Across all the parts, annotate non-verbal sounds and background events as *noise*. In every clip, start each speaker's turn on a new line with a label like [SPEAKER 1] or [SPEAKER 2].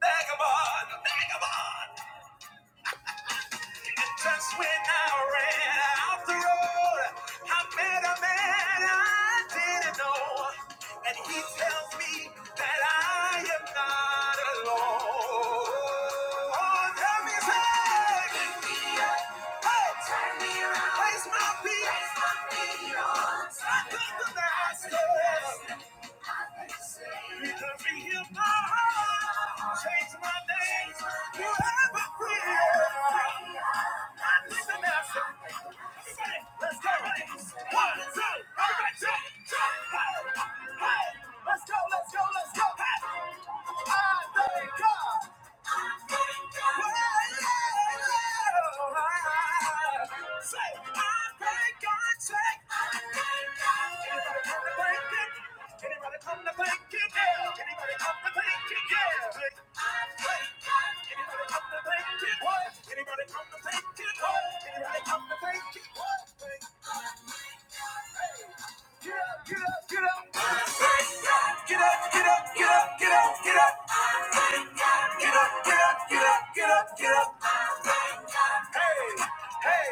[SPEAKER 1] Vagabond, vagabond. Just when I ran off the road, I met a man I didn't know, and he tells me that I am not alone. Oh, tell me, say, hey, place my peace. I come to the hospital because he healed my heart, changed my name. You have a prayer. I come to the hospital. Say, I Thank thank God, Anybody come to thank Him? Anybody come to thank Him? Yeah. Anybody come to thank Him? Yeah. Thank thank God. Anybody come to thank Him? What? Anybody come to thank Him? What? Anybody come to thank Him? What? Thank Get up, get up, get up, get up, get up. I thank God. Get up, get up, get up, get up, get up. Hey, hey,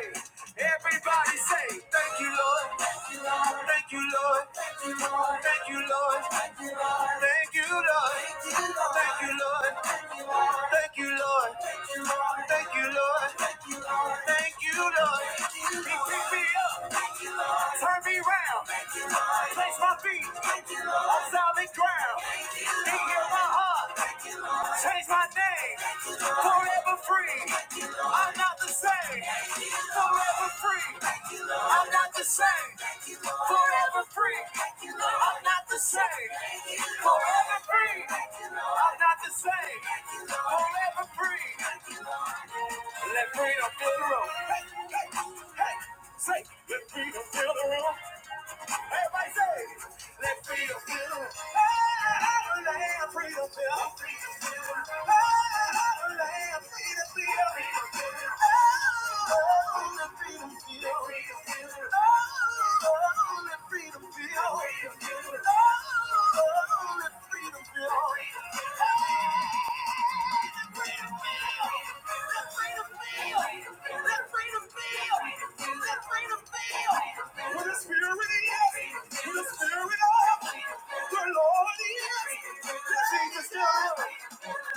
[SPEAKER 1] everybody say thank you, Lord. Thank you, Lord. Thank you, Lord. Thank you, Lord. Thank you, Lord. Thank you, Lord. Thank you, Lord. Thank you, Lord. Thank you, Lord. Thank you, Lord. He picked me up, turned me round, placed my feet on solid ground. He healed my heart, changed my name, forever free. I'm not the same. Forever free. I'm not the same. Forever free. I'm not the same. Forever free. I'm not the same. Forever free. Let freedom fill the room. Hey, hey, hey. Say, let freedom fill the room. Everybody say, let freedom fill. Oh, let freedom fill. Oh, let freedom fill. Oh, let freedom fill. Oh, let freedom fill. Oh, let freedom fill.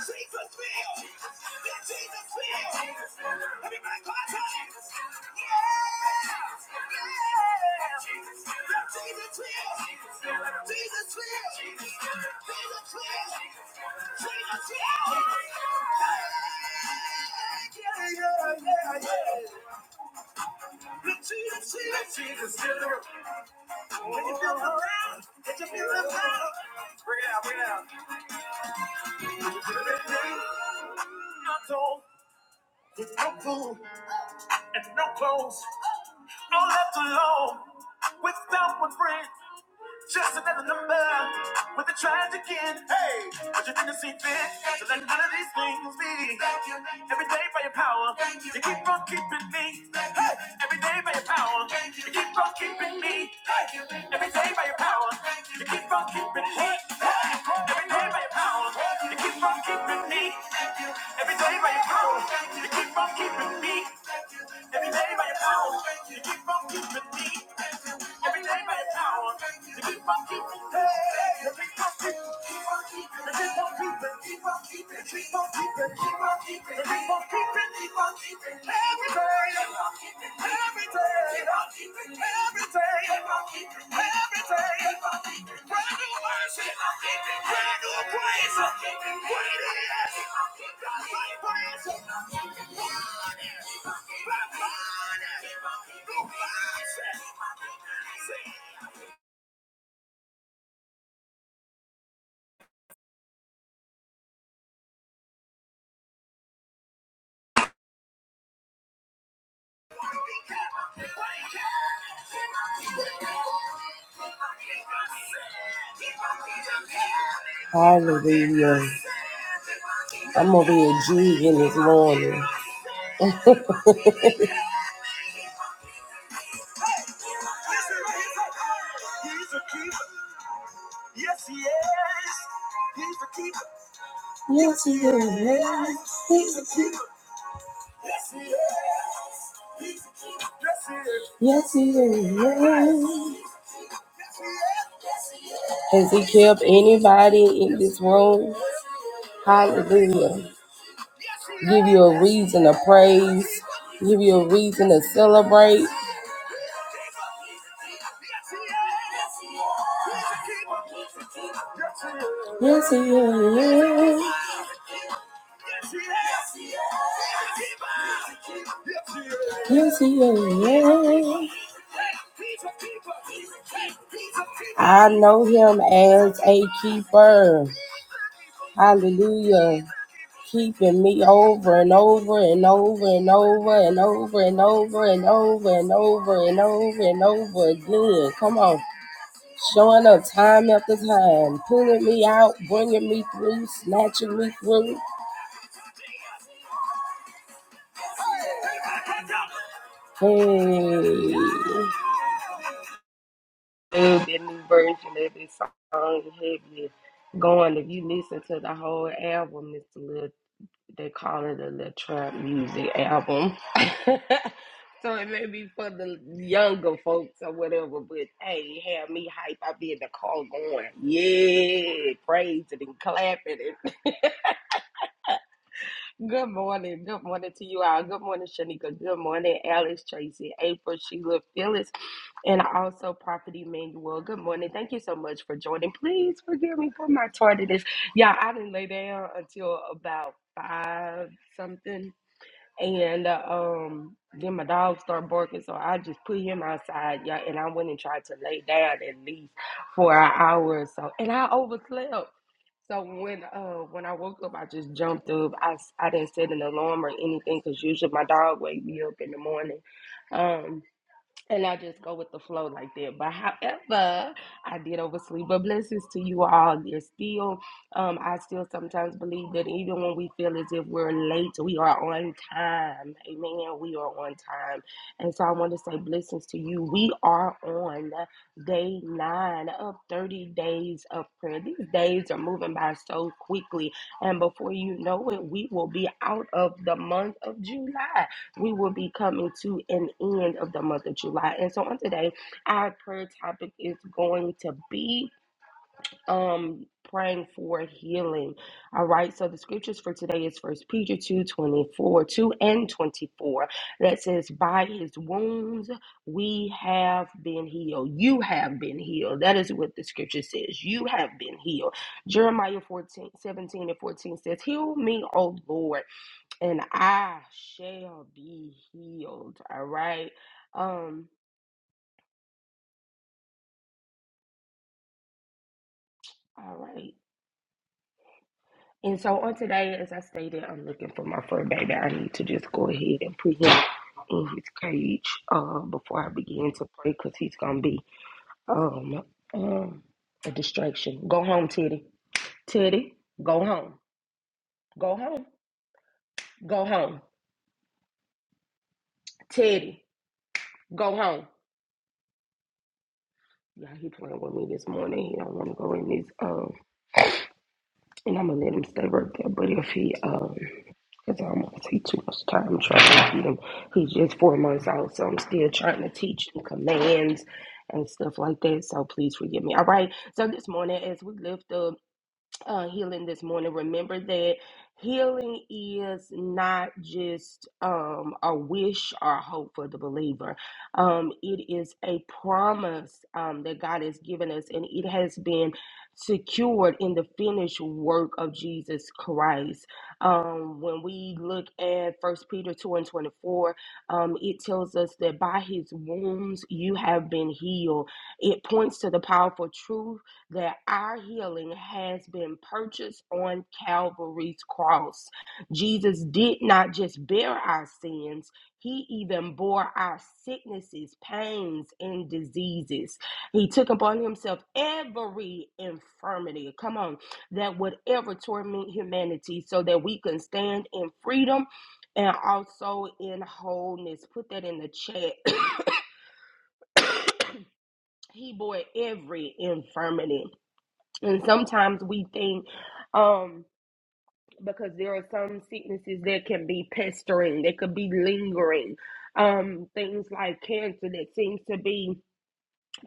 [SPEAKER 1] Jesus feel, Jesus feel, Everybody clap your hands. Yeah. Jesus will. Jesus will. Jesus will. Jesus will. Yeah, yeah, yeah, yeah. Look, Jesus, Jesus, Jesus, Jesus. When you feel around, get your feelings out. Bring it out, bring it out. Not all. With no food and no clothes. I'm left alone without one friend. Just another number with a tragic end. Hey, but you didn't see fit to let none of these things be. Every day by your power, you keep on keeping me. Hey, every day by your power, you keep on keeping me. Hey, every day by your power, you keep on keeping me. Hey, every day by your power, you keep on keeping me. Every day by your power, you keep on keeping me. Every day by your power, you keep on keeping me. Every day keep on keeping, hey, keep on keeping, every day, every day, keep on keeping, every day, Hallelujah. I'm over here jigging this morning. He's a keeper. Yes, he is. He's a keeper. Yes, he is. He's a keeper. Yes, Yes, he is. Yes, he is. Has he kept anybody in this room? Hallelujah. give you a reason to praise, give you a reason to celebrate. Yes, he is. Yes, he is. I know him as a keeper. Hallelujah keeping me over and over and over and over and over and over and over and over and over and over again. Come on, showing up time after time, pulling me out, bringing me through, snatching me through. Hey, Dude, that new version of this song, heavy going. If you listen to the whole album, it's a little they call it a little trap music *sighs* album. *laughs* so it may be for the younger folks or whatever, but hey, it had me hype. I be in the car going, yeah, praising and clapping. And *laughs* good morning. Good morning to you all. Good morning, Shanika. Good morning, Alice, Tracy, April, Sheila, Phyllis, and also Prophet Emmanuel. Good morning. Thank you so much for joining. Please forgive me for my tardiness. Yeah, I didn't lay down until about five something and uh, um then my dog started barking so i just put him outside yeah and i went and tried to lay down at least for an hour or so and i overslept so when uh when i woke up i just jumped up i, s- I didn't set an alarm or anything because usually my dog wake me up in the morning um and I just go with the flow like that. But however, I did oversleep. But blessings to you all. There's still, um, I still sometimes believe that even when we feel as if we're late, we are on time. Amen. We are on time. And so I want to say blessings to you. We are on day nine of 30 days of prayer. These days are moving by so quickly. And before you know it, we will be out of the month of July we will be coming to an end of the month of July. And so on today, our prayer topic is going to be um praying for healing. All right. So the scriptures for today is first Peter two twenty 2 and 24. That says, By his wounds we have been healed. You have been healed. That is what the scripture says. You have been healed. Jeremiah fourteen seventeen and 14 says, Heal me, O Lord and I shall be healed. All right. Um, all right. And so on today, as I stated, I'm looking for my fur baby. I need to just go ahead and put him in his cage uh, before I begin to pray because he's going to be um, um, a distraction. Go home, Teddy. Teddy, go home. Go home. Go home. Teddy, go home. Yeah, he playing with me this morning. He don't want to go in his these. and I'm gonna let him stay right there. But if he, um, cause I don't want to take too much time trying to teach him. He's just four months out, so I'm still trying to teach him commands and stuff like that. So please forgive me. All right. So this morning, as we lift up uh, healing this morning, remember that healing is not just um, a wish or a hope for the believer. Um, it is a promise um, that God has given us, and it has been secured in the finished work of Jesus Christ. Um, when we look at First Peter 2 and 24, um, it tells us that by his wounds you have been healed. It points to the powerful truth that our healing has been purchased on Calvary's cross. Jesus did not just bear our sins, he even bore our sicknesses, pains, and diseases. He took upon himself every infirmity, come on, that would ever torment humanity so that we can stand in freedom and also in wholeness. Put that in the chat. *coughs* he bore every infirmity. And sometimes we think, um, because there are some sicknesses that can be pestering, that could be lingering, um, things like cancer that seems to be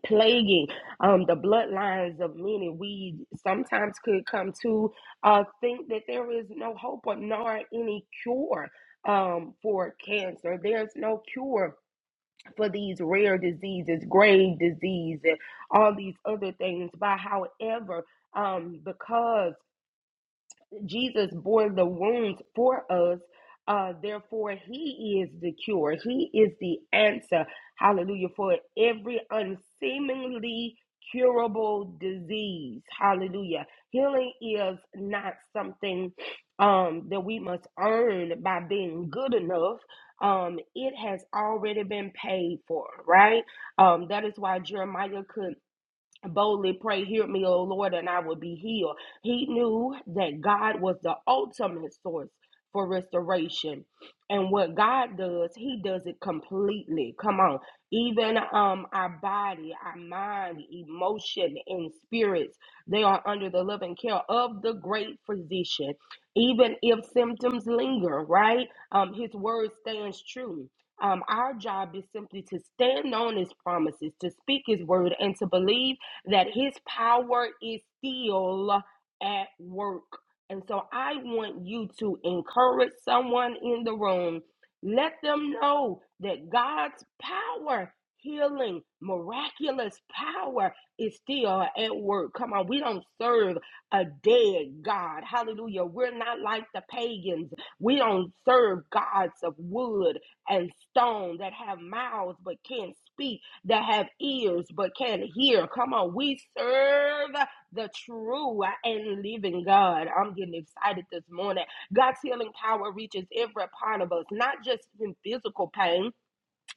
[SPEAKER 1] plaguing um, the bloodlines of many. We sometimes could come to uh, think that there is no hope or nor any cure um, for cancer. There's no cure for these rare diseases, grave disease, and all these other things. But however, um, because Jesus bore the wounds for us. Uh, therefore, He is the cure. He is the answer. Hallelujah. For every unseemingly curable disease. Hallelujah. Healing is not something um, that we must earn by being good enough. Um, it has already been paid for, right? Um, that is why Jeremiah could boldly pray, Hear me, O Lord, and I will be healed. He knew that God was the ultimate source for restoration. And what God does, He does it completely. Come on. Even um, our body, our mind, emotion, and spirits, they are under the loving care of the great physician. Even if symptoms linger, right? Um, his word stands true. Um, our job is simply to stand on his promises, to speak his word, and to believe that his power is still at work. And so I want you to encourage someone in the room. Let them know that God's power, healing, miraculous power is still at work. Come on, we don't serve a dead God. Hallelujah. We're not like the pagans. We don't serve gods of wood and stone that have mouths but can't speak that have ears but can't hear. Come on, we serve the true and living God. I'm getting excited this morning. God's healing power reaches every part of us, not just in physical pain,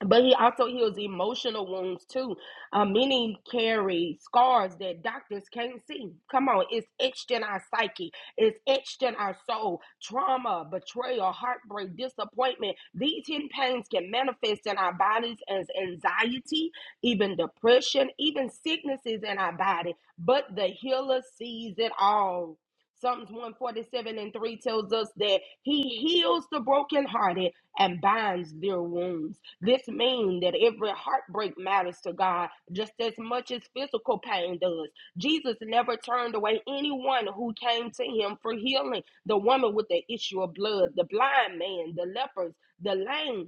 [SPEAKER 1] but he also heals emotional wounds too. Uh, many carry scars that doctors can't see. Come on, it's etched in our psyche, it's etched in our soul. Trauma, betrayal, heartbreak, disappointment. These hidden pains can manifest in our bodies as anxiety, even depression, even sicknesses in our body. But the healer sees it all. Psalms 147 and 3 tells us that he heals the brokenhearted and binds their wounds. This means that every heartbreak matters to God just as much as physical pain does. Jesus never turned away anyone who came to him for healing the woman with the issue of blood, the blind man, the lepers, the lame,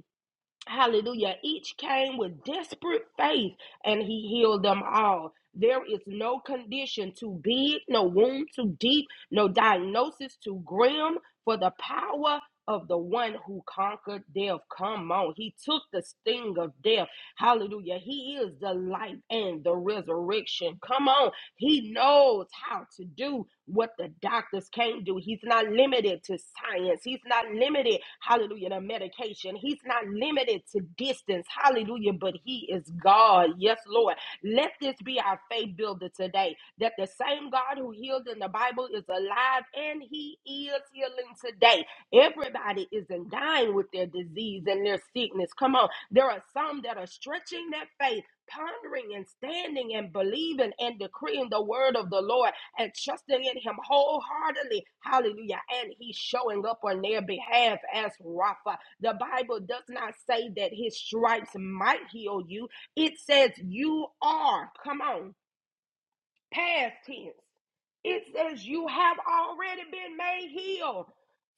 [SPEAKER 1] Hallelujah. Each came with desperate faith and he healed them all. There is no condition too big, no wound too deep, no diagnosis too grim for the power of the one who conquered death. Come on. He took the sting of death. Hallelujah. He is the life and the resurrection. Come on. He knows how to do what the doctors can't do. He's not limited to science. He's not limited, hallelujah, to medication. He's not limited to distance, hallelujah, but He is God. Yes, Lord. Let this be our faith builder today that the same God who healed in the Bible is alive and He is healing today. Everybody isn't dying with their disease and their sickness. Come on. There are some that are stretching their faith pondering and standing and believing and decreeing the word of the Lord and trusting in Him wholeheartedly. Hallelujah. And He's showing up on their behalf as Rapha. The Bible does not say that His stripes might heal you, it says you are. Come on, past tense. It says you have already been made healed.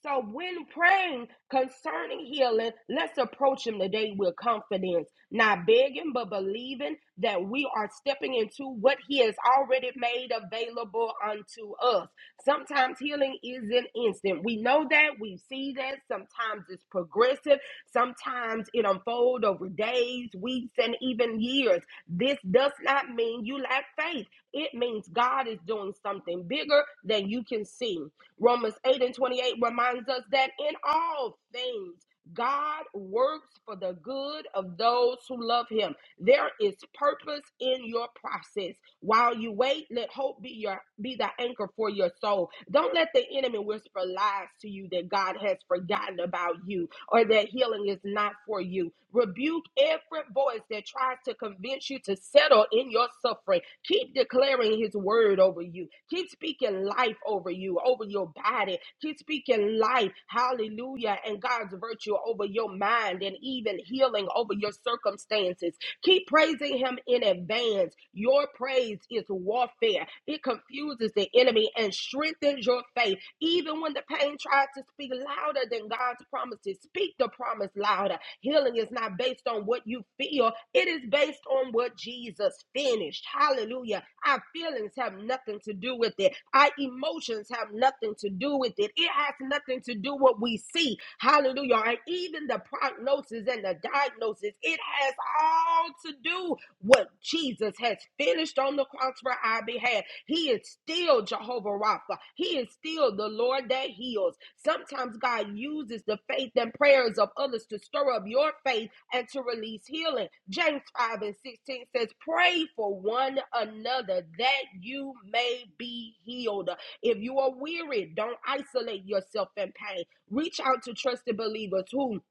[SPEAKER 1] So when praying concerning healing, let's approach him today with confidence, not begging, but believing that we are stepping into what he has already made available unto us. Sometimes healing is an instant. We know that, we see that. Sometimes it's progressive. Sometimes it unfolds over days, weeks, and even years. This does not mean you lack faith. It means God is doing something bigger than you can see. Romans 8 and 28 reminds us that in all things, God works for the good of those who love him. There is purpose in your process. While you wait, let hope be your be the anchor for your soul. Don't let the enemy whisper lies to you that God has forgotten about you or that healing is not for you. Rebuke every voice that tries to convince you to settle in your suffering. Keep declaring his word over you. Keep speaking life over you, over your body. Keep speaking life, hallelujah, and God's virtue over your mind and even healing over your circumstances Keep praising him in advance. Your praise is warfare. It confuses the enemy and strengthens your faith. Even when the pain tries to speak louder than God's promises, speak the promise louder. Healing is not based on what you feel, it is based on what Jesus finished. Hallelujah. Our feelings have nothing to do with it, our emotions have nothing to do with it. It has nothing to do with what we see. Hallelujah. And even the prognosis and the diagnosis, it has all to do what Jesus has finished on the cross for our behalf. He is still Jehovah Rapha. He is still the Lord that heals. Sometimes God uses the faith and prayers of others to stir up your faith and to release healing. James 5 and 16 says, Pray for one another that you may be healed. If you are weary, don't isolate yourself in pain. Reach out to trusted believers who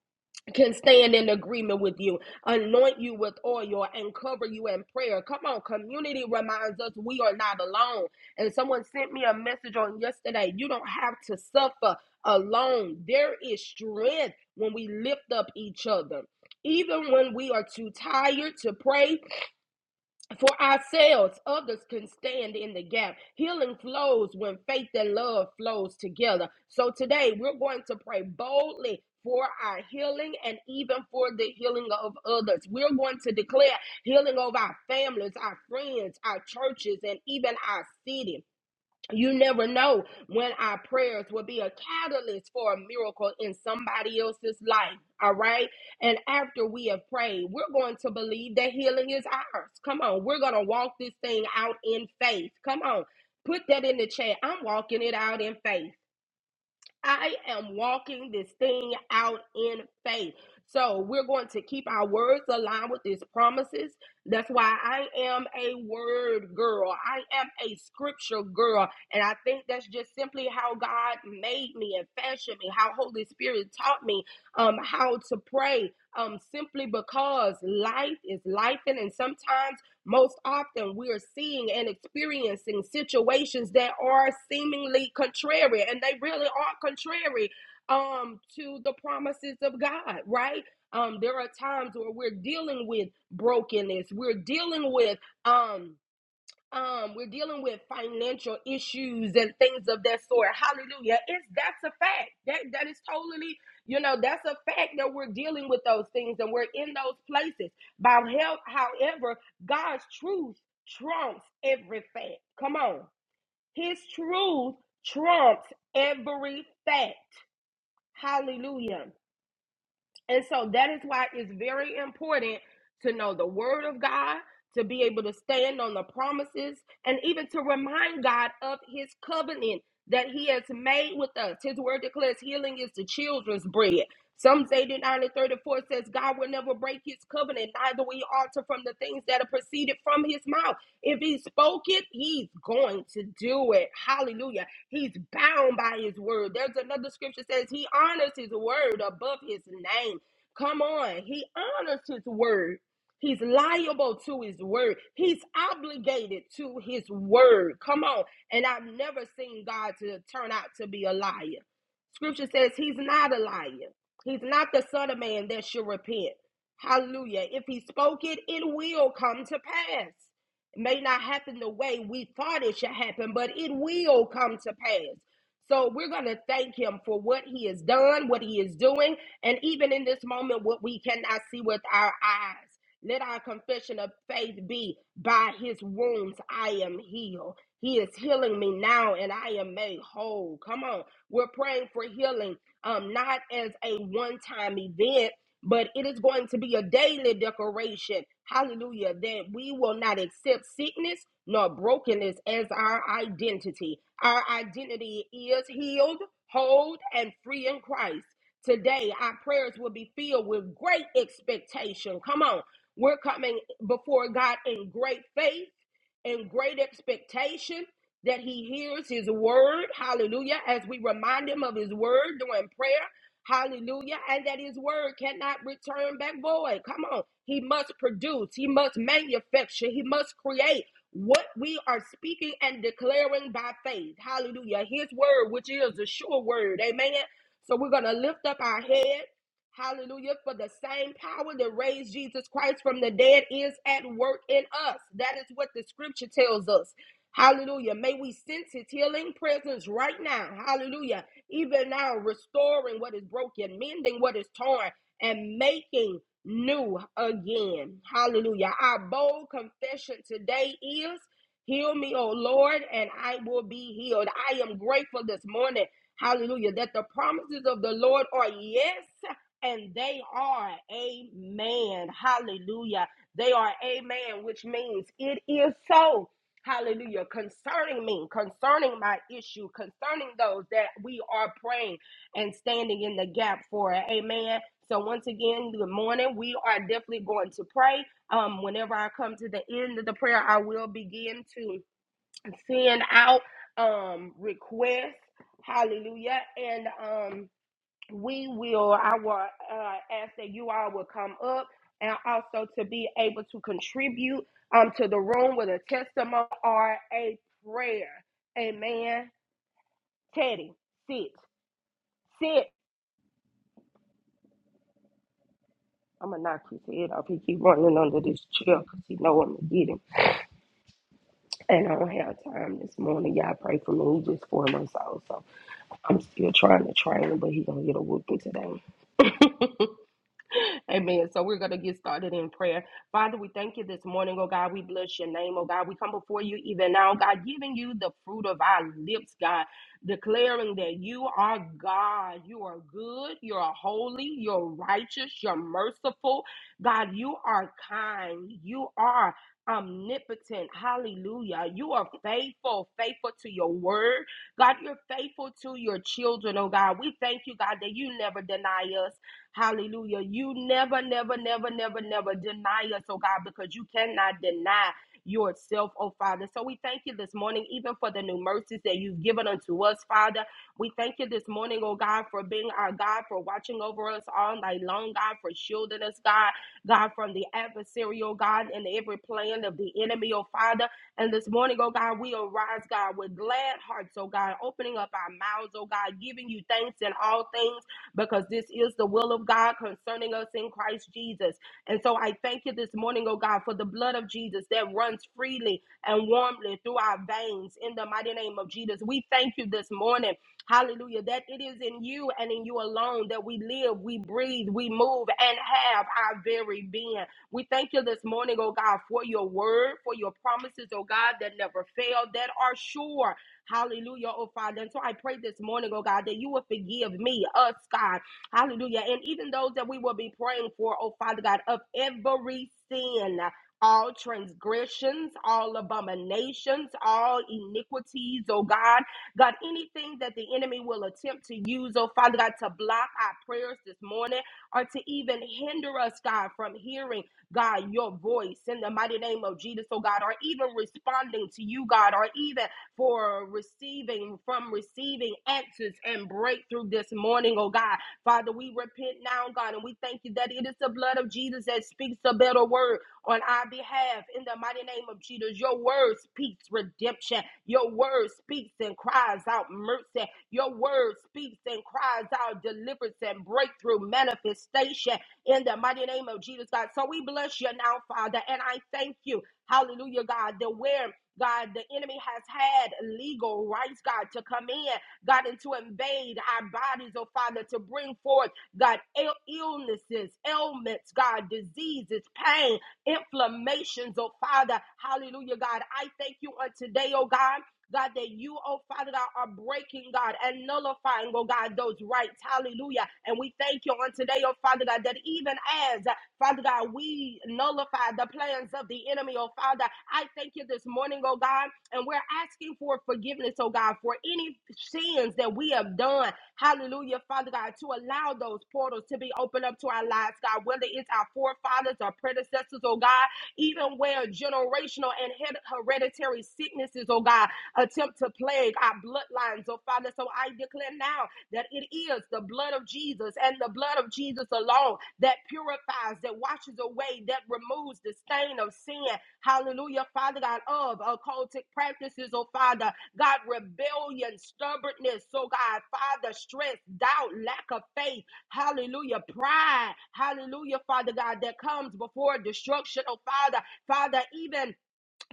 [SPEAKER 1] can stand in agreement with you, anoint you with oil, and cover you in prayer. Come on, community reminds us we are not alone. And someone sent me a message on yesterday you don't have to suffer alone. There is strength when we lift up each other. Even when we are too tired to pray, for ourselves, others can stand in the gap. Healing flows when faith and love flows together. So today we're going to pray boldly for our healing and even for the healing of others. We're going to declare healing of our families, our friends, our churches, and even our city. You never know when our prayers will be a catalyst for a miracle in somebody else's life. All right. And after we have prayed, we're going to believe that healing is ours. Come on. We're going to walk this thing out in faith. Come on. Put that in the chat. I'm walking it out in faith. I am walking this thing out in faith. So we're going to keep our words aligned with these promises. That's why I am a word girl. I am a scripture girl. And I think that's just simply how God made me and fashioned me, how Holy Spirit taught me um, how to pray. Um, simply because life is life, and sometimes most often, we are seeing and experiencing situations that are seemingly contrary, and they really are contrary um, to the promises of God, right? Um, there are times where we're dealing with brokenness, we're dealing with. Um, um we're dealing with financial issues and things of that sort hallelujah it's that's a fact that that is totally you know that's a fact that we're dealing with those things and we're in those places by help however god's truth trumps every fact come on his truth trumps every fact hallelujah and so that is why it's very important to know the word of God, to be able to stand on the promises, and even to remind God of his covenant that he has made with us. His word declares healing is the children's bread. Psalms 89 and 34 says, God will never break his covenant, neither will he alter from the things that are proceeded from his mouth. If he spoke it, he's going to do it. Hallelujah. He's bound by his word. There's another scripture that says he honors his word above his name. Come on. He honors his word. He's liable to his word. He's obligated to his word. Come on. And I've never seen God to turn out to be a liar. Scripture says he's not a liar. He's not the son of man that should repent. Hallelujah. If he spoke it, it will come to pass. It may not happen the way we thought it should happen, but it will come to pass. So we're going to thank him for what he has done, what he is doing, and even in this moment, what we cannot see with our eyes. Let our confession of faith be by his wounds, I am healed. He is healing me now, and I am made whole. Come on. We're praying for healing, um, not as a one time event but it is going to be a daily declaration, Hallelujah. That we will not accept sickness nor brokenness as our identity. Our identity is healed, whole, and free in Christ. Today, our prayers will be filled with great expectation. Come on. We're coming before God in great faith and great expectation that He hears His word. Hallelujah. As we remind Him of His word during prayer Hallelujah. And that his word cannot return back void. Come on. He must produce, he must manufacture, he must create what we are speaking and declaring by faith. Hallelujah. His word, which is a sure word. Amen. So we're going to lift up our head. Hallelujah. For the same power that raised Jesus Christ from the dead is at work in us. That is what the scripture tells us. Hallelujah. May we sense his healing presence right now. Hallelujah even now, restoring what is broken, mending what is torn, and making new again. Hallelujah. Our bold confession today is Heal me, O Lord, and I will be healed. I am grateful this morning. Hallelujah. That the promises of the Lord are yes and they are amen. Hallelujah. They are amen, which means it is so. Hallelujah. Concerning me, concerning my issue, concerning those that we are praying and standing in the gap for. Amen. So, once again, good morning. We are definitely going to pray. Um, whenever I come to the end of the prayer, I will begin to send out um requests. Hallelujah. And um we will i will uh, ask that you all will come up and also to be able to contribute um to the room with a testimony or a prayer amen teddy sit sit i'm gonna knock his head off he keep running under this chair because he know i'm gonna get him and i don't have time this morning y'all pray for me he just four months old so i'm still trying to train him but he gonna get a whooping today Amen. So we're going to get started in prayer. Father, we thank you this morning, oh God. We bless your name, oh God. We come before you even now, God, giving you the fruit of our lips, God, declaring that you are God. You are good. You are holy. You're righteous. You're merciful. God, you are kind. You are omnipotent. Hallelujah. You are faithful, faithful to your word. God, you're faithful to your children, oh God. We thank you, God, that you never deny us. Hallelujah. You never, never, never, never, never deny us, oh God, because you cannot deny yourself, oh Father. So we thank you this morning, even for the new mercies that you've given unto us, Father. We thank you this morning, oh God, for being our God, for watching over us all night long, God, for shielding us, God, God, from the adversary, oh God, and every plan of the enemy, oh Father. And this morning, oh God, we arise, God, with glad hearts, oh God, opening up our mouths, oh God, giving you thanks in all things because this is the will of God concerning us in Christ Jesus. And so I thank you this morning, oh God, for the blood of Jesus that runs freely and warmly through our veins in the mighty name of Jesus. We thank you this morning, hallelujah, that it is in you and in you alone that we live, we breathe, we move, and have our very being. We thank you this morning, oh God, for your word, for your promises, oh God, that never fail, that are sure Hallelujah, oh Father. And so I pray this morning, oh God, that you will forgive me, us, God. Hallelujah. And even those that we will be praying for, oh Father God, of every sin. All transgressions, all abominations, all iniquities, oh God. God, anything that the enemy will attempt to use, oh Father God, to block our prayers this morning or to even hinder us, God, from hearing, God, your voice in the mighty name of Jesus, oh God, or even responding to you, God, or even for receiving from receiving answers and breakthrough this morning, oh God. Father, we repent now, God, and we thank you that it is the blood of Jesus that speaks a better word on our behalf in the mighty name of Jesus. Your word speaks redemption. Your word speaks and cries out mercy. Your word speaks and cries out deliverance and breakthrough manifestation in the mighty name of Jesus, God. So we bless you now, Father, and I thank you. Hallelujah, God, that where God, the enemy has had legal rights, God, to come in, God, and to invade our bodies, oh Father, to bring forth, God, ill- illnesses, ailments, God, diseases, pain, inflammations, oh Father. Hallelujah, God. I thank you on today, oh God. God, that you, oh Father God, are breaking, God, and nullifying, oh God, those rights. Hallelujah. And we thank you on today, oh Father God, that even as Father God, we nullify the plans of the enemy, oh Father. I thank you this morning, oh God, and we're asking for forgiveness, oh God, for any sins that we have done. Hallelujah, Father God, to allow those portals to be opened up to our lives, God, whether it's our forefathers or predecessors, oh God, even where generational and hered- hereditary sicknesses, oh God, attempt to plague our bloodlines, oh Father. So I declare now that it is the blood of Jesus and the blood of Jesus alone that purifies, that washes away, that removes the stain of sin. Hallelujah, Father God, of occultic practices, oh Father, God, rebellion, stubbornness, oh God, Father, stress, doubt, lack of faith, hallelujah, pride, hallelujah, Father God, that comes before destruction, oh Father, Father, even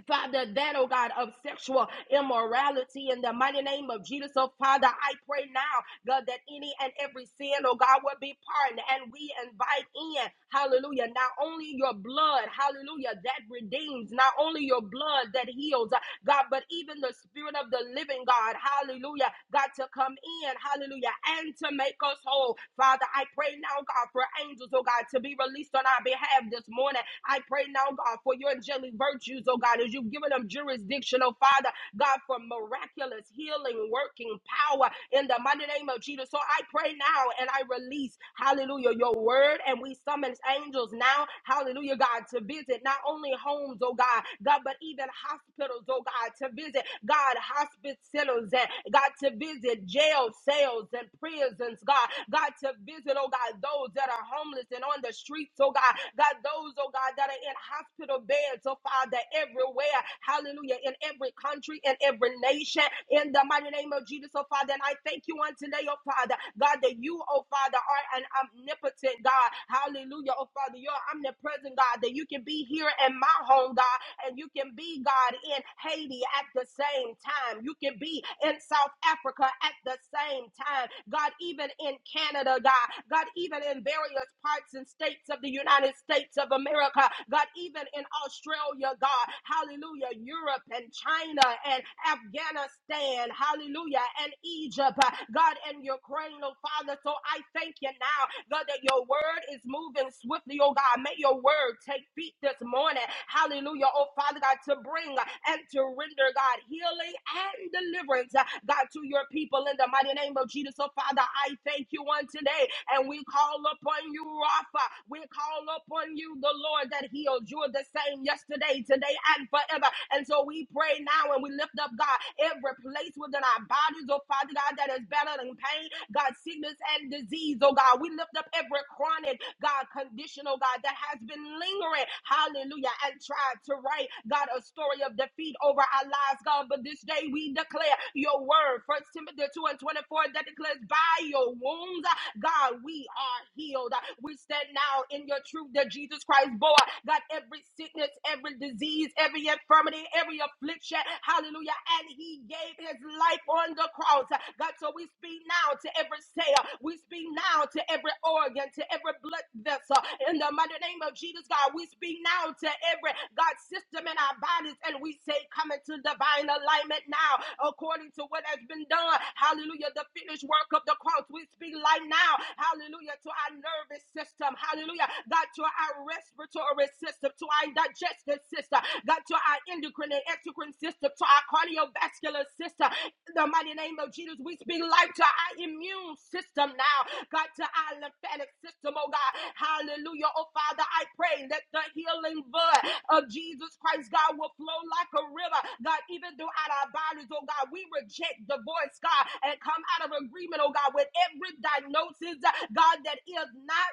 [SPEAKER 1] Father, that, oh God, of sexual immorality in the mighty name of Jesus. Oh Father, I pray now, God, that any and every sin, oh God, will be pardoned. And we invite in, hallelujah, not only your blood, hallelujah, that redeems, not only your blood that heals, uh, God, but even the spirit of the living God, hallelujah, God, to come in, hallelujah, and to make us whole. Father, I pray now, God, for angels, oh God, to be released on our behalf this morning. I pray now, God, for your angelic virtue virtues, oh God, as you've given them jurisdiction, oh Father, God, for miraculous healing, working power in the mighty name of Jesus. So I pray now and I release, hallelujah, your word. And we summons angels now, hallelujah, God, to visit not only homes, oh God, God, but even hospitals, oh God, to visit, God, hospice centers, and God, to visit jail cells and prisons, God, God, to visit, oh God, those that are homeless and on the streets, oh God, God, those, oh God, that are in hospital disobeying. So, Father, everywhere, hallelujah, in every country, in every nation, in the mighty name of Jesus, oh Father. And I thank you on today, oh Father, God, that you, oh Father, are an omnipotent God. Hallelujah, oh Father, you're omnipresent, God, that you can be here in my home, God, and you can be, God, in Haiti at the same time. You can be in South Africa at the same time. God, even in Canada, God, God, even in various parts and states of the United States of America, God. God, even in Australia, God, hallelujah, Europe and China and Afghanistan, hallelujah, and Egypt, uh, God, and Ukraine, oh Father. So I thank you now, God, that your word is moving swiftly, oh God. May your word take feet this morning, hallelujah, oh Father God, to bring and to render, God, healing and deliverance, uh, God, to your people in the mighty name of Jesus. So, Father, I thank you on today, and we call upon you, Rapha. We call upon you, the the Lord that healed. You are the same yesterday, today, and forever. And so we pray now and we lift up, God, every place within our bodies, oh Father God, that is battling pain, God, sickness and disease, oh God. We lift up every chronic, God, condition, oh God, that has been lingering, hallelujah, and tried to write, God, a story of defeat over our lives, God. But this day we declare your word, First Timothy 2 and 24, that declares, by your wounds, God, we are healed. We stand now in your truth through the Jesus Christ bore God, every sickness, every disease, every infirmity, every affliction, hallelujah. And he gave his life on the cross. God, so we speak now to every cell, we speak now to every organ, to every blood vessel. In the mighty name of Jesus, God, we speak now to every God system in our bodies, and we say, come into divine alignment now, according to what has been done. Hallelujah. The finished work of the cross. We speak life now. Hallelujah. To our nervous system. Hallelujah! hallelujah, God, to our respiratory system, to our digestive system, God, to our endocrine and exocrine system, to our cardiovascular system. In the mighty name of Jesus, we speak life to our immune system now, God, to our lymphatic system, oh God, hallelujah, oh Father, I pray that the healing blood of Jesus Christ, God, will flow like a river, God, even throughout our bodies, oh God. We reject the voice, God, and come out of agreement, oh God, with every diagnosis, God, that is not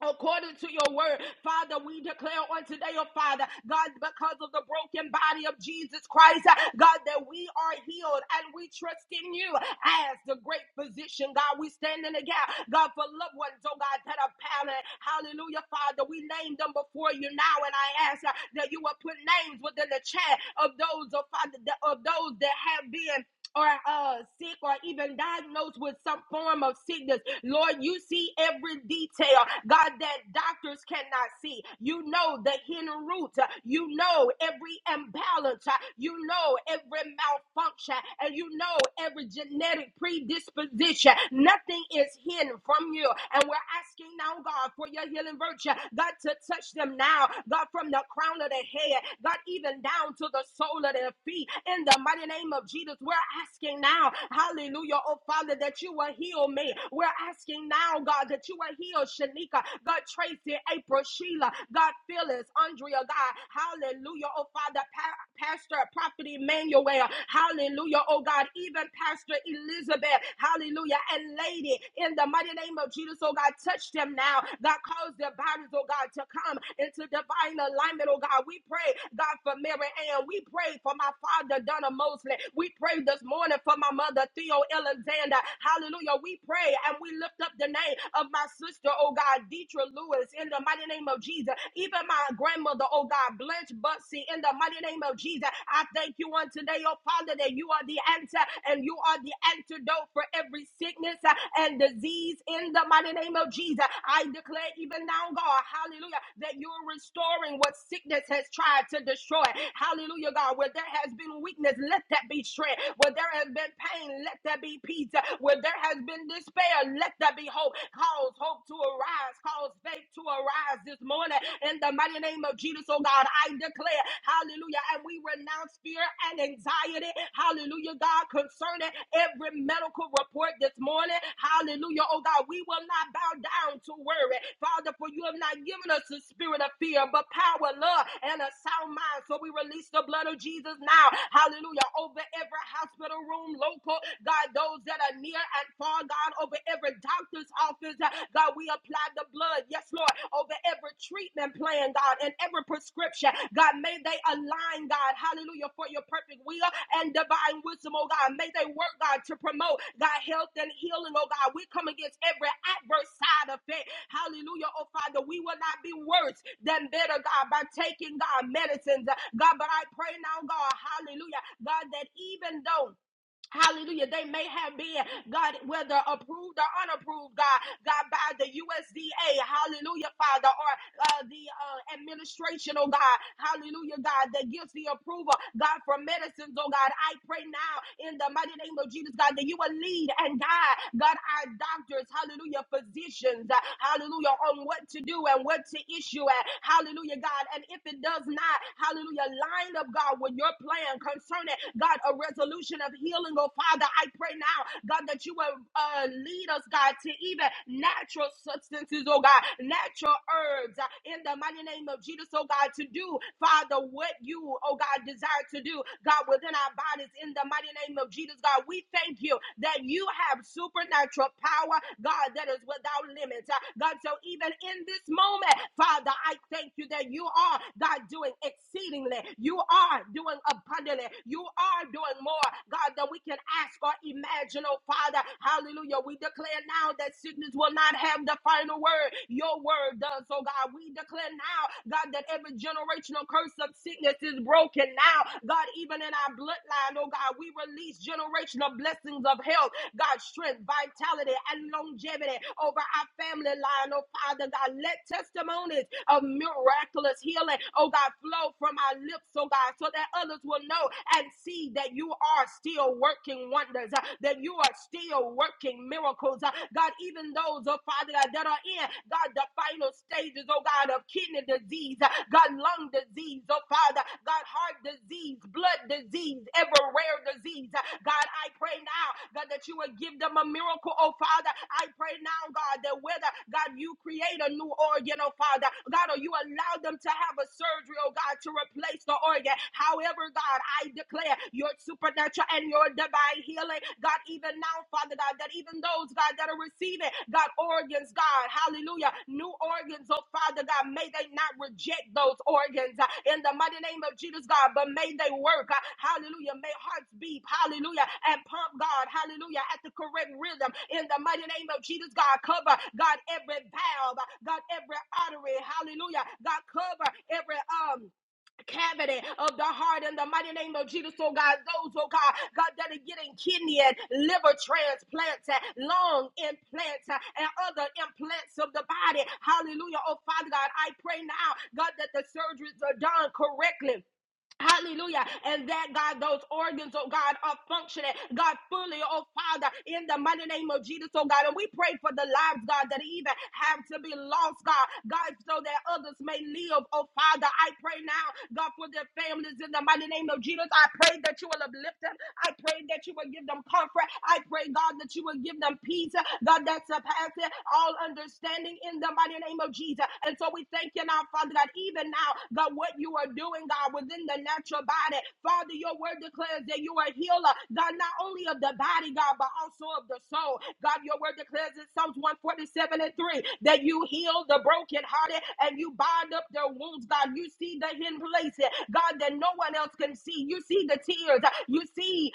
[SPEAKER 1] according to your word. Father, we declare on today, oh Father, God, because of the broken body of Jesus Christ, uh, God, that we are healed and we trust in you as the great physician. God, we stand in the gap, God, for loved ones, oh God, that are pallet. Hallelujah, Father. We name them before you now, and I ask uh, that you will put names within the chat of those, oh Father, of those that have been or uh, sick or even diagnosed with some form of sickness. Lord, you see every detail, God, that doctors cannot see. You know the hidden root. Uh, You know every imbalance. Uh, You know every malfunction. And you know every genetic predisposition. Nothing is hidden from you. And we're asking now, God, for your healing virtue. God, to touch them now. God, from the crown of their head. God, even down to the sole of their feet. In the mighty name of Jesus, we're asking now, hallelujah, oh Father, that you will heal me. We're asking now, God, that you will heal Shanika, God, Tracy, April, Sheila, God, Phyllis, Andrea, God, hallelujah, oh Father, pa- Pastor, Prophet Emmanuel, hallelujah, oh God, even Pastor Elizabeth, hallelujah, and Lady, in the mighty name of Jesus, oh God, touch them now, God, cause their bodies, oh God, to come into divine alignment, oh God. We pray, God, for Mary Ann. We pray for my father, Donna Mosley. We pray this morning for my mother, Theo Alexander. Hallelujah. We pray and we lift up the name of my sister, oh God, Deetra Lewis, in the mighty name of Jesus. Even my grandmother, oh God, Blanche Butsy, in the mighty name of Jesus. I thank you on today, oh Father, that you are the answer and you are the antidote for every sickness uh, and disease in the mighty name of Jesus. I declare even now, God, hallelujah, that you're restoring what sickness has tried to destroy. Hallelujah, God, where there has been weakness, let that be strength there has been pain, let there be peace. Where there has been despair, let there be hope. Cause hope to arise, cause faith to arise this morning. In the mighty name of Jesus, oh God, I declare, hallelujah. And we renounce fear and anxiety, hallelujah, God, concerning every medical report this morning. Hallelujah, oh God, we will not bow down to worry. Father, for you have not given us the spirit of fear, but power, love, and a sound mind. So we release the blood of Jesus now. Hallelujah. Over every hospital hospital room, local, God, those that are near and far, God, over every doctor's office, uh, God, we apply the blood, yes, Lord, over every treatment plan, God, and every prescription, God, may they align, God, hallelujah, for your perfect will and divine wisdom, oh God, may they work, God, to promote, God, health and healing, oh God, we come against every adverse side effect, hallelujah, oh Father, we will not be worse than better, God, by taking, God, medicines, God, but I pray now, God, hallelujah, God, that even though Hallelujah. They may have been, God, whether approved or unapproved, God, God, by the USDA. Hallelujah, Father, or uh, the uh, administration, oh God. Hallelujah, God, that gives the approval, God, for medicines, oh God. I pray now in the mighty name of Jesus, God, that you will lead and guide, God, our doctors, hallelujah, physicians, uh, hallelujah, on what to do and what to issue at. Hallelujah, God. And if it does not, hallelujah, line up, God, with your plan concerning, God, a resolution resolution of healing, oh Father. I pray now, God, that you will uh, lead us, God, to even natural substances, oh God, natural herbs uh, in the mighty name of Jesus, oh God, to do, Father, what you, oh God, desire to do, God, within our bodies in the mighty name of Jesus, God. We thank you that you have supernatural power, God, that is without limits. Uh, God, so even in this moment, Father, I thank you that you are, God, doing exceedingly. You are doing abundantly. you. You are doing more, God, than we can ask or imagine, oh Father. Hallelujah. We declare now that sickness will not have the final word. Your word does, oh God. We declare now, God, that every generational curse of sickness is broken now. God, even in our bloodline, oh God, we release generational blessings of health, God, strength, vitality, and longevity over our family line, oh Father God. Let testimonies of miraculous healing, oh God, flow from our lips, oh God, so that others will know and see that you are still working wonders, uh, that you are still working miracles. uh, God, even those, oh Father God, that are in, God, the final stages, oh God, of kidney disease, uh, God, lung disease, oh Father, God, heart disease, blood disease, every rare disease. uh, God, I pray now, God, that you would give them a miracle, oh Father. I pray now, God, that whether, God, you create a new organ, oh Father, God, or you allow them to have a surgery, oh God, to replace the your organ. However, God, I declare your supernatural and your divine healing, God, even now, Father God, that even those, God, that are receiving, God, organs, God, hallelujah, new organs, oh Father God, may they not reject those organs uh, in the mighty name of Jesus, God, but may they work, uh, hallelujah, may hearts beat, hallelujah, and pump, God, hallelujah, at the correct rhythm in the mighty name of Jesus, God, cover, God, every valve, uh, God, every artery, hallelujah, God, cover every, um, cavity of the heart in the mighty name of Jesus. Oh God, those, oh God, God, that are getting kidney and liver transplants and lung implants uh, and other implants of the body. Hallelujah. Oh Father God, I pray now, God, that the surgeries are done correctly. Hallelujah. And that God, those organs, oh God, are functioning, God, fully, oh Father, in the mighty name of Jesus, oh God. And we pray for the lives, God, that even have to be lost, God, God, so that others may live, oh Father. I pray now, God, for their families in the mighty name of Jesus. I pray that you will uplift them. I pray that you will give them comfort. I pray, God, that you will give them peace, God, that surpasses all understanding understanding in the mighty name of Jesus. And so we thank you now, Father God, even now, God, what you are doing, God, within the natural body. Father, your word declares that you are a healer, God, not only of the body, God, but also of the soul. God, your word declares in Psalms 147 and 3 that you heal the brokenhearted and you bind up their wounds, God. You see the hidden places, God, that no one else can see. You see the tears. You see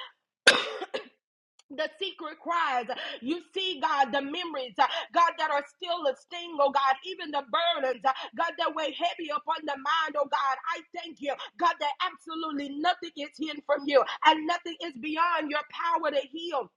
[SPEAKER 1] the secret cries. You see, God, the memories, uh, God, that are still a sting, oh God, even the burdens, uh, God, that weigh heavy upon the mind, oh God. I thank you, God, that absolutely nothing is hidden from you and nothing is beyond your power to heal.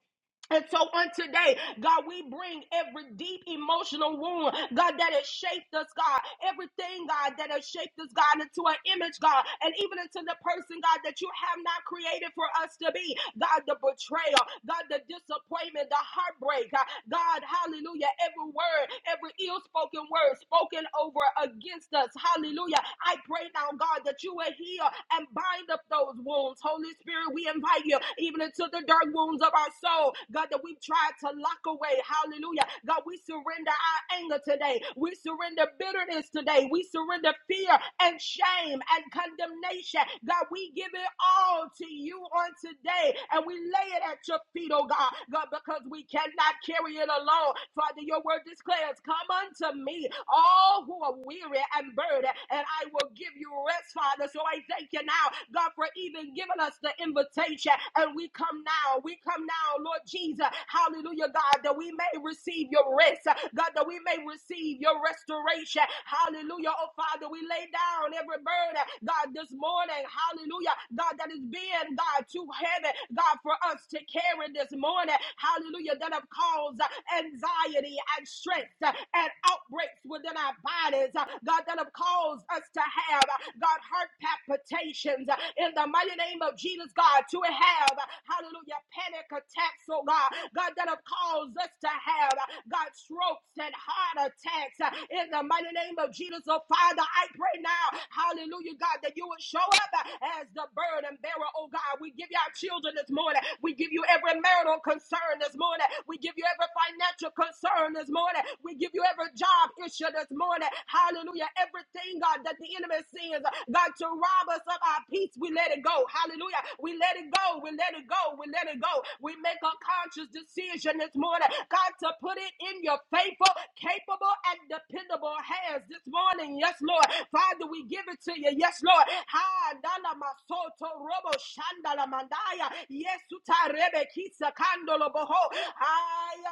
[SPEAKER 1] And so on today, God, we bring every deep emotional wound, God, that has shaped us, God, everything, God, that has shaped us, God, into an image, God, and even into the person, God, that you have not created for us to be. God, the betrayal, God, the disappointment, the heartbreak, God, God, hallelujah, every word, every ill spoken word spoken over against us, hallelujah. I pray now, God, that you will heal and bind up those wounds. Holy Spirit, we invite you, even into into the dark wounds of our soul, God, that we've tried to lock away. Hallelujah. God, we surrender our anger today. We surrender bitterness today. We surrender fear and shame and condemnation. God, we give it all to you on today and we lay it at your feet, oh God. God, because we cannot carry it alone. Father, your word declares, Come unto me, all who are weary and burdened, and I will give you rest, Father. So I thank you now, God, for even giving us given us the invitation. And we come now, we come now, Lord Jesus. Hallelujah, God, that we may receive your rest. God, that we may receive your restoration. Hallelujah, oh Father, we lay down every burden, God, this morning. Hallelujah, God, that is being, God, too heavy, God, for us to carry this morning. Hallelujah, that have caused uh, anxiety and stress uh, and outbreaks within our bodies. uh, God, that have caused us to have, uh, God, heart palpitations expectations uh, in the mighty name of Jesus, God, to have, uh, hallelujah, panic attacks, oh God, God, that have caused us to have, uh, God, strokes and heart attacks uh, in the mighty name of Jesus, oh Father, I pray now, hallelujah, God, that you would show up uh, as the burden bearer, oh God. We give you our children this morning, we give you every marital concern this morning, we give you every financial concern this morning, we give you every job issue this morning, hallelujah, everything, God, that the the enemy sends, God, to rob us of our peace, we let it go. Hallelujah. We let it go. We let it go. We let it go. We make a conscious decision this morning, God, to put it in your faithful, capable, and dependable hands this morning. Yes, Lord. Father, we give it to you. Yes, Lord. Ha, dala masoto robo shandala mandaya. Yes, utarebe kisa kandolo boho. Ha, ya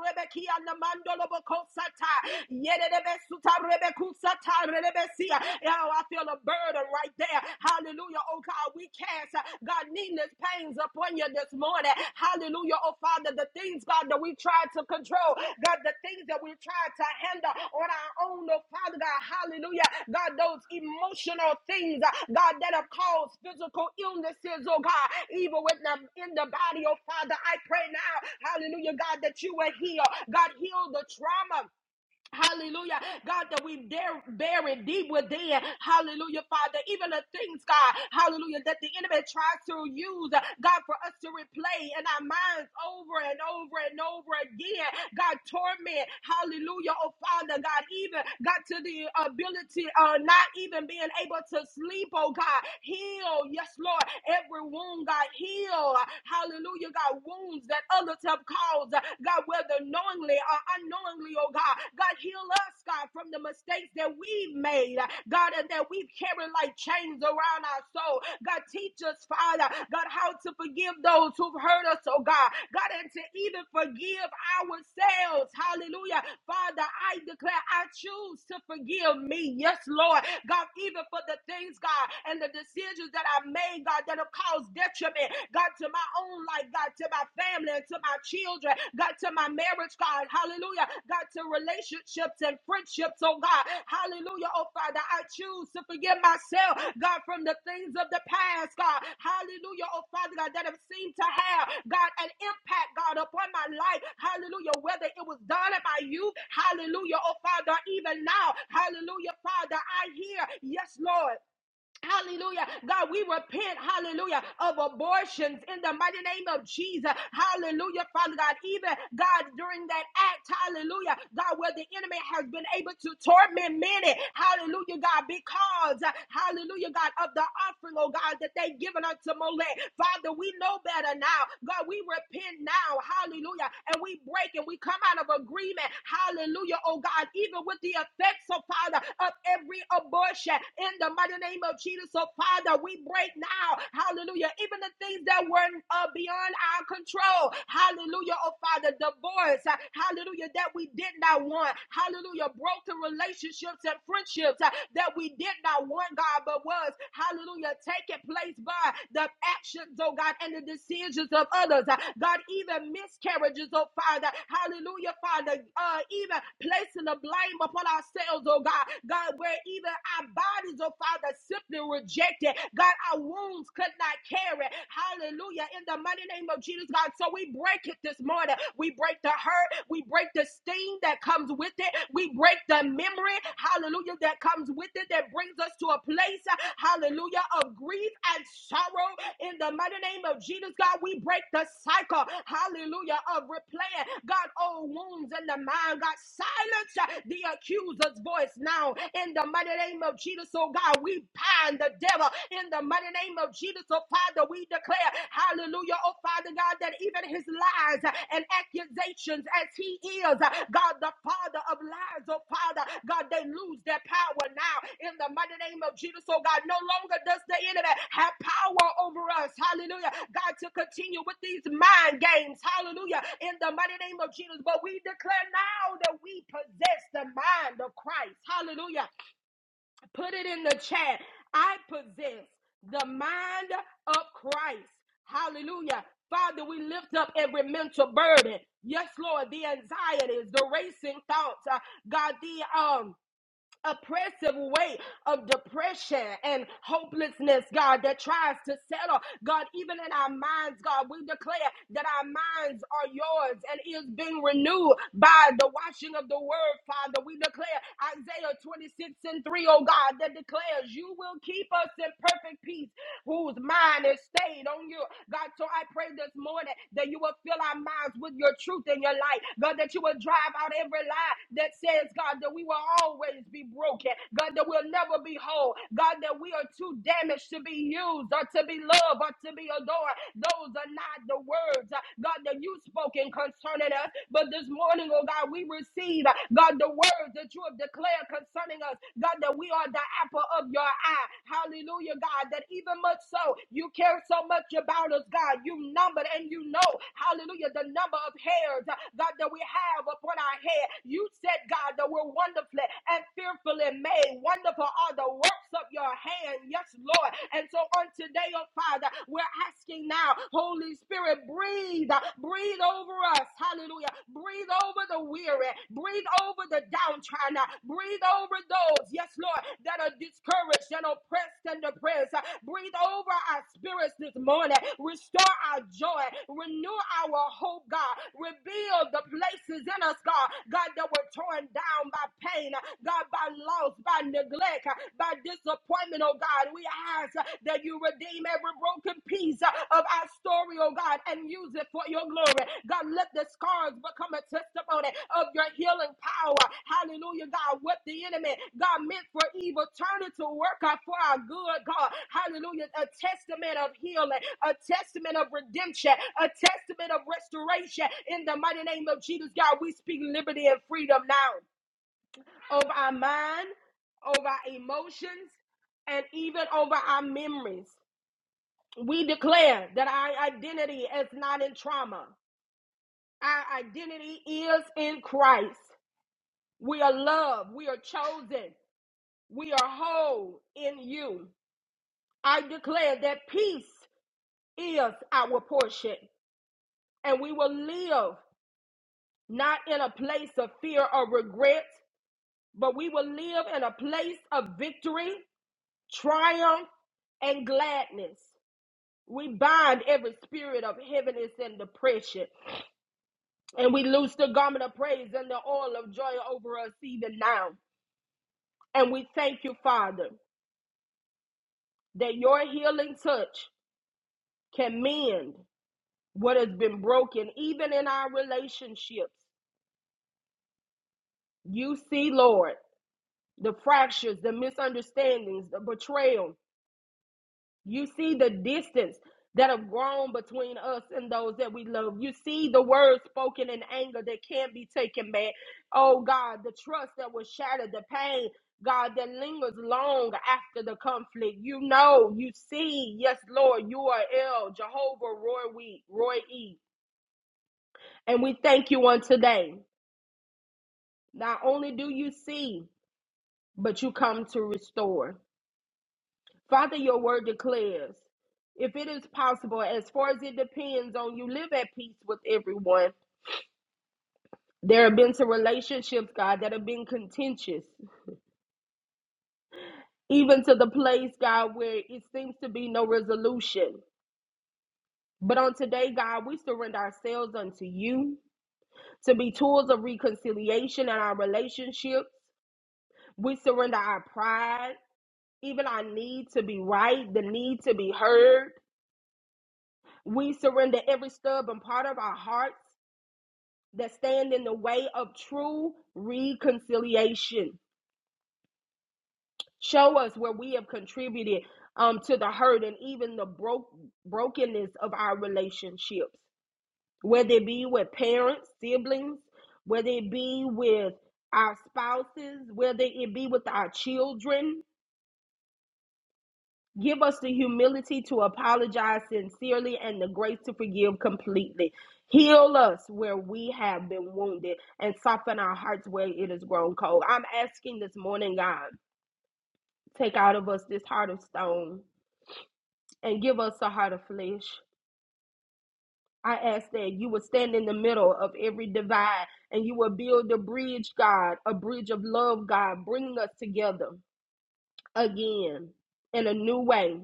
[SPEAKER 1] rebe kia namandolo boko sata. Yede rebe suta Oh, I feel a burden right there. Hallelujah. Oh God, we cast uh, God needless pains upon you this morning. Hallelujah. Oh Father, the things, God, that we try to control, God, the things that we try to handle on our own, oh Father God, hallelujah. God, those emotional things, uh, God, that have caused physical illnesses, oh God, even with them in the body, oh Father, I pray now, hallelujah, God, that you will heal. God, heal the trauma. Hallelujah. God, that we dare bury deep within. Hallelujah, Father. Even the things, God, hallelujah, that the enemy tries to use, uh, God, for us to replay in our minds over and over and over again. God, torment. Hallelujah, oh Father, God, even got to the ability of not even being able to sleep, oh God. Heal, yes, Lord. Every wound, God, heal. Hallelujah, God, wounds that others have caused cause, uh, God, whether knowingly or unknowingly, oh God, God, heal us, God, from the mistakes that we've made, uh, God, and that we've carried like chains around our soul. God, teach us, Father, God, how to forgive those who've hurt us, oh God, God, and to even forgive ourselves. Hallelujah. Father, I declare I choose to forgive me. Yes, Lord. God, even for the things, God, and the decisions that I made, God, that have caused detriment detriment, God, to my own life, God, to my family and to my children, God, to my marriage, God, hallelujah, God, to relationships and friendships, oh God, hallelujah, oh Father, I choose to forgive myself, God, from the things of the past, God, hallelujah, oh Father, God, that have seemed to have, God, an impact, God, upon my life, hallelujah, whether it was done in my youth, hallelujah, oh Father, even now, hallelujah, Father, I hear, yes, Lord. Hallelujah. God, we repent, hallelujah, of abortions in the mighty name of Jesus. Hallelujah, Father God. Even God, during that act, hallelujah, God, where the enemy has been able to torment many, hallelujah, God, because, uh, hallelujah, God, of the offering, oh God, that they have given unto Molech. Father, we know better now. God, we repent now, hallelujah, and we break and we come out of agreement, hallelujah, oh God, even with the effects, oh Father, of every abortion in the mighty mighty name of Jesus. So, Father, we break now, hallelujah, even the things that were uh, beyond our control, hallelujah, oh Father, divorce, uh, hallelujah, that we did not want, hallelujah, broken relationships and friendships uh, that we did not want, God, but was, hallelujah, taking place by the actions, oh God, and the decisions of others, uh, God, even miscarriages, oh Father, hallelujah, Father, uh, even placing the blame upon ourselves, oh God, God, where even our body bodies, oh Father, simply rejected. God, our wounds could not carry. Hallelujah. In the mighty name of Jesus, God. So we break it this morning. We break the hurt. We break the sting that comes with it. We break the memory, hallelujah, that comes with it that brings us to a place, hallelujah, of grief and sorrow. In the mighty name of Jesus, God, we break the cycle, hallelujah, of replaying, God, old wounds in the mind. God, silence the accuser's voice now. In the mighty name name of Jesus, oh God, we bind the devil in the mighty name of Jesus, oh Father, we declare, hallelujah, oh Father God, that even his lies and accusations as he is, God, the father of lies, oh Father, God, they lose their power now in the mighty name of Jesus, oh God, no longer does the enemy have power over us, hallelujah, God, to continue with these mind games, hallelujah, in the mighty name of Jesus, but we declare now that we possess the mind of Christ, hallelujah. Put it in the chat. I possess the mind of Christ. Hallelujah. Father, we lift up every mental burden. Yes, Lord, the anxieties, the racing thoughts, uh, God, the um oppressive weight of depression and hopelessness, God, that tries to settle. God, even in our minds, God, we declare that our minds are yours and is being renewed by the washing of the word, Father. We declare Isaiah 26 and three, O God, that declares you will keep us in perfect peace whose mind is stayed on you. God, so I pray this morning that you will fill our minds with your truth and your light. God, that you will drive out every lie that says, God, that we will always always be broken. God, that we'll never be whole. God, that we are too damaged to be used or to be loved or to be adored. Those are not the words, uh, God, that you spoken concerning us. But this morning, oh God, we receive, uh, God, the words that you have declared concerning us. God, that we are the apple of your eye. Hallelujah, God, that even much so, you care so much about us, God. You numbered and you know, hallelujah, the number of hairs, uh, God, that we have upon our head. You said, God, that we're wonderfully wonderfully and fearfully made. Wonderful are the works of your hand. Yes, Lord. And so on today, oh Father, we're asking now, Holy Spirit, breathe, breathe over us. Hallelujah. Breathe over the weary. Breathe over the downtrodden. Breathe over those, yes, Lord, that are discouraged and oppressed and depressed. Breathe over our spirits this morning. Restore our joy. Renew our hope, God. Rebuild the places in us, God. God, that were torn down by pain, uh, God, by loss, by neglect, uh, by disappointment, oh God. We ask uh, that you redeem every broken piece uh, of our story, oh God, and use it for your glory. God, let the scars become a testimony of your healing power. Hallelujah, God. What the enemy, God, meant for evil, turn it to work out for our good, God. Hallelujah. A testament of healing, a testament of redemption, a testament of restoration. In the mighty name of Jesus, God, we speak liberty and freedom now over our mind, over our emotions, and even over our memories. We declare that our identity is not in trauma. Our identity is in Christ. We are loved. We are chosen. We are whole in you. I declare that peace is our portion, and we will live not in a place of fear or regret, but we will live in a place of victory triumph, and gladness. We bind every spirit of heaviness and depression, and we loose the garment of praise and the oil of joy over us even now. And we thank you, Father, that your healing touch can mend what has been broken, even in our relationships. You see, Lord, the fractures, the misunderstandings, the betrayal, You see the distance that have grown between us and those that we love. You see the words spoken in anger that can't be taken back. Oh God, the trust that was shattered, the pain, God, that lingers long after the conflict. You know, you see, yes, Lord, you are El, Jehovah, Roy, we, Roy E. And we thank you on today. Not only do you see, but you come to restore. Father, your word declares, if it is possible, as far as it depends on you, live at peace with everyone. There have been some relationships, God, that have been contentious, even to the place, God, where it seems to be no resolution. But on today, God, we surrender ourselves unto you to be tools of reconciliation in our relationships. We surrender our pride, even our need to be right, the need to be heard. We surrender every stubborn part of our hearts that stand in the way of true reconciliation. Show us where we have contributed um, to the hurt and even the broke brokenness of our relationships, whether it be with parents, siblings, whether it be with our spouses, whether it be with our children, Give us the humility to apologize sincerely and the grace to forgive completely. Heal us where we have been wounded and soften our hearts where it has grown cold. I'm asking this morning, God, take out of us this heart of stone and give us a heart of flesh. I ask that you would stand in the middle of every divide and you will build a bridge, God, a bridge of love, God. bringing us together again in a new way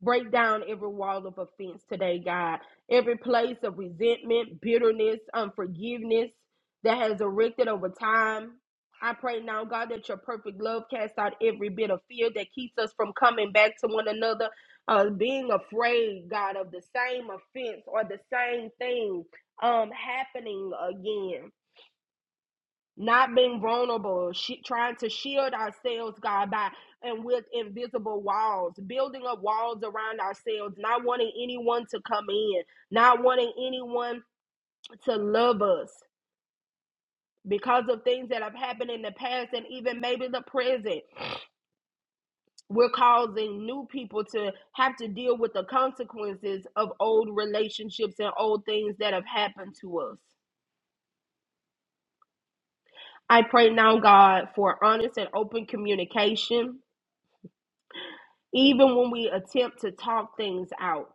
[SPEAKER 1] Break down every wall of offense today, God. Every place of resentment, bitterness, unforgiveness that has erected over time. I pray now, God, that your perfect love casts out every bit of fear that keeps us from coming back to one another, uh, being afraid, God, of the same offense or the same thing um, happening again not being vulnerable, she, trying to shield ourselves, God, by and with invisible walls, building up walls around ourselves, not wanting anyone to come in, not wanting anyone to love us because of things that have happened in the past and even maybe the present. We're causing new people to have to deal with the consequences of old relationships and old things that have happened to us. I pray now, God, for honest and open communication even when we attempt to talk things out,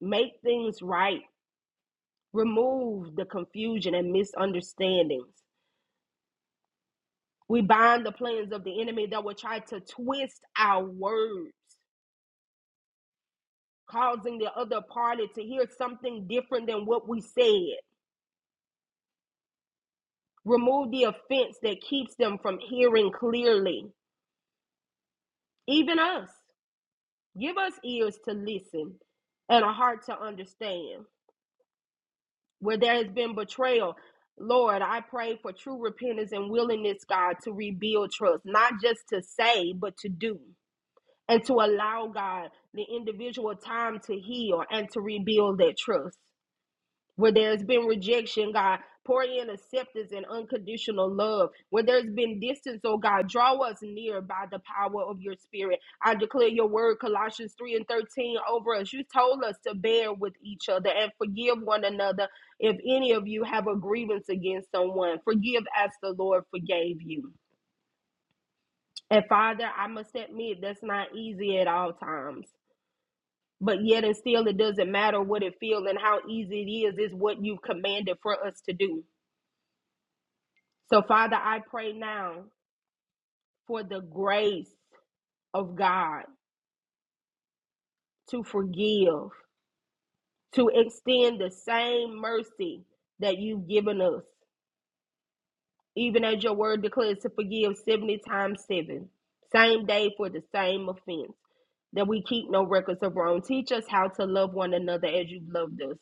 [SPEAKER 1] make things right, remove the confusion and misunderstandings. We bind the plans of the enemy that will try to twist our words, causing the other party to hear something different than what we said. Remove the offense that keeps them from hearing clearly. Even us, give us ears to listen and a heart to understand. where there has been betrayal. Lord, I pray for true repentance and willingness, God, to rebuild trust, not just to say, but to do, and to allow, God, the individual time to heal and to rebuild that trust where there's been rejection, God, pour in acceptance and unconditional love. Where there's been distance, oh God, draw us near by the power of your spirit. I declare your word, Colossians 3 and 13, over us. You told us to bear with each other and forgive one another if any of you have a grievance against someone. Forgive as the Lord forgave you. And Father, I must admit that's not easy at all times. But yet and still, it doesn't matter what it feels and how easy it is, it's what you've commanded for us to do. So, Father, I pray now for the grace of God to forgive, to extend the same mercy that you've given us, even as your word declares to forgive 70 times 7, same day for the same offense, that we keep no records of wrong. Teach us how to love one another as you've loved us.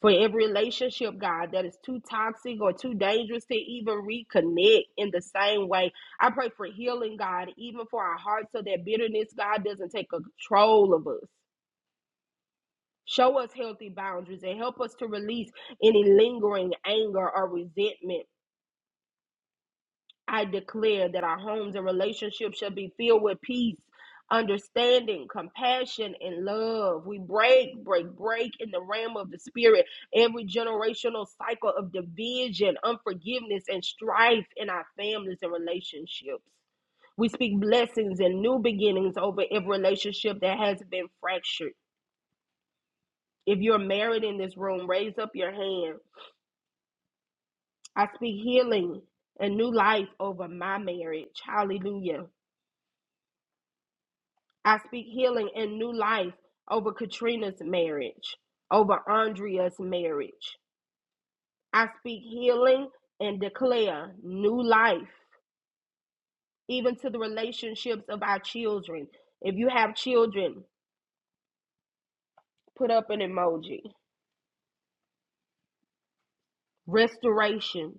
[SPEAKER 1] for every relationship, God, that is too toxic or too dangerous to even reconnect in the same way. I pray for healing, God, even for our hearts so that bitterness, God, doesn't take control of us. Show us healthy boundaries and help us to release any lingering anger or resentment. I declare that our homes and relationships shall be filled with peace, understanding, compassion, and love. We break, break, break in the realm of the spirit every generational cycle of division, unforgiveness, and strife in our families and relationships. We speak blessings and new beginnings over every relationship that has been fractured. If you're married in this room, raise up your hand. I speak healing and new life over my marriage. Hallelujah. I speak healing and new life over Katrina's marriage, over Andrea's marriage. I speak healing and declare new life, even to the relationships of our children. If you have children, put up an emoji. Restoration,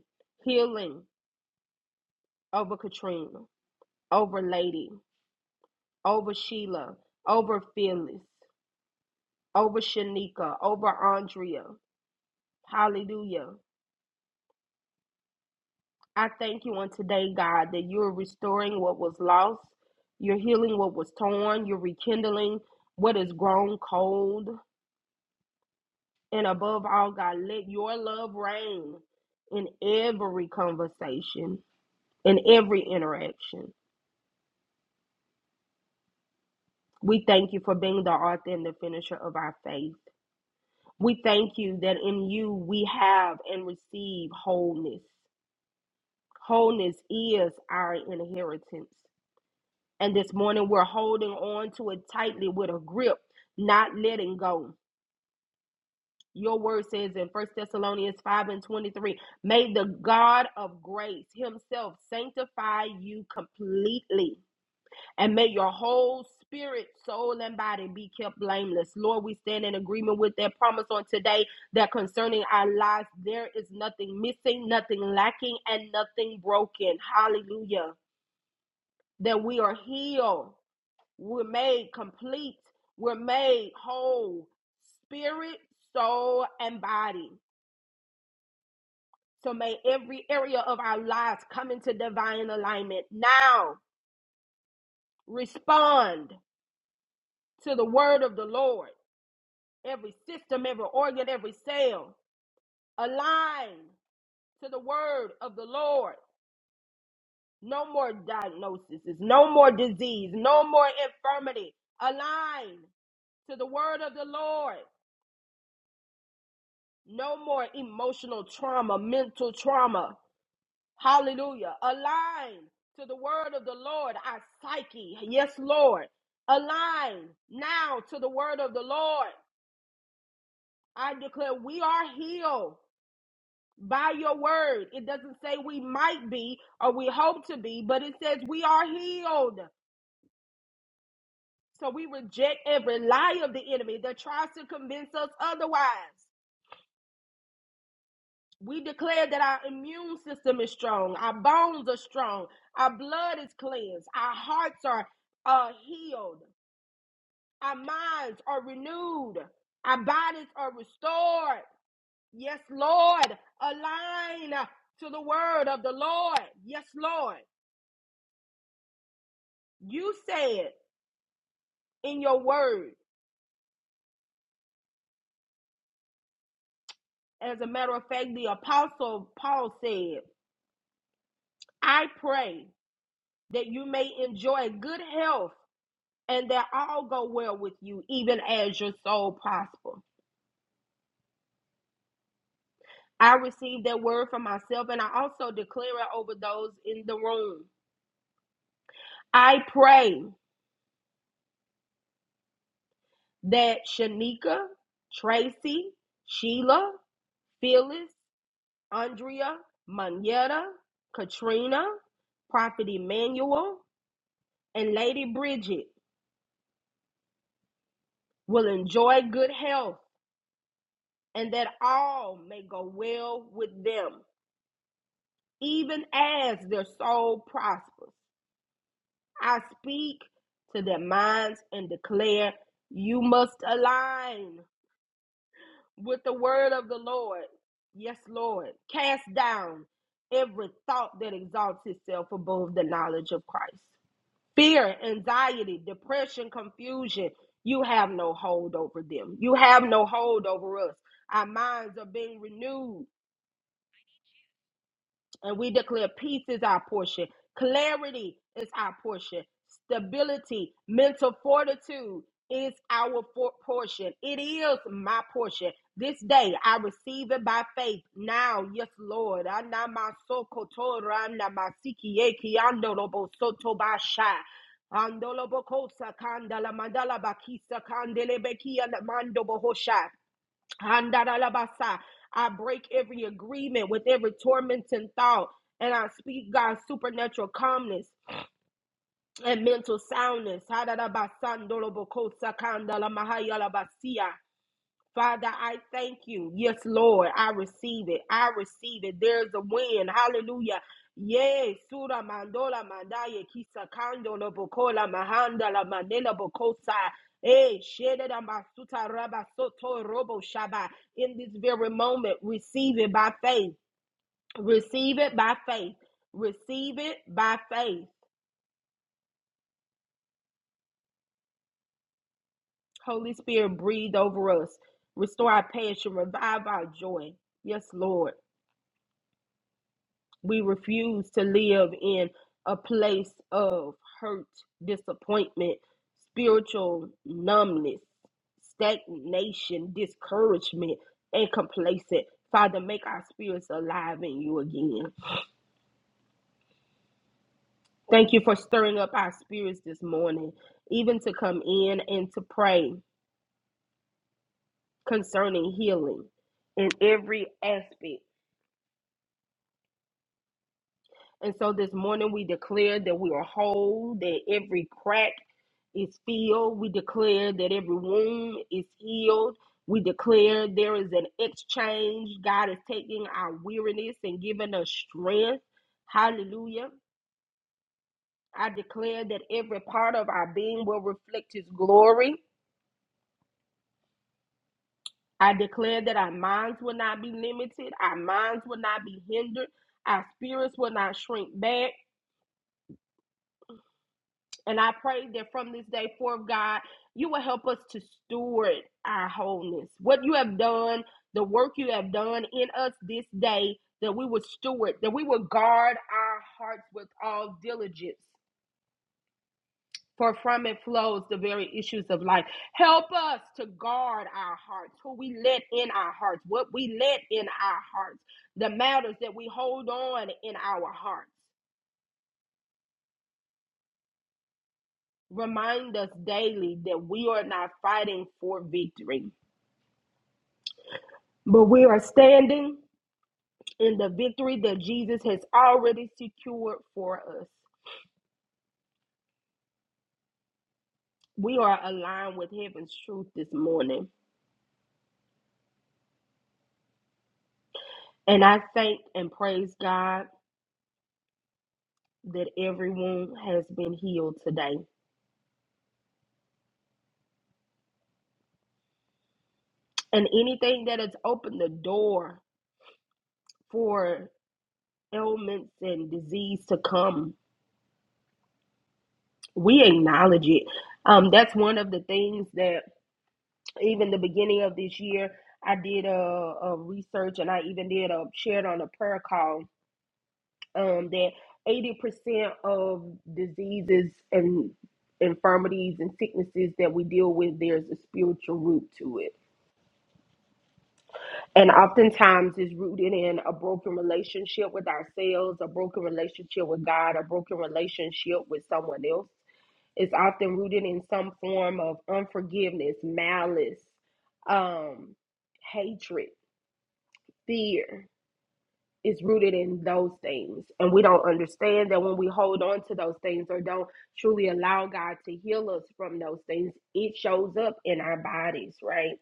[SPEAKER 1] healing over Katrina, over Lady, over Sheila, over Phyllis, over Shanika, over Andrea. Hallelujah. I thank you on today, God, that you're restoring what was lost, you're healing what was torn, you're rekindling what is grown cold. And above all, God, let your love reign in every conversation, in every interaction. We thank you for being the author and the finisher of our faith. We thank you that in you we have and receive wholeness. Wholeness is our inheritance. And this morning, we're holding on to it tightly with a grip, not letting go. Your word says in First Thessalonians 5 and 23 May the God of grace himself sanctify you completely, and may your whole spirit, soul, and body be kept blameless. Lord, we stand in agreement with that promise on today that concerning our lives, there is nothing missing, nothing lacking, and nothing broken. Hallelujah. That we are healed We're made complete. We're made whole, spirit, soul, and body. So may every area of our lives come into divine alignment. Now respond to the word of the Lord. Every system, every organ, every cell align to the word of the Lord. No more diagnoses, no more disease, no more infirmity. Align to the word of the Lord. No more emotional trauma, mental trauma. Hallelujah. Align to the word of the Lord, our psyche. Yes, Lord. Align now to the word of the Lord. I declare we are healed by your word. It doesn't say we might be or we hope to be, but it says we are healed. So we reject every lie of the enemy that tries to convince us otherwise. We declare that our immune system is strong, our bones are strong, our blood is cleansed, our hearts are uh, healed, our minds are renewed, our bodies are restored. Yes, Lord, align to the word of the Lord. Yes, Lord, you said in your word, as a matter of fact, the apostle Paul said, I pray that you may enjoy good health and that all go well with you, even as your soul prosper. I receive that word for myself, and I also declare it over those in the room. I pray that Shanika, Tracy, Sheila, Phyllis, Andrea, Manetta, Katrina, Prophet Emmanuel, and Lady Bridget will enjoy good health, and that all may go well with them, even as their soul prospers. I speak to their minds and declare, You must align with the word of the Lord. Yes, Lord. Cast down every thought that exalts itself above the knowledge of Christ. Fear, anxiety, depression, confusion, you have no hold over them. You have no hold over us. Our minds are being renewed And we declare peace is our portion, clarity is our portion, stability, mental fortitude is our for- portion. It is my portion. This day I receive it by faith. Now, yes, Lord. Anamasokotoranamasikiyekiandorobosotobasha. Andolobokosa kandala mandala bakisa kandele bekia mando bohosha. Handarabasa. I break every agreement with every tormenting thought, and I speak God's supernatural calmness and mental soundness. Hadarabasandorobokosakandalamahaiyalabasia. Father, I thank you. Yes, Lord, I receive it. I receive it. There's a win. Hallelujah. Yay, Sura Mandola Mandaya Kisakando Bokola Mahandala Mandela Bokosa. Hey, Shedda Masuta Rabba Soto Robo Shaba. In this very moment, receive it by faith. Receive it by faith. Receive it by faith. Holy Spirit, breathe over us. Restore our passion. Revive our joy. Yes, Lord. We refuse to live in a place of hurt, disappointment, spiritual numbness, stagnation, discouragement, and complacent. Father, make our spirits alive in you again. Thank you for stirring up our spirits this morning, even to come in and to pray concerning healing in every aspect And so this morning we declare that we are whole, that every crack is filled. We declare that every wound is healed. We declare there is an exchange. God is taking our weariness and giving us strength. Hallelujah. I declare that every part of our being will reflect His glory. I declare that our minds will not be limited, our minds will not be hindered, our spirits will not shrink back. And I pray that from this day forth, God, you will help us to steward our wholeness. What you have done, the work you have done in us this day, that we would steward, that we would guard our hearts with all diligence. For from it flows the very issues of life. Help us to guard our hearts, who we let in our hearts, what we let in our hearts, the matters that we hold on in our hearts. Remind us daily that we are not fighting for victory But we are standing in the victory that Jesus has already secured for us. We are aligned with heaven's truth this morning. And I thank and praise God that everyone has been healed today. And anything that has opened the door for ailments and disease to come, we acknowledge it. Um, that's one of the things that even the beginning of this year, I did a, a research and I even did a shared on a prayer call um, that 80% of diseases and infirmities and sicknesses that we deal with, there's a spiritual root to it. And oftentimes it's rooted in a broken relationship with ourselves, a broken relationship with God, a broken relationship with someone else. It's often rooted in some form of unforgiveness, malice, um, hatred, fear is rooted in those things. And we don't understand that when we hold on to those things or don't truly allow God to heal us from those things, it shows up in our bodies, right?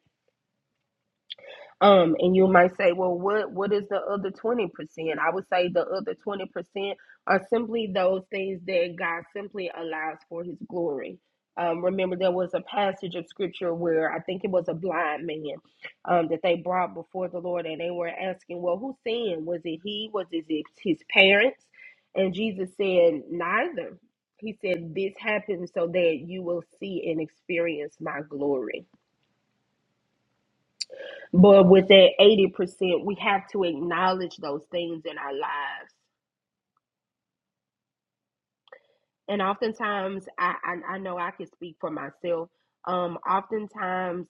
[SPEAKER 1] Um, and you might say, well, what what is the other twenty percent? I would say the other twenty percent are simply those things that God simply allows for His glory. Um, remember, there was a passage of scripture where I think it was a blind man um, that they brought before the Lord, and they were asking, well, who sinned? Was it he? Was it his parents? And Jesus said, neither. He said, this happened so that you will see and experience my glory but with that 80%, we have to acknowledge those things in our lives. and oftentimes I, I i know i can speak for myself um oftentimes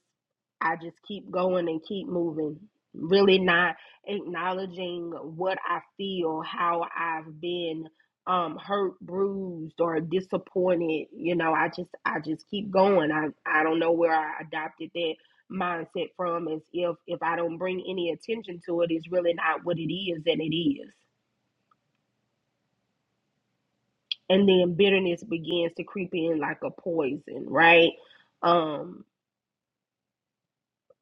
[SPEAKER 1] i just keep going and keep moving really not acknowledging what i feel how i've been um hurt bruised or disappointed you know i just i just keep going i i don't know where i adopted that mindset from As if if i don't bring any attention to it it's really not what it is and it is and then bitterness begins to creep in like a poison right um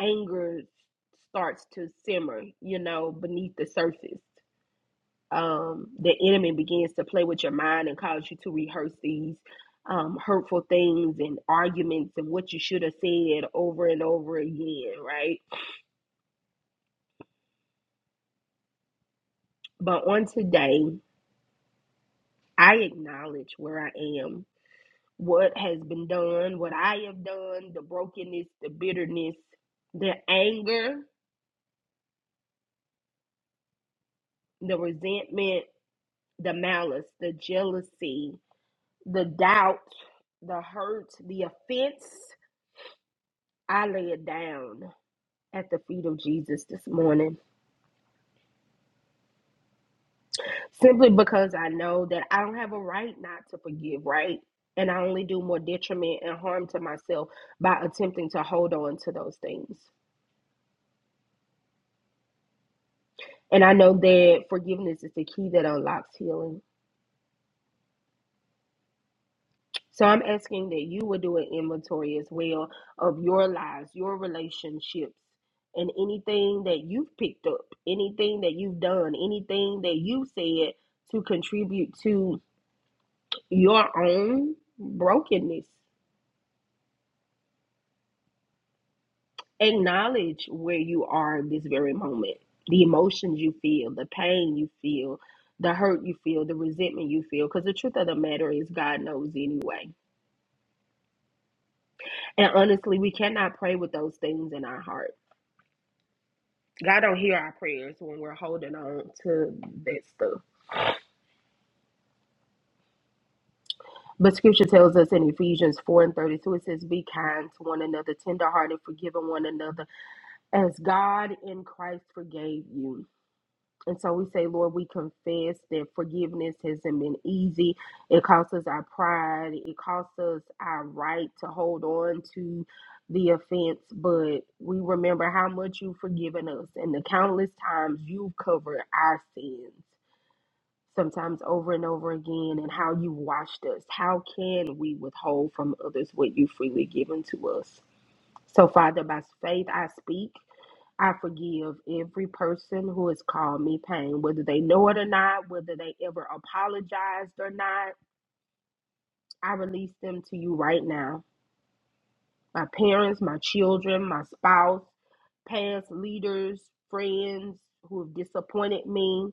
[SPEAKER 1] anger starts to simmer you know beneath the surface um the enemy begins to play with your mind and cause you to rehearse these um, hurtful things and arguments and what you should have said over and over again right but on today i acknowledge where i am what has been done what i have done the brokenness the bitterness the anger the resentment, the malice, the jealousy, the doubt, the hurt, the offense, I lay it down at the feet of Jesus this morning simply because I know that I don't have a right not to forgive, right? And I only do more detriment and harm to myself by attempting to hold on to those things. And I know that forgiveness is the key that unlocks healing. So I'm asking that you would do an inventory as well of your lives, your relationships, and anything that you've picked up, anything that you've done, anything that you said to contribute to your own brokenness. Acknowledge where you are in this very moment, the emotions you feel, the pain you feel, the hurt you feel, the resentment you feel, because the truth of the matter is, God knows anyway. And honestly, we cannot pray with those things in our heart. God don't hear our prayers when we're holding on to that stuff. But scripture tells us in Ephesians 4 and 32, it says, Be kind to one another, tenderhearted, forgiving one another, as God in Christ forgave you. And so we say, Lord, we confess that forgiveness hasn't been easy. It costs us our pride, it costs us our right to hold on to the offense, but we remember how much you've forgiven us and the countless times you've covered our sins. sometimes over and over again, and how you washed us. How can we withhold from others what you freely given to us? So, Father, by faith I speak. I forgive every person who has caused me pain, whether they know it or not, whether they ever apologized or not. I release them to you right now. My parents, my children, my spouse, past leaders, friends who have disappointed me,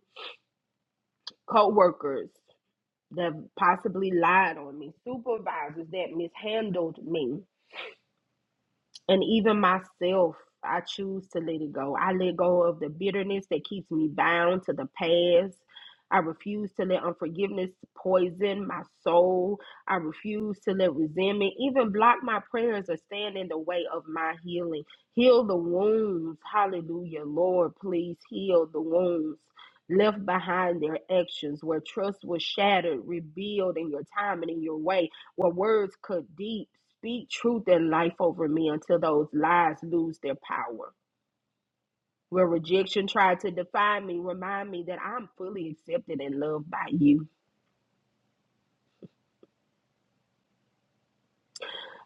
[SPEAKER 1] co workers. that possibly lied on me, supervisors that mishandled me, and even myself, I choose to let it go. I let go of the bitterness that keeps me bound to the past. I refuse to let unforgiveness poison my soul. I refuse to let resentment even block my prayers or stand in the way of my healing. Heal the wounds. Hallelujah. Lord, please heal the wounds left behind their actions where trust was shattered, rebuild in your time and in your way where words could deep speak truth and life over me until those lies lose their power. Where rejection tried to define me, remind me that I'm fully accepted and loved by you.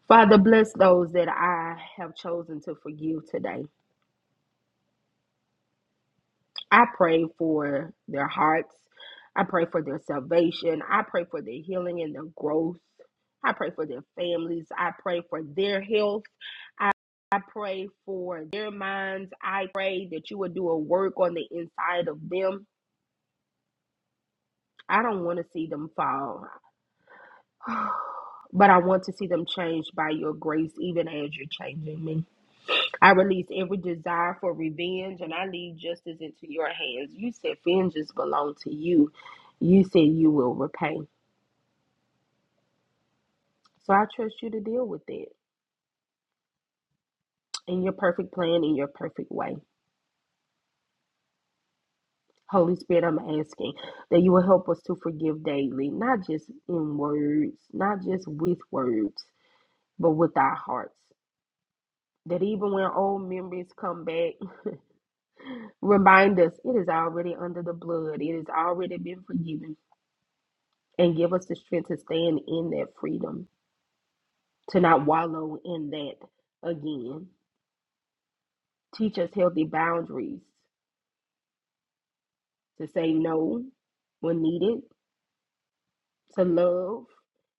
[SPEAKER 1] Father, bless those that I have chosen to forgive today. I pray for their hearts. I pray for their salvation. I pray for their healing and their growth. I pray for their families. I pray for their health. I pray for their minds. I pray that you would do a work on the inside of them. I don't want to see them fall, *sighs* but I want to see them changed by your grace, even as you're changing me. I release every desire for revenge and I leave justice into your hands. You said vengeance belong to you. You said you will repay. So I trust you to deal with it in your perfect plan, in your perfect way. Holy Spirit, I'm asking that you will help us to forgive daily, not just in words, not just with words, but with our hearts. That even when old memories come back, *laughs* remind us it is already under the blood, it has already been forgiven, and give us the strength to stand in that freedom, to not wallow in that again. Teach us healthy boundaries to say no when needed to love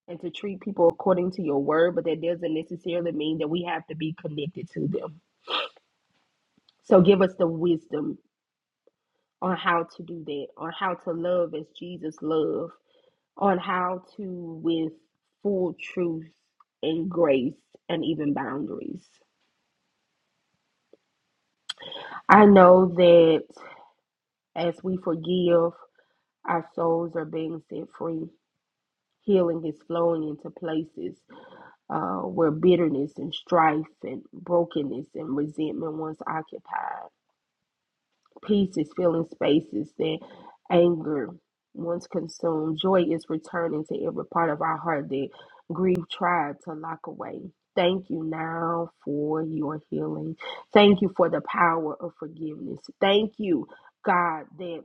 [SPEAKER 1] and to treat people according to your word, but that doesn't necessarily mean that we have to be connected to them. So give us the wisdom on how to do that, on how to love as Jesus loved, on how to with full truth and grace and even boundaries. I know that as we forgive, our souls are being set free. Healing is flowing into places. uh, where bitterness and strife and brokenness and resentment once occupied. Peace is filling spaces that anger once consumed. Joy is returning to every part of our heart that grief tried to lock away. Thank you now for your healing. Thank you for the power of forgiveness. Thank you, God, that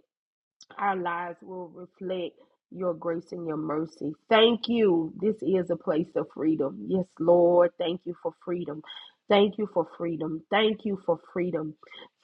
[SPEAKER 1] our lives will reflect your grace and your mercy. Thank you. This is a place of freedom. Yes, Lord. Thank you for freedom. Thank you for freedom. Thank you for freedom.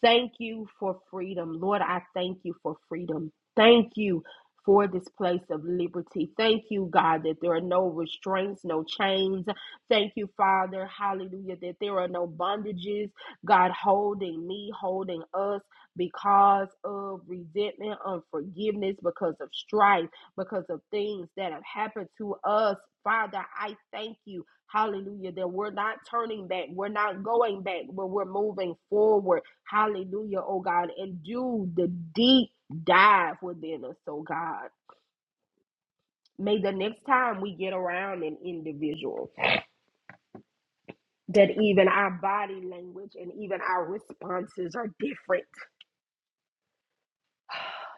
[SPEAKER 1] Thank you for freedom. Lord, I thank you for freedom. Thank you for this place of liberty. Thank you, God, that there are no restraints, no chains. Thank you, Father. Hallelujah, that there are no bondages, God, holding me, holding us because of resentment, unforgiveness, because of strife, because of things that have happened to us. Father, I thank you. Hallelujah. That we're not turning back. We're not going back, but we're moving forward. Hallelujah, oh God. And do the deep dive within us, oh God. May the next time we get around an individual, that even our body language and even our responses are different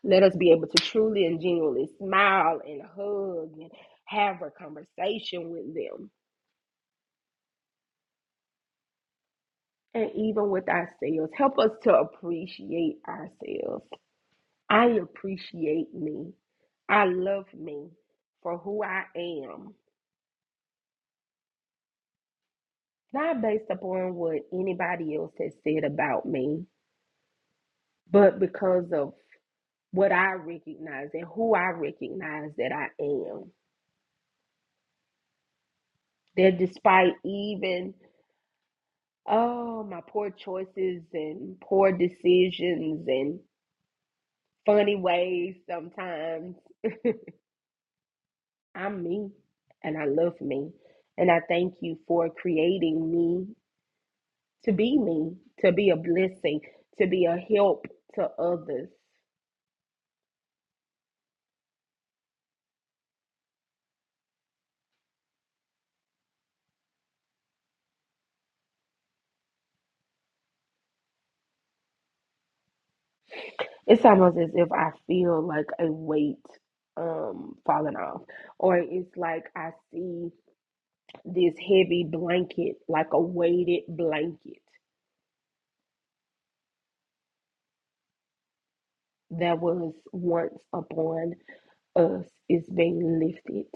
[SPEAKER 1] Let us be able to truly and genuinely smile and hug and have a conversation with them and even with ourselves. Help us to appreciate ourselves. I appreciate me. I love me for who I am, not based upon what anybody else has said about me, but because of what I recognize and who I recognize that I am. That despite even Oh, my poor choices and poor decisions and funny ways sometimes. I'm me and I love me. And I thank you for creating me to be me, to be a blessing, to be a help to others. It's almost as if I feel like a weight um falling off or it's like I see this heavy blanket like a weighted blanket that was once upon us is being lifted.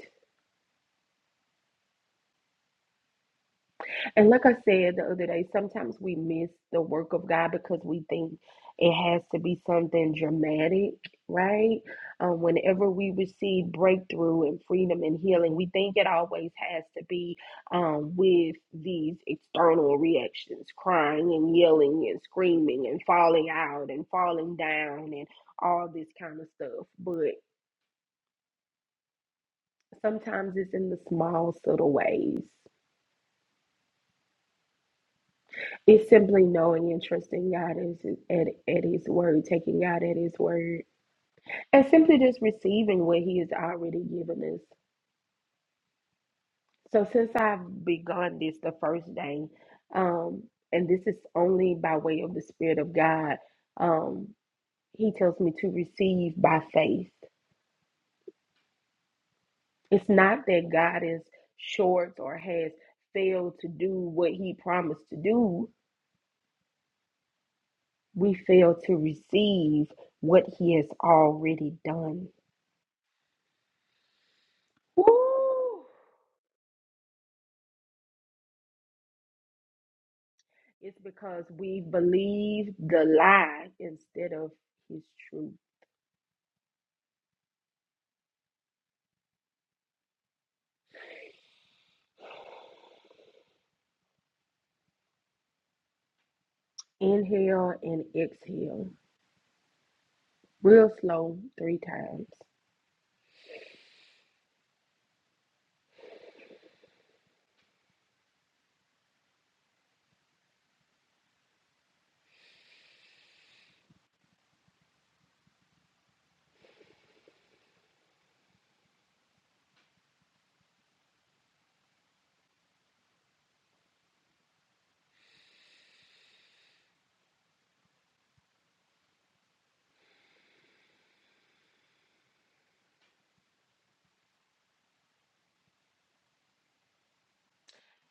[SPEAKER 1] And like I said the other day, sometimes we miss the work of God because we think it has to be something dramatic, right? Um, whenever we receive breakthrough and freedom and healing, we think it always has to be um, with these external reactions crying and yelling and screaming and falling out and falling down and all this kind of stuff. But sometimes it's in the small, subtle ways It's simply knowing and trusting God is at, at His word, taking God at His word, and simply just receiving what He has already given us. So, since I've begun this the first day, um, and this is only by way of the Spirit of God, um, He tells me to receive by faith. It's not that God is short or has failed to do what He promised to do, we fail to receive what He has already done. Woo! It's because we believe the lie instead of his truth. Inhale and exhale. Real slow, three times.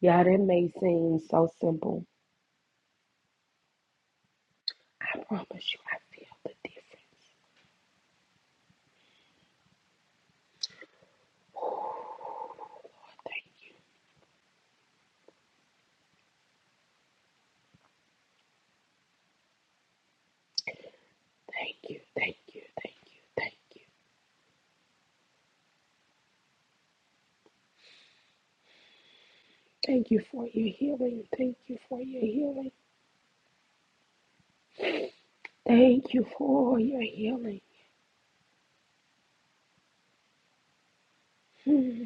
[SPEAKER 1] Yeah, that may seem so simple. I promise you, I feel the difference. Thank you, thank you, thank you, thank you. Thank you for your healing. Thank you for your healing. Thank you for your healing. Hmm.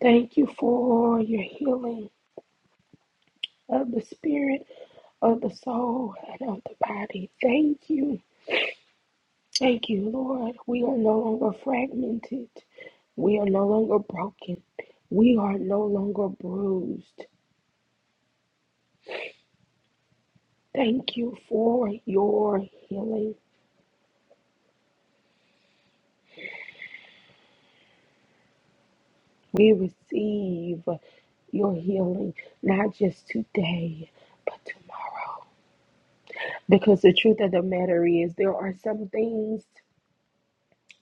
[SPEAKER 1] Thank you for your healing. of the spirit, of the soul, and of the body. Thank you. Thank you, Lord. We are no longer fragmented. We are no longer broken. We are no longer bruised. Thank you for your healing. We receive your healing, not just today, but tomorrow. Because the truth of the matter is, there are some things.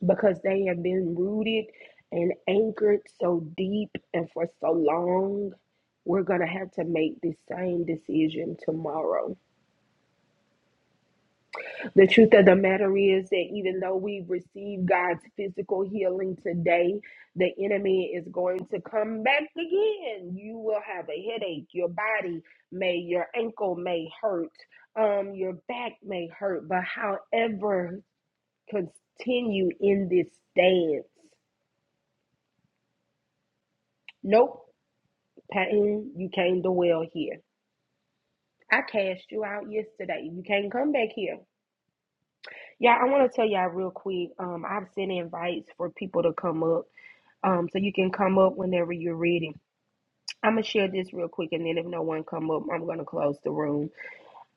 [SPEAKER 1] because they have been rooted and anchored so deep and for so long. We're going to have to make the same decision tomorrow. The truth of the matter is that even though we've received God's physical healing today, the enemy is going to come back again. You will have a headache. Your body may, your ankle may hurt. Um, your back may hurt. But however, continue in this stance. Nope. Patton, you came to well here. I cast you out yesterday. You can't come back here. Yeah, I want to tell y'all real quick. Um, I've sent invites for people to come up. Um, so you can come up whenever you're ready. I'm gonna share this real quick, and then if no one come up, I'm gonna close the room.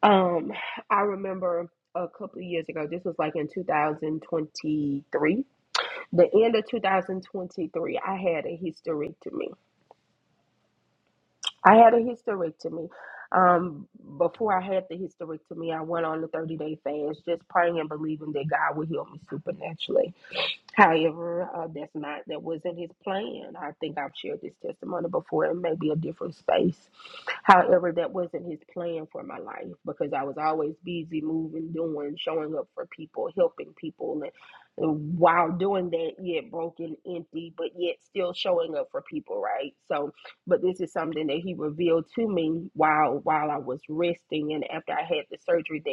[SPEAKER 1] Um, I remember a couple of years ago. This was like in 2023, the end of 2023. I had a hysterectomy. I had a hysterectomy. Um, before I had the hysterectomy, I went on the 30 day fast, just praying and believing that God would heal me supernaturally. However, uh, that's not that wasn't his plan. I think I've shared this testimony before in maybe a different space. However, that wasn't his plan for my life because I was always busy moving, doing, showing up for people, helping people, and, and while doing that, yet broken, empty, but yet still showing up for people, right? So, but this is something that he revealed to me while while I was resting, and after I had the surgery, that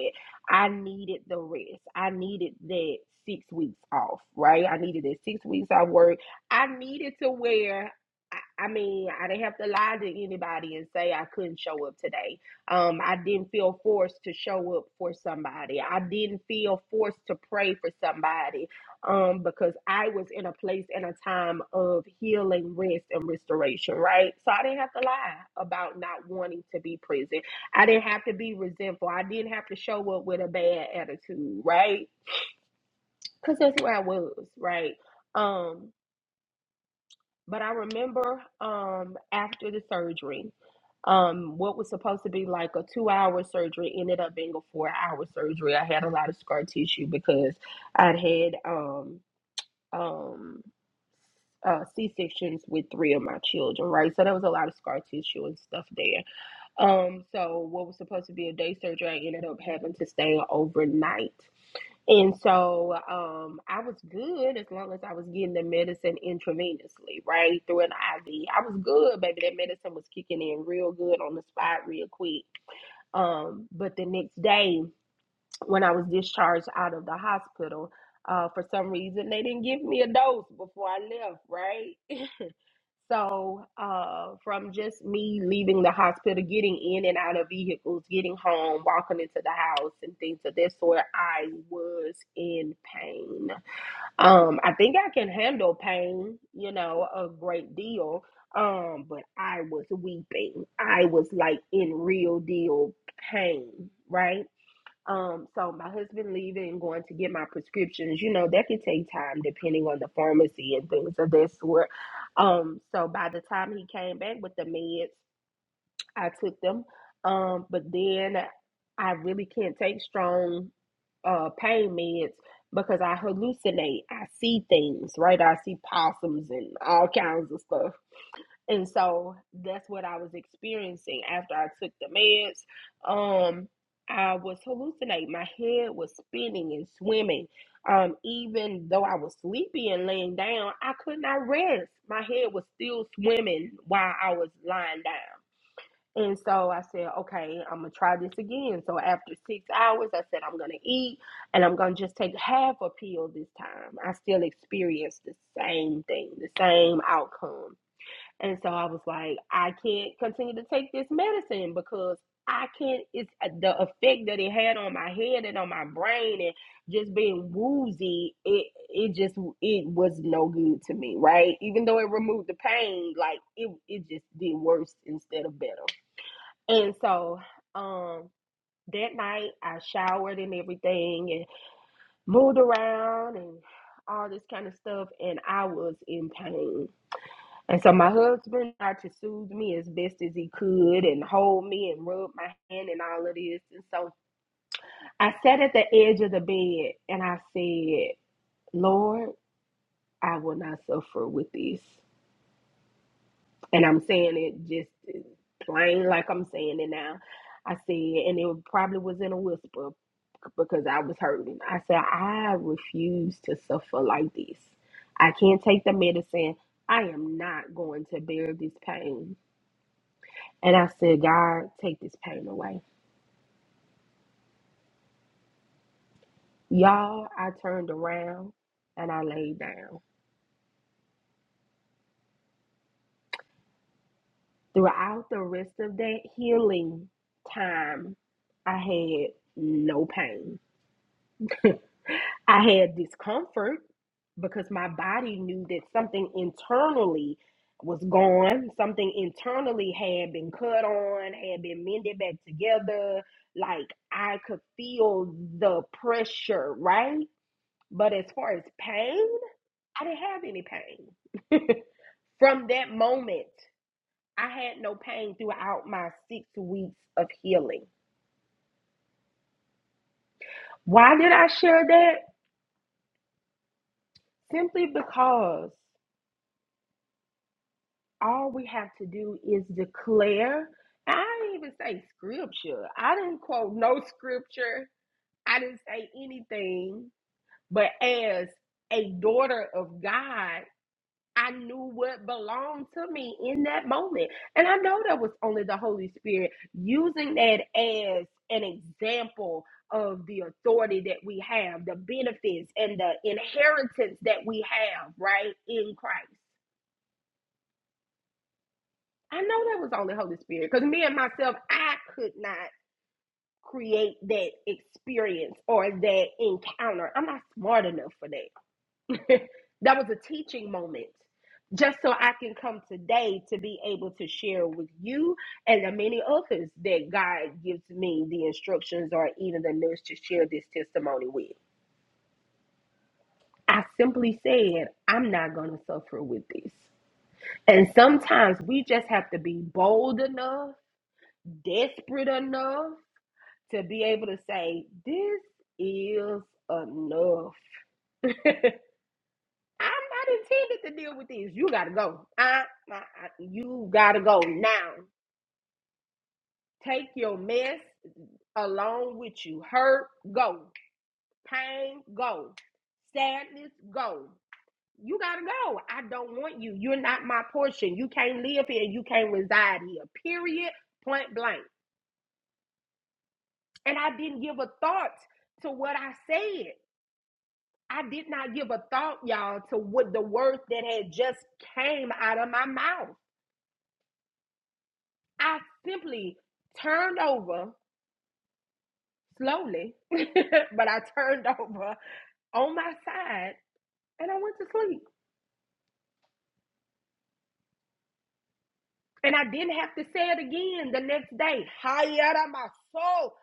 [SPEAKER 1] I needed the rest. I needed that six weeks off, right? I needed that six weeks off work. I needed to wear. I mean, I didn't have to lie to anybody and say I couldn't show up today. Um, I didn't feel forced to show up for somebody. I didn't feel forced to pray for somebody um, because I was in a place and a time of healing, rest, and restoration, right? So I didn't have to lie about not wanting to be present. I didn't have to be resentful. I didn't have to show up with a bad attitude, right? Because that's where I was, right? Um, but I remember um, after the surgery, um, what was supposed to be like a two hour surgery ended up being a four hour surgery. I had a lot of scar tissue because I'd had um, um, uh, C sections with three of my children, right? So there was a lot of scar tissue and stuff there Um, so what was supposed to be a day surgery, I ended up having to stay overnight. And so um, I was good as long as I was getting the medicine intravenously, right through an IV. I was good, baby. That medicine was kicking in real good on the spot, real quick. Um, but the next day, when I was discharged out of the hospital, uh, for some reason they didn't give me a dose before I left, right? So, uh, from just me leaving the hospital, getting in and out of vehicles, getting home, walking into the house, and things of that sort, I was in pain. Um, I think I can handle pain, you know, a great deal. Um, but I was weeping. I was like in real deal pain, right? Um, so my husband leaving, going to get my prescriptions, you know, that could take time depending on the pharmacy and things of that sort. Um, so by the time he came back with the meds, I took them. Um, but then I really can't take strong uh pain meds because I hallucinate. I see things, right? I see possums and all kinds of stuff. And so that's what I was experiencing after I took the meds. Um, I was hallucinating. My head was spinning and swimming. Um, even though I was sleepy and laying down, I could not rest. My head was still swimming while I was lying down. And so I said, okay, I'm going to try this again. So after six hours, I said, I'm going to eat and I'm going to just take half a pill this time. I still experienced the same thing, the same outcome. And so I was like, I can't continue to take this medicine because I can't, it's uh, the effect that it had on my head and on my brain and just being woozy. It, it just, it was no good to me, right? Even though it removed the pain, like it, it just did worse instead of better. And so, um, that night I showered and everything and moved around and all this kind of stuff. And I was in pain and so my husband tried to soothe me as best as he could and hold me and rub my hand and all of this. And so I sat at the edge of the bed and I said, Lord, I will not suffer with this. And I'm saying it just plain like I'm saying it now. I said, and it probably was in a whisper because I was hurting. I said, I refuse to suffer like this. I can't take the medicine. I am not going to bear this pain. And I said, God, take this pain away. Y'all, I turned around and I laid down. Throughout the rest of that healing time, I had no pain. I had discomfort because my body knew that something internally was gone, something internally had been cut on, had been mended back together. Like I could feel the pressure, right? But as far as pain, I didn't have any pain. *laughs* From that moment, I had no pain throughout my six weeks of healing. Why did I share that? Simply because all we have to do is declare. I didn't even say scripture. I didn't quote no scripture. I didn't say anything. But as a daughter of God, I knew what belonged to me in that moment. And I know that was only the Holy Spirit using that as an example of the authority that we have, the benefits and the inheritance that we have, right, in Christ. I know that was only Holy Spirit because me and myself, I could not create that experience or that encounter. I'm not smart enough for that. *laughs* that was a teaching moment just so I can come today to be able to share with you and the many others that God gives me the instructions or even the nurse to share this testimony with. I simply said, I'm not going to suffer with this. And sometimes we just have to be bold enough, desperate enough to be able to say, This is enough. *laughs* I'm not intended to deal with this. You gotta go. I, I, I- you gotta go now. Take your mess along with you. Hurt, go. Pain, go. Sadness, go. You gotta go. I don't want you. You're not my portion. You can't live here. You can't reside here. Period. Point blank. And I didn't give a thought to what I said. I did not give a thought, y'all, to what the words that had just came out of my mouth. I simply turned over slowly, *laughs* but I turned over on my side and I went to sleep. And I didn't have to say it again the next day. Hayara maso.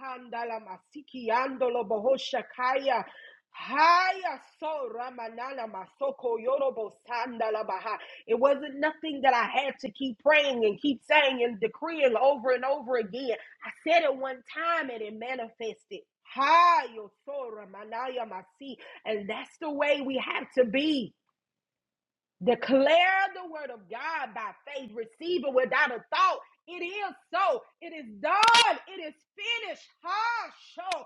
[SPEAKER 1] Handala masiki andolo bohoshakaya. Haya so ramanana masoko yorobo sandala baha. It wasn't nothing that I had to keep praying and keep saying and decreeing over and over again. I said it one time and it manifested. Haya so ramanaya masi. And that's the way we have to be. Declare the word of God by faith. Receive it without a thought. It is so. It is done. It is finished. Ha, show.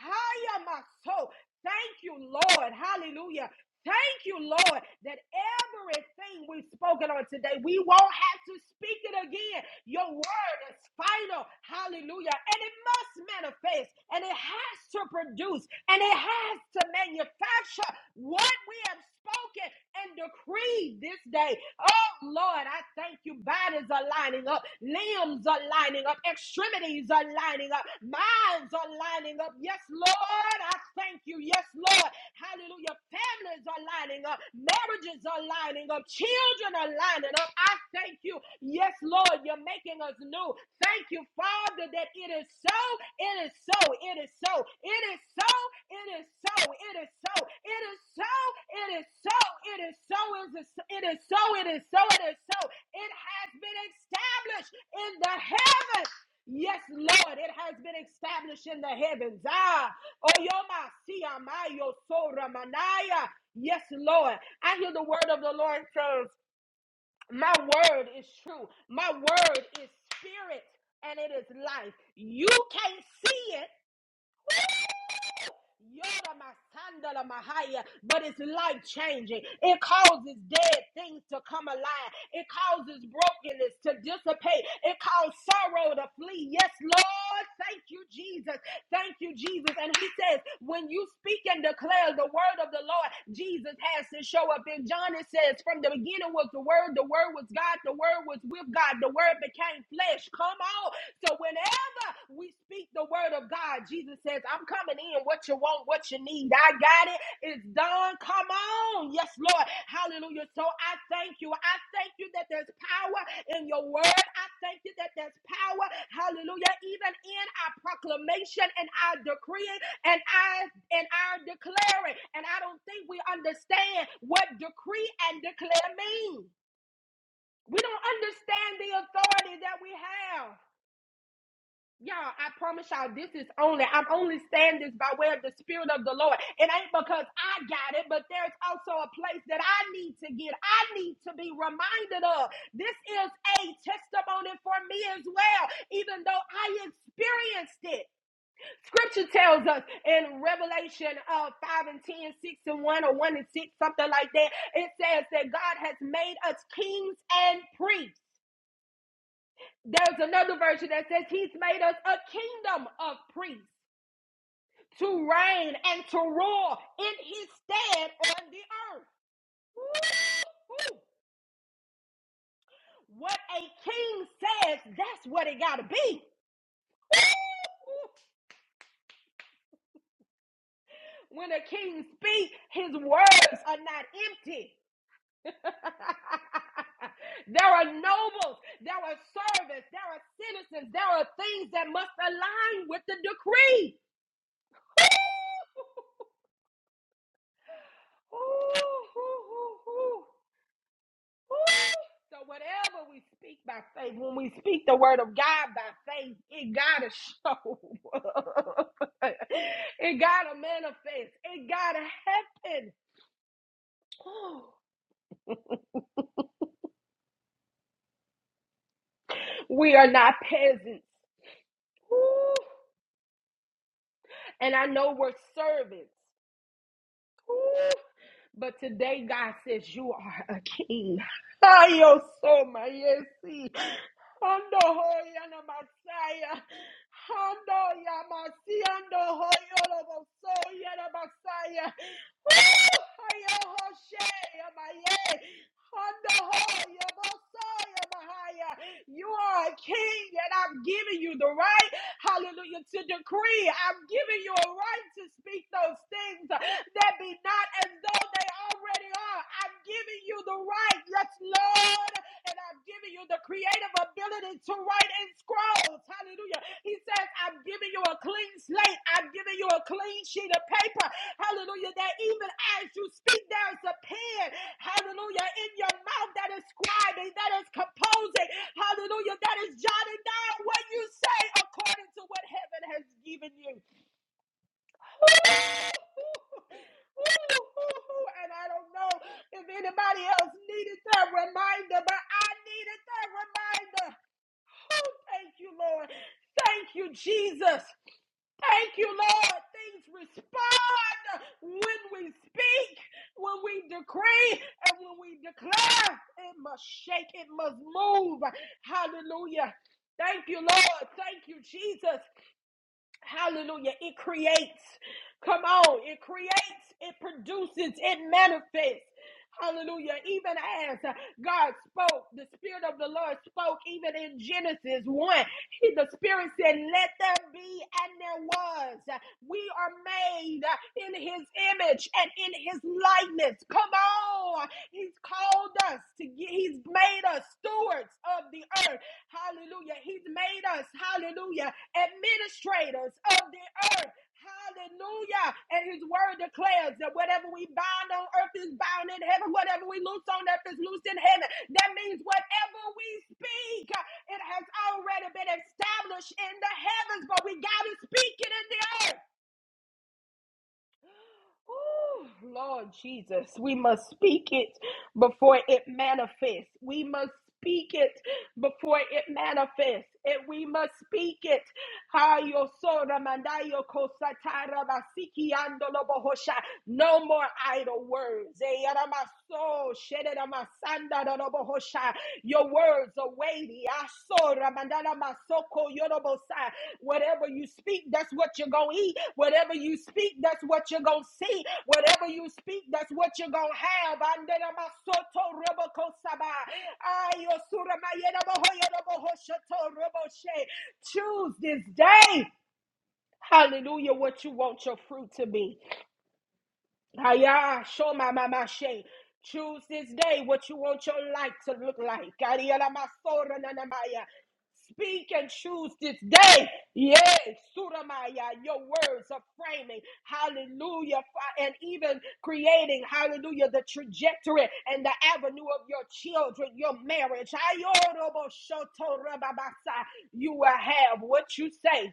[SPEAKER 1] Hiya, my soul. Thank you, Lord. Hallelujah. Thank you, Lord, that everything we've spoken on today, we won't have to speak it again. Your word is final. Hallelujah. And it must manifest, and it has to produce, and it has to manufacture what we have spoken and decreed this day. Oh, Lord, I thank you. Bodies are lining up, limbs are lining up, extremities are lining up, minds are lining up. Yes, Lord, I thank you. Yes, Lord. Hallelujah. Families are lining up. Marriages are lining up. Children are lining up. I thank you. Yes, Lord, you're making us new. Thank you, Father, that it is so. It is so. It is so. It is so. It is so. It is so. It is so. It is so. It is so. It is so. It is so. It is so. It has been established in the heavens. Yes, Lord, it has been established in the heavens. Ah, Oyoma siyamayo sora manaya. Yes, Lord. I hear the word of the Lord says, My word is true. My word is spirit and it is life. You can't see it Yoda Masandala Mahaya, but it's life changing. It causes dead things to come alive. It causes brokenness to dissipate. It causes sorrow to flee. Yes, Lord. Thank you, Jesus. Thank you, Jesus. And he says, when you speak and declare the word of the Lord, Jesus has to show up. And John, it says, from the beginning was the word, the word was God, the word was with God, the word became flesh. Come on. So whenever we speak the word of God, Jesus says, I'm coming in. What you want, what you need. I got it. It's done. Come on. Yes, Lord. Hallelujah. So I thank you. I thank you that there's power in your word. I thank you that there's power. Hallelujah. Even in our proclamation and our decreeing and I and our declaring. And I don't think we understand what decree and declare mean. We don't understand the authority that we have. Y'all, I promise y'all, this is only, I'm only saying this by way of the Spirit of the Lord. It ain't because I got it, but there's also a place that I need to get. I need to be reminded of. This is a testimony for me as well, even though I experienced it. Scripture tells us in Revelation uh, 5 and ten, six and 1, or 1 and 6, something like that, it says that God has made us kings and priests. There's another version that says he's made us a kingdom of priests. to reign and to rule in his stead on the earth. Woo-hoo. What a king says, that's what it got to be. Woo-hoo. When a king speaks, his words are not empty. *laughs* there are nobles, there are servants, there are citizens, there are things that must align with the decree. *laughs* Woo-hoo. So whatever we speak by faith, when we speak the word of God by faith, it gotta show. up. *laughs* it gotta manifest. It gotta happen. *gasps* We are not peasants. And I know we're servants. But today, God says, You are a king. Ay, oh, so my yesi. see. Ando hoy ana masaya. Ando ya masi ando hoy olo boso ya na masaya. You are a king, and I'm giving you the right, hallelujah, to decree. I'm giving you a right to speak those things that be not as though they already are. I'm giving you the right, yes, Lord and I've given you the creative ability to write in scrolls. Hallelujah. He says, I've given you a clean slate. I've given you a clean sheet of paper. Hallelujah. That even as you speak, there's a pen. Hallelujah. In your mouth that is scribing, that is composing. Hallelujah. That is jotting down what you say according to what heaven has given you. And I don't know if anybody else needed that reminder, but I needed that reminder. Oh, thank you, Lord. Thank you, Jesus. Thank you, Lord. Things respond when we speak, when we decree, and when we declare. It must shake, it must move. Hallelujah. Thank you, Lord. Thank you, Jesus. Hallelujah. It creates. Come on. It creates, it produces, it manifests. Hallelujah. Even as uh, God spoke, the Spirit of the Lord spoke, even in Genesis 1, He- the Spirit said, Let there be, and there was. We are made uh, in His image and in His likeness. Come on. He's called us to get, He's made us stewards of the earth. Hallelujah. He's made us, hallelujah, administrators of the earth. Hallelujah. And his word declares that whatever we bind on earth is bound in heaven, whatever we loose on earth is loose in heaven. That means whatever we speak, it has already been established in the heavens, but we got to speak it in the earth. Oh, Lord Jesus, we must speak it before it manifests. We must speak it before it manifests. And we must speak it. Ha, yo, so, da, man, da, yo, ko, si, No more idle words. Eh, ya, da, so, your words are weighty. Asora mandala masoko yorobosa. Whatever you speak, that's what you're going to eat. Whatever you speak, that's what you're going to see. Whatever you speak, that's what you're going to have. Andela masoto roboko saba. Ayo sura mayera boho yoroboho shoto roboshe. Choose this day. Hallelujah, what you want your fruit to be. Aya, show my mama shay. Choose this day what you want your life to look like. Ariela masora na na Maya. Speak and choose this day. Yes, Suramaya, your words are framing. Hallelujah. Fa- And even creating, hallelujah, the trajectory and the avenue of your children, your marriage. Ayorobo shoto rababasa. You will have what you say.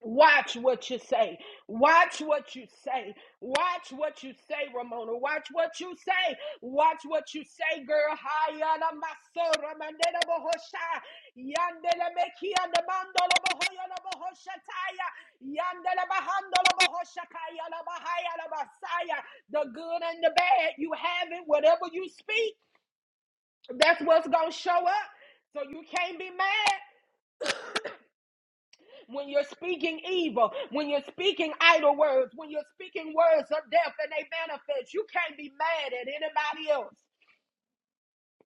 [SPEAKER 1] Watch what you say. Watch what you say. Watch what you say, Ramona. Watch what you say. Watch what you say, girl. Hayana masora mandela bohosha. Yandela mekia de mandolo bohoyana bohosha taya. Yandela bahandolo bohosha kaya la bahaya la basaya. The good and the bad, you have it. Whatever you speak, that's what's going to show up. So you can't be mad when you're speaking evil, when you're speaking idle words, when you're speaking words of death and they manifest, you can't be mad at anybody else.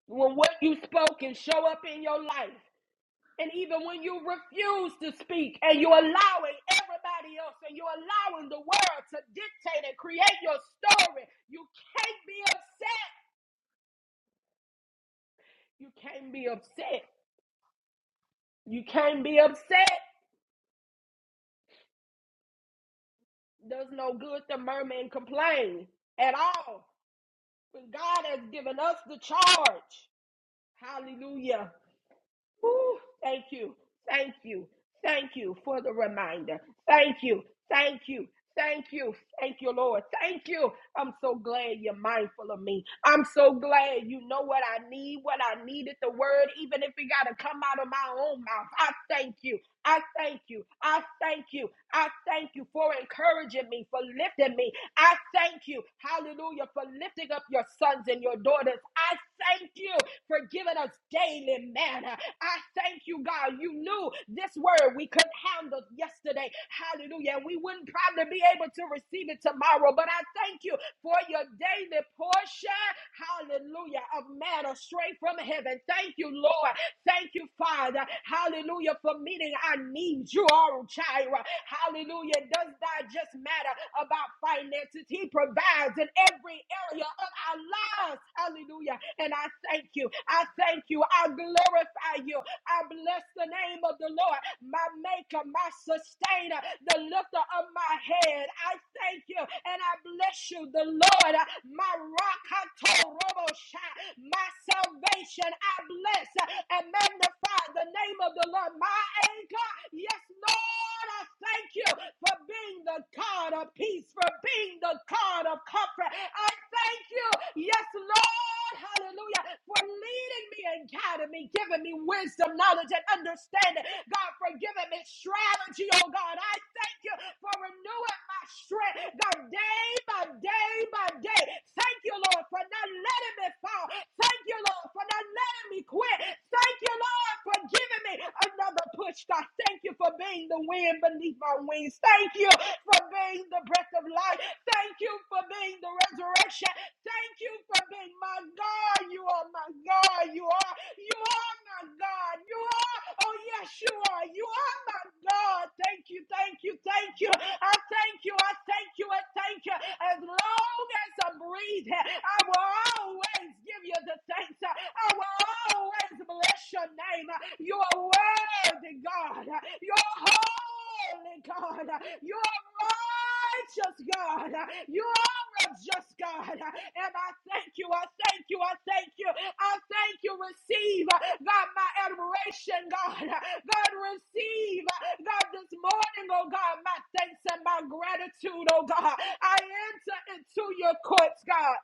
[SPEAKER 1] When what you spoke can show up in your life, and even when you refuse to speak and you're allowing everybody else and you're allowing the world to dictate and create your story, you can't be upset. You can't be upset. You can't be upset. Does no good to murmur and complain at all. when God has given us the charge. Hallelujah. Woo, thank you. Thank you. Thank you for the reminder. Thank you. Thank you. Thank you. Thank you, Lord. Thank you. I'm so glad you're mindful of me. I'm so glad you know what I need, what I needed, the word, even if it got to come out of my own mouth. I thank you. I thank you. I thank you. I thank you for encouraging me, for lifting me. I thank you, hallelujah, for lifting up your sons and your daughters. I thank you for giving us daily manna. I thank you, God. You knew this word we couldn't handle yesterday. Hallelujah. And we wouldn't probably be able to receive it tomorrow, but I thank you for your daily portion. Hallelujah. Of manna straight from heaven. Thank you, Lord. Thank you, Father. Hallelujah. For meeting our needs, you are Jireh. Hallelujah. Does that just matter about finances. He provides in every area of our lives. Hallelujah. And I thank you. I thank you. I glorify you. I bless the name of the Lord, my maker, my sustainer, the lifter of my head. I thank you and I bless you, the Lord, my rock, my salvation. I bless and magnify the name of the Lord. My anchor, yes, Lord, I thank you for being the God of peace, for being the God of comfort. I thank you, yes, Lord, hallelujah, for leading me and guiding me, giving me wisdom, knowledge, and understanding. God, for giving me strategy, oh God. I thank you for renewing my strength, God, day by day by day. Thank you, Lord, for not letting me fall. Thank you, Lord, for not letting me quit. Thank you, Lord, for giving me another push. God, thank you for being the wind beneath my wings. Thank you for being the breath of life. Thank you for being the resurrection. Thank you for being my God. You are my God. You are. You are my God. You are. Oh, yes, you are. You are my God. Thank you. Thank you. Thank you. I thank you. I thank you. I thank you. As long as I'm breathing, I will always give you the thanks. I will always bless your name. You are worthy, God. You are holy, God. You are righteous, God. You are a just God. And I thank you. I thank you. I thank you. I thank you. Receive, God, my admiration, God. God, receive, God, this morning, oh God, my thanks and my gratitude, oh God. I enter into your courts, God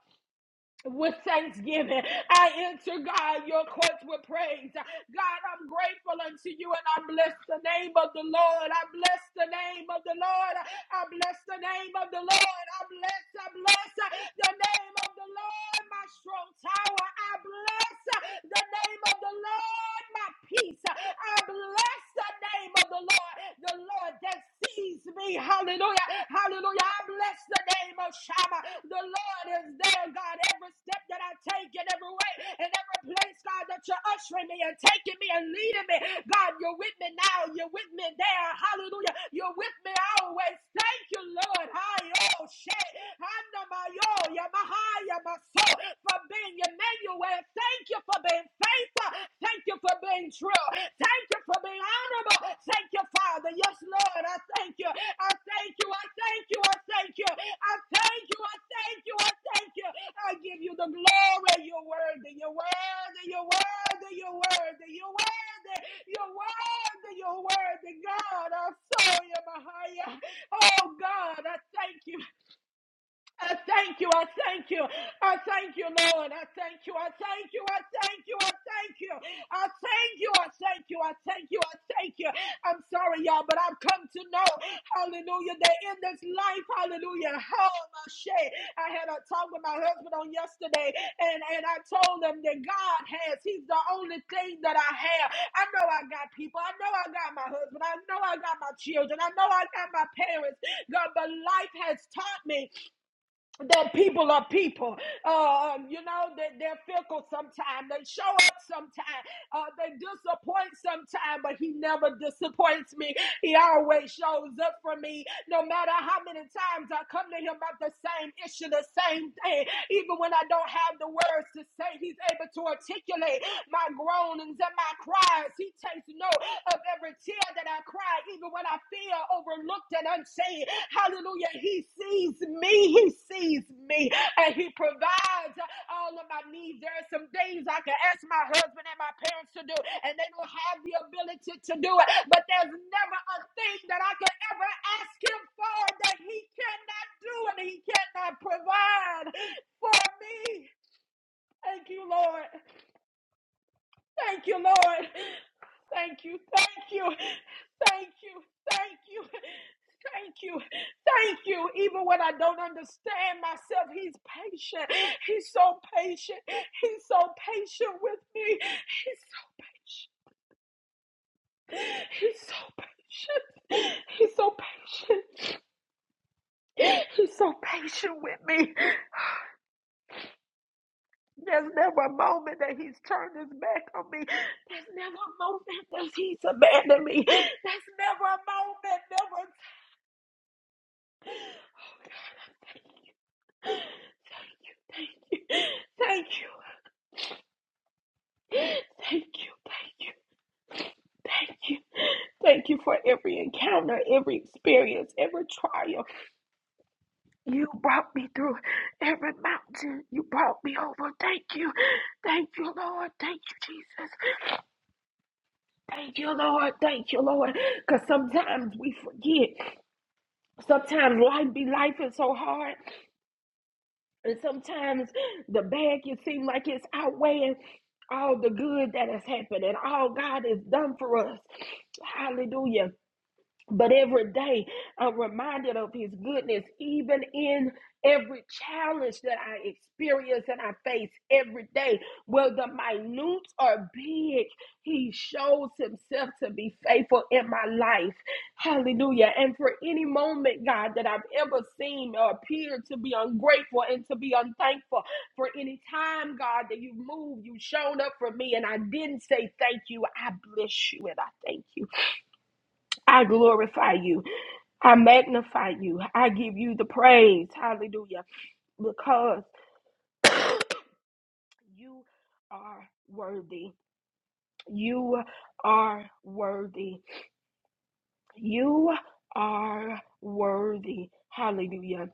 [SPEAKER 1] with thanksgiving. I enter, God, your courts with praise. God, I'm grateful unto you and I bless the name of the Lord. I bless the name of the Lord. I bless the name of the Lord. I bless, I bless the name of the Lord, my strong tower. I bless the name of the Lord, my peace. I bless the name of the Lord, the Lord that sees me. Hallelujah. Hallelujah. I bless the name of Shammah. The Lord is there, God. Every step that I take in every way, in every place, God, that you're ushering me and taking me and leading me. God, you're with me now. You're with me there. Hallelujah. You're with me always. Thank you, Lord. Hi, oh, shit. Handa my yo, Yamaha, Yamaso, for being Emmanuel. Thank you for being in faith. Thank you for being true. Thank you for being honorable. Thank you, Father. Yes, Lord. I thank you. I thank you. I thank you. I thank you. I thank you. I thank you. I thank you. I give you the glory. You're worthy. You're worthy. You're worthy. You're worthy. You're worthy. You're worthy. You're worthy. God, I saw you, Mahaya. Oh, God, I thank you. I thank you. I thank you. I thank you, Lord. I thank you. I thank you. I thank you. I thank you. I thank you. I thank you. I thank you. I thank you. I'm sorry, y'all, but I've come to know, hallelujah, that in this life, hallelujah, how my shit. I had a talk with my husband on yesterday, and, and I told him that God has, he's the only thing that I have. I know I got people. I know I got my husband. I know I got my children. I know I got my parents. God, but life has taught me that people are people. Uh, um, you know, that they're fickle sometimes. They show up sometimes. Uh, they disappoint sometimes, but he never disappoints me. He always shows up for me. No matter how many times I come to him about the same issue, the same thing say. Even when I don't have the words to say, He's able to articulate my groanings and my cries. He takes note of every tear that I cry, even when I feel overlooked and unseen. Hallelujah. He sees me. He sees me. And He provides all of my needs. There are some things I can ask my husband and my parents to do, and they don't have the ability to do it. But there's never a thing that I can ever ask him for that he cannot do and he cannot provide for me. Thank you, Lord. Thank you, Lord. Thank you, thank you, thank you, thank you, thank you, thank you. Even when I don't understand myself, He's patient. He's so patient. He's so patient with me. He's so patient. He's so patient. He's so patient. He's so patient with me. There's never a moment that he's turned his back on me. There's never a moment that he's abandoned me. There's never a moment, never. Oh God, thank you, thank you, thank you, thank you, thank you, thank you for every encounter, every experience, every trial. You brought me through every mountain. You brought me over. Thank you, thank you, Lord. Thank you, Jesus. Thank you, Lord. Thank you, Lord. Because sometimes we forget. Sometimes life be life is so hard. And sometimes the bad can seem like it's outweighing all the good that has happened and all God has done for us. Hallelujah. But every day I'm reminded of his goodness, even in every challenge that I experience and I face every day, whether minute or big, he shows himself to be faithful in my life. Hallelujah. And for any moment, God, that I've ever seen or appeared to be ungrateful and to be unthankful, for any time, God, that you moved, you showed up for me, and I didn't say thank you, I bless you and I thank you. I glorify you. I magnify you. I give you the praise. Hallelujah. Because you are worthy. You are worthy. You are worthy. Hallelujah.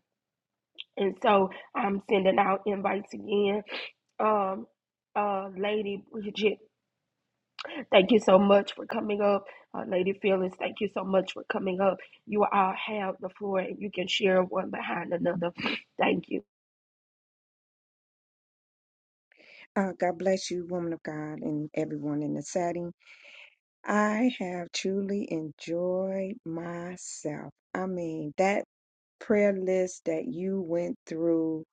[SPEAKER 1] And so I'm sending out invites again um uh lady Bridget, thank you so much for coming up. Uh, Lady Phyllis, thank you so much for coming up. You all have the floor and you can share one behind another. Thank you.
[SPEAKER 2] Uh, God bless you, woman of God, and everyone in the setting. I have truly enjoyed myself. I mean, that prayer list that you went through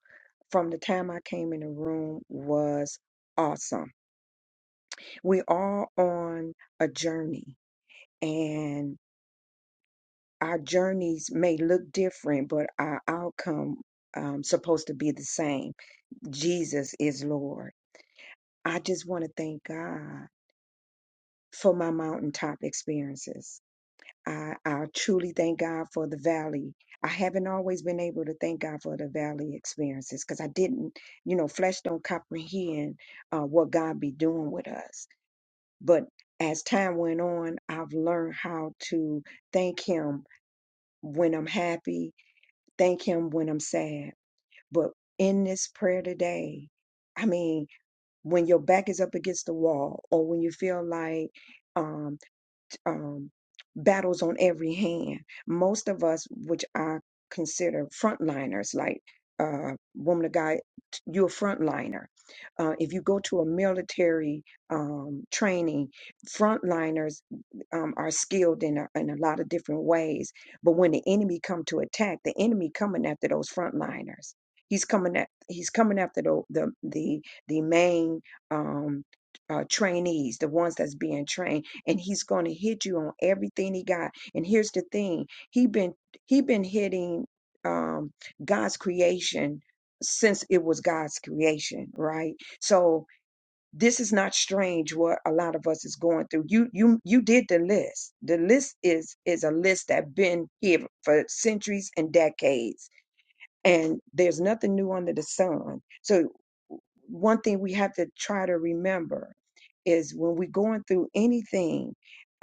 [SPEAKER 2] from the time I came in the room was awesome. We are on a journey, and our journeys may look different, but our outcome um, supposed to be the same. Jesus is Lord. I just want to thank God for my mountaintop experiences. I, I truly thank God for the valley. I haven't always been able to thank God for the valley experiences because I didn't, you know, flesh don't comprehend uh, what God be doing with us. But as time went on, I've learned how to thank Him when I'm happy, thank Him when I'm sad. But in this prayer today, I mean, when your back is up against the wall, or when you feel like um, um, battles on every hand. Most of us, which I consider frontliners, like uh, woman of God, you're a frontliner. Uh, if you go to a military um, training, frontliners um, are skilled in a, in a lot of different ways. But when the enemy come to attack, the enemy coming after those frontliners. He's coming at he's coming after the the the, the main um, uh, trainees, the ones that's being trained and he's going to hit you on everything he got and here's the thing he been he been hitting um god's creation since it was god's creation right so this is not strange what a lot of us is going through you you you did the list the list is is a list that been here for centuries and decades and there's nothing new under the sun. So, one thing we have to try to remember is when we're going through anything,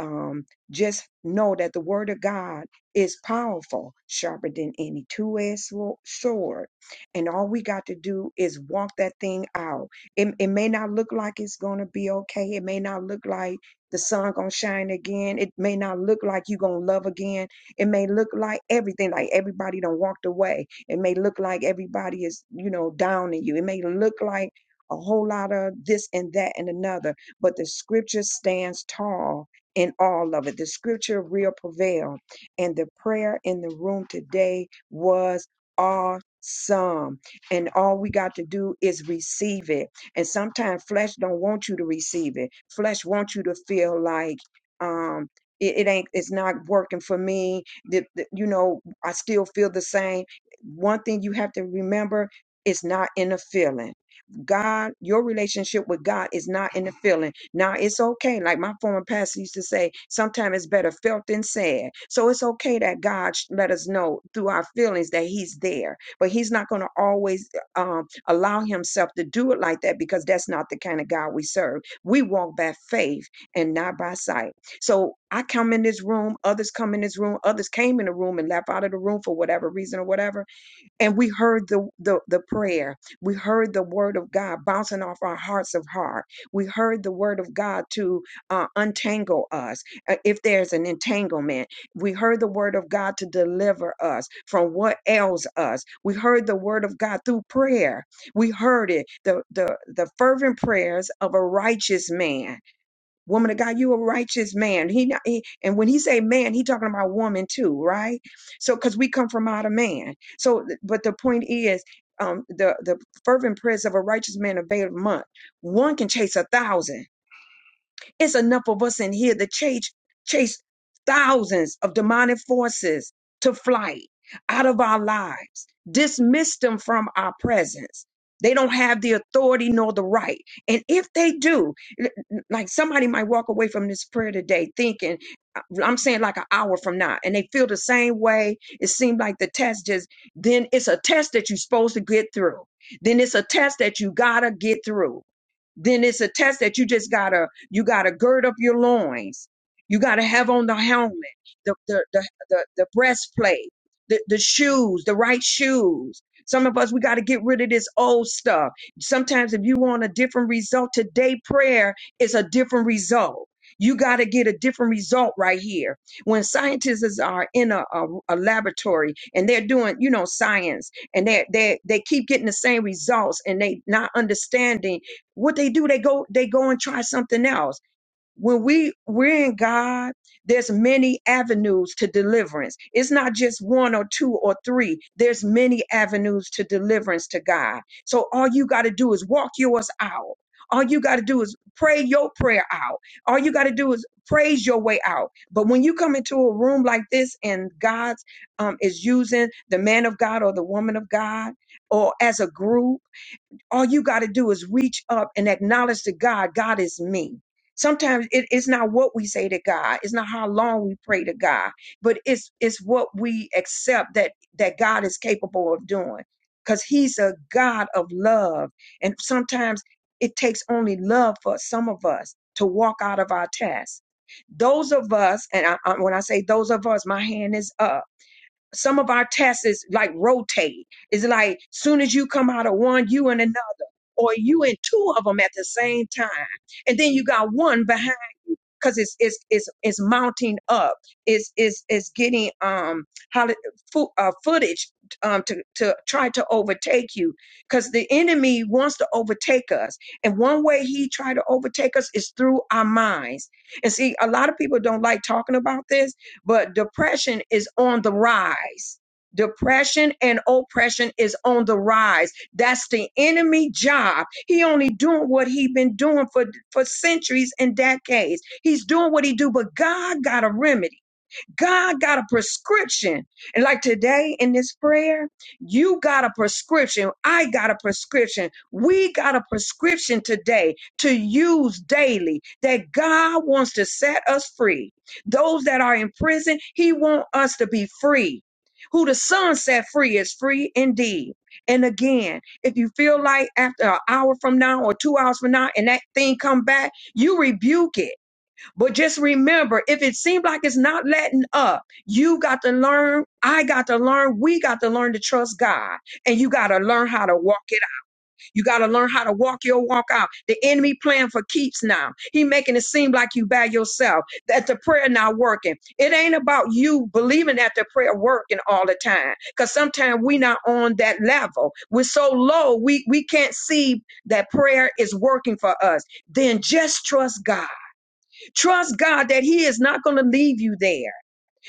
[SPEAKER 2] um, just know that the Word of God is powerful, sharper than any two edged sword. And all we got to do is walk that thing out. It, it may not look like it's going to be okay. It may not look like the sun going to shine again. It may not look like you going to love again. It may look like everything, like everybody done walked away it may look like everybody is, you know, down in you. It may look like a whole lot of this and that and another, but the scripture stands tall in all of it. The scripture will prevail. And the prayer in the room today was awesome. And all we got to do is receive it. And sometimes flesh don't want you to receive it. Flesh wants you to feel like um it, it ain't it's not working for me. That that, you know, I still feel the same one thing you have to remember it's not in the feeling. God, your relationship with God is not in the feeling. Now it's okay. Like my former pastor used to say, sometimes it's better felt than said. So it's okay that God sh- let us know through our feelings that He's there. But He's not going to always um, allow Himself to do it like that because that's not the kind of God we serve. We walk by faith and not by sight. So I come in this room, others come in this room, others came in the room and left out of the room for whatever reason or whatever and we heard the, the the prayer we heard the word of god bouncing off our hearts of heart we heard the word of god to uh, untangle us uh, if there's an entanglement we heard the word of god to deliver us from what ails us we heard the word of god through prayer we heard it the the, the fervent prayers of a righteous man woman of God, you a righteous man. He, not, he and when he say man, he talking about woman too, right? So because we come from out of man. So, th- but the point is, um, the the fervent prayers of a righteous man avail much. One can chase a thousand. It's enough of us in here to chase, chase thousands of demonic forces to flight out of our lives, dismiss them from our presence. They don't have the authority nor the right. And if they do, l- l- like somebody might walk away from this prayer today thinking, I- I'm saying like an hour from now, and they feel the same way. It seemed like the test just, then it's a test that you're supposed to get through. Then it's a test that you gotta get through then it's a test that you just gotta you got to gird up your loins. You got to have on the helmet, the, the, the, the, the breastplate, the, the shoes, the right shoes. Some of us, we got to get rid of this old stuff. Sometimes, if you want a different result, today prayer is a different result. You got to get a different result right here. When scientists are in a, a, a laboratory and they're doing, you know, science, and they they they keep getting the same results, and they not understanding what they do they go they go and try something else when we we're in god there's many avenues to deliverance it's not just one or two or three there's many avenues to deliverance to god so all you got to do is walk yours out all you got to do is pray your prayer out all you got to do is praise your way out but when you come into a room like this and god's um, is using the man of god or the woman of god or as a group all you got to do is reach up and acknowledge to God, God is me. Sometimes it- it's not what we say to God, it's not how long we pray to God, but it's it's what we accept that that God is capable of doing, because He's a God of love, and sometimes it takes only love for some of us to walk out of our tasks. Those of us, and I, I, when I say those of us, my hand is up. Some of our tasks is like rotate. It's like soon as you come out of one, you in another or you in two of them at the same time and then you got one behind because it's it's it's it's mounting up it's it's it's getting um how fo- uh, footage um to to try to overtake you because the enemy wants to overtake us and one way he try to overtake us is through our minds and see a lot of people don't like talking about this but depression is on the rise Depression and oppression is on the rise that's the enemy job. He only doing what he been doing for, for centuries and decades. He's doing what he do, but God got a remedy. God got a prescription. And like today in this prayer, you got a prescription. I got a prescription. We got a prescription today to use daily that God wants to set us free. Those that are in prison, He wants us to be free. Who the Son set free is free indeed. And again, if you feel like after an hour from now or two hours from now and that thing come back, you rebuke it but just remember, if it seems like it's not letting up, you got to learn. I got to learn. We got to learn to trust God. And you got to learn how to walk it out. You got to learn how to walk your walk out. The enemy playing for keeps now. He making it seem like you by yourself, that the prayer not working. It ain't about you believing that the prayer working all the time. Because sometimes we not on that level. We're so low, we, we can't see that prayer is working for us. Then just trust God Trust God that He is not going to leave you there.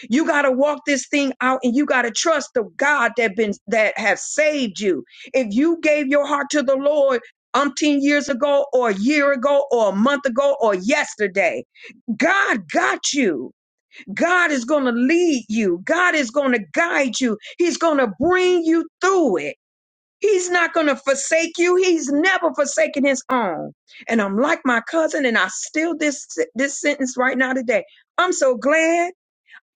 [SPEAKER 2] You got to walk this thing out, and you got to trust the God that been that have saved you. If you gave your heart to the Lord umpteen years ago, or a year ago, or a month ago, or yesterday, God got you. God is going to lead you. God is going to guide you. He's going to bring you through it. He's not going to forsake you. He's never forsaken his own. And I'm like my cousin, and I steal this this sentence right now today. I'm so glad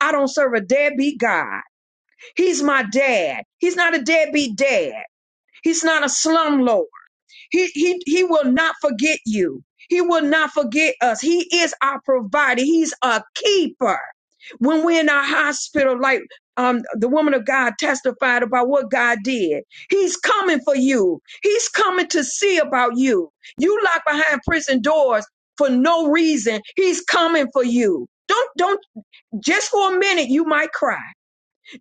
[SPEAKER 2] I don't serve a deadbeat God. He's my dad. He's not a deadbeat dad. He's not a slumlord. He, he, he will not forget you. He will not forget us. He is our provider. He's a keeper. When we're in our hospital, like um, the woman of God testified about what God did, He's coming for you. He's coming to see about you. You locked behind prison doors for no reason. He's coming for you. Don't, don't, just for a minute, you might cry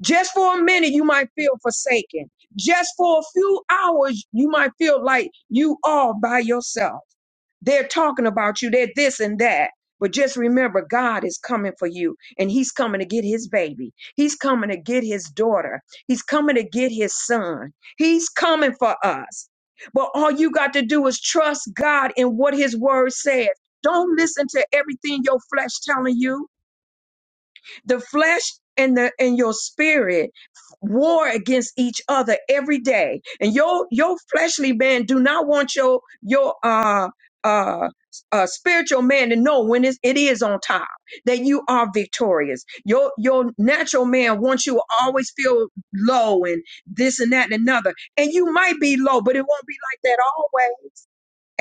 [SPEAKER 2] just for a minute, you might feel forsaken. Just for a few hours, you might feel like you are by yourself. They're talking about you, they're this and that. But just remember, God is coming for you, and He's coming to get His baby. He's coming to get His daughter. He's coming to get His son. He's coming for us. But all you got to do is trust God in what His word says. Don't listen to everything your flesh telling you. The flesh and the and your spirit war against each other every day. And your your fleshly man do not want your your uh uh uh spiritual man to know when it's, it is on top that you are victorious. Your your natural man wants you to always feel low and this and that and another. And you might be low, but it won't be like that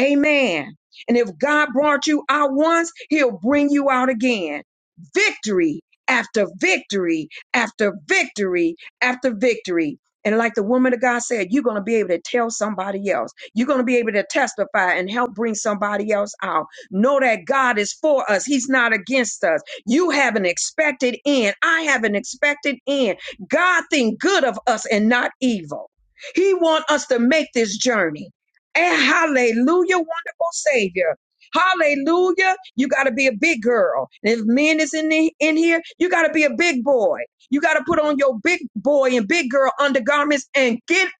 [SPEAKER 2] Amen. And if God brought you out once, he'll bring you out again. Victory after victory after victory after victory. And like the woman of God said, you're going to be able to tell somebody else. You're going to be able to testify and help bring somebody else out. Know that God is for us. He's not against us. You have an expected end. I have an expected end. God think good of us and not evil. He want us to make this journey. And hallelujah, wonderful Savior. Hallelujah. You got to be a big girl. And if men is in, the, in here, you got to be a big boy. You got to put on your big boy and big girl undergarments and get